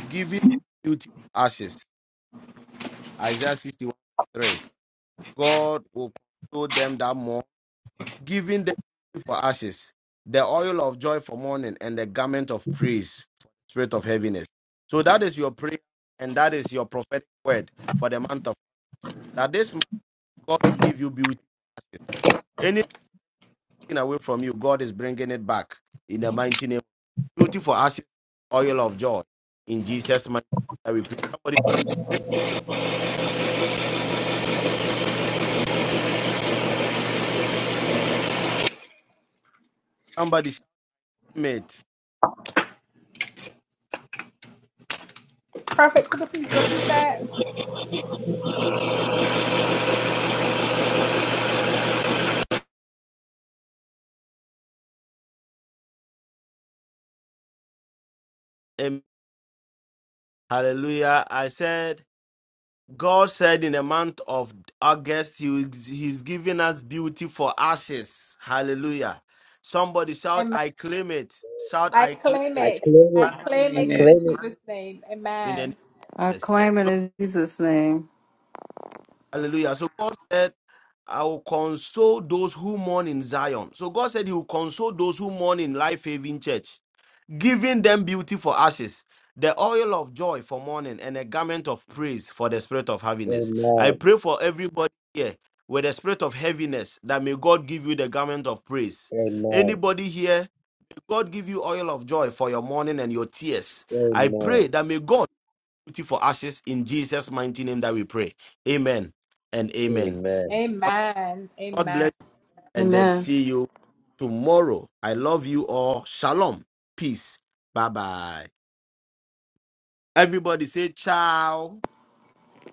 S2: giving them beauty for ashes. Isaiah 61 3. God will console them that mourn, giving them beauty for ashes, the oil of joy for mourning, and the garment of praise for the spirit of heaviness. So that is your prayer, and that is your prophetic word for the month of that this month God will give you beauty away from you, God is bringing it back in the mighty name. Beautiful ashes, oil of joy in Jesus' mighty name. I will pray. Somebody, shout- somebody, shout, mate.
S1: Perfect. could you please repeat that?
S2: Amen. Hallelujah. I said, God said in the month of August, he will, He's giving us beauty for ashes. Hallelujah. Somebody shout,
S1: Amen.
S2: I claim it. Shout,
S1: I
S2: I claim
S1: claim
S9: I
S2: it
S1: it.
S9: claim
S1: I
S9: it.
S12: I
S1: claim
S9: I
S12: claim
S1: it
S12: it.
S1: in
S9: claim it.
S1: Jesus' name.
S2: in the name
S1: Amen.
S13: I
S2: of Jesus.
S13: claim it in Jesus' name.
S2: Hallelujah. So God said, I will console those who mourn in Zion. So God said He will console those who mourn in Life Haven Church, giving them beauty for ashes, the oil of joy for mourning, and a garment of praise for the spirit of heaviness. I
S9: Amen.
S2: pray for everybody here with the spirit of heaviness that may God give you the garment of praise.
S9: Amen.
S2: Anybody here, may God give you oil of joy for your mourning and your tears. I pray
S9: Amen.
S2: that may God beauty for ashes in Jesus' mighty name that we pray. Amen and amen.
S9: Amen.
S1: Amen.
S2: God bless
S1: Amen.
S2: you, and then
S13: Amen.
S2: see you tomorrow. I love you all. Shalom. Peace. Bye bye. Everybody say ciao.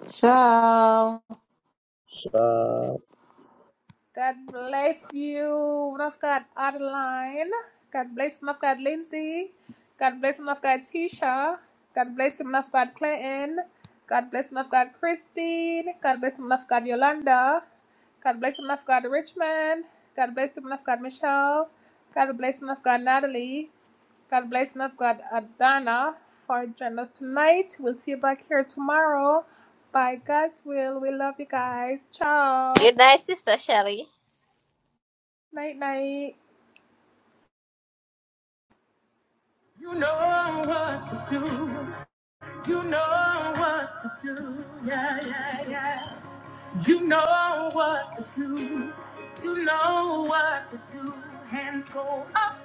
S13: Ciao.
S9: Shalom.
S1: God bless you, woman of God, Adeline. God bless woman of God, Lindsay. God bless woman of God, Tisha. God bless woman of God, Clinton. God bless woman of God, Christine. God bless woman of God, Yolanda. God bless woman of God, Richmond. God bless woman of God, Michelle. God bless woman of God, Natalie. God bless woman of God, Adana, for joining us tonight. We'll see you back here tomorrow. By God's will, we love you guys. Ciao.
S14: Good night, Sister Sherry.
S1: Night, night. You know what to do. You know what to do. Yeah, yeah, yeah. You know what to do. You know what to do. Hands go up.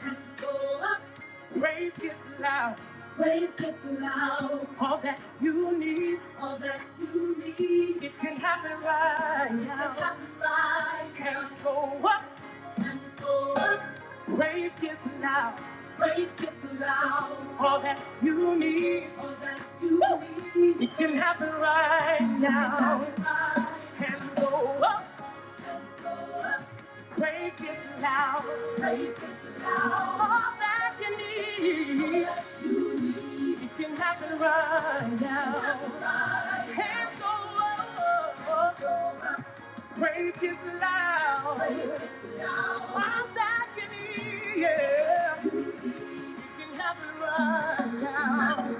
S1: Hands go up. Praise gets, praise gets loud. All that you need. All that you need. You can fly out. You can fly. Hands go up. Praise gets loud. Praise gets loud. All that you need, it can happen right now. Hands go up. Praise gets loud. Praise gets loud. All that you need, it can happen right now. Hands go up. Praise gets loud. All that you need, yeah, it can happen right now.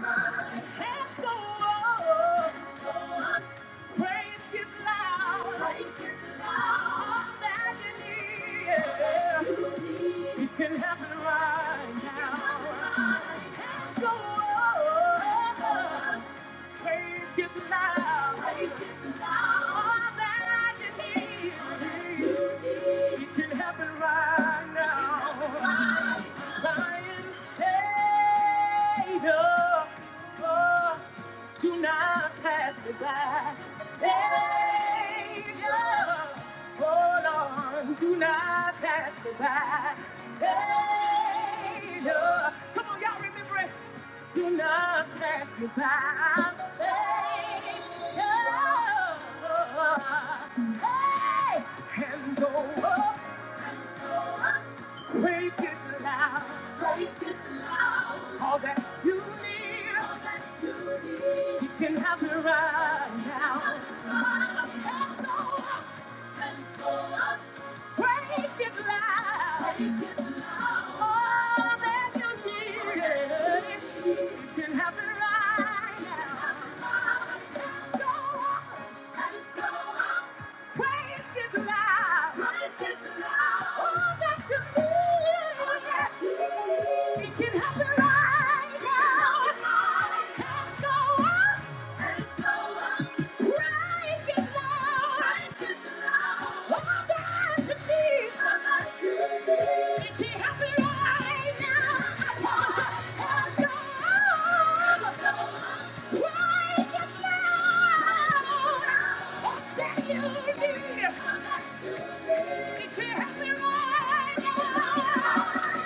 S1: Lion Savior, Oh. Do not pass me by, Savior. Hold on, do not pass me by, Savior. Come on, y'all remember it. Do not pass me by, Savior. Hey, and go up, praise His loud. All that you need, you can have me right now. Praise His loud. It can happen right now. Let's go on. Thank you. help me right now,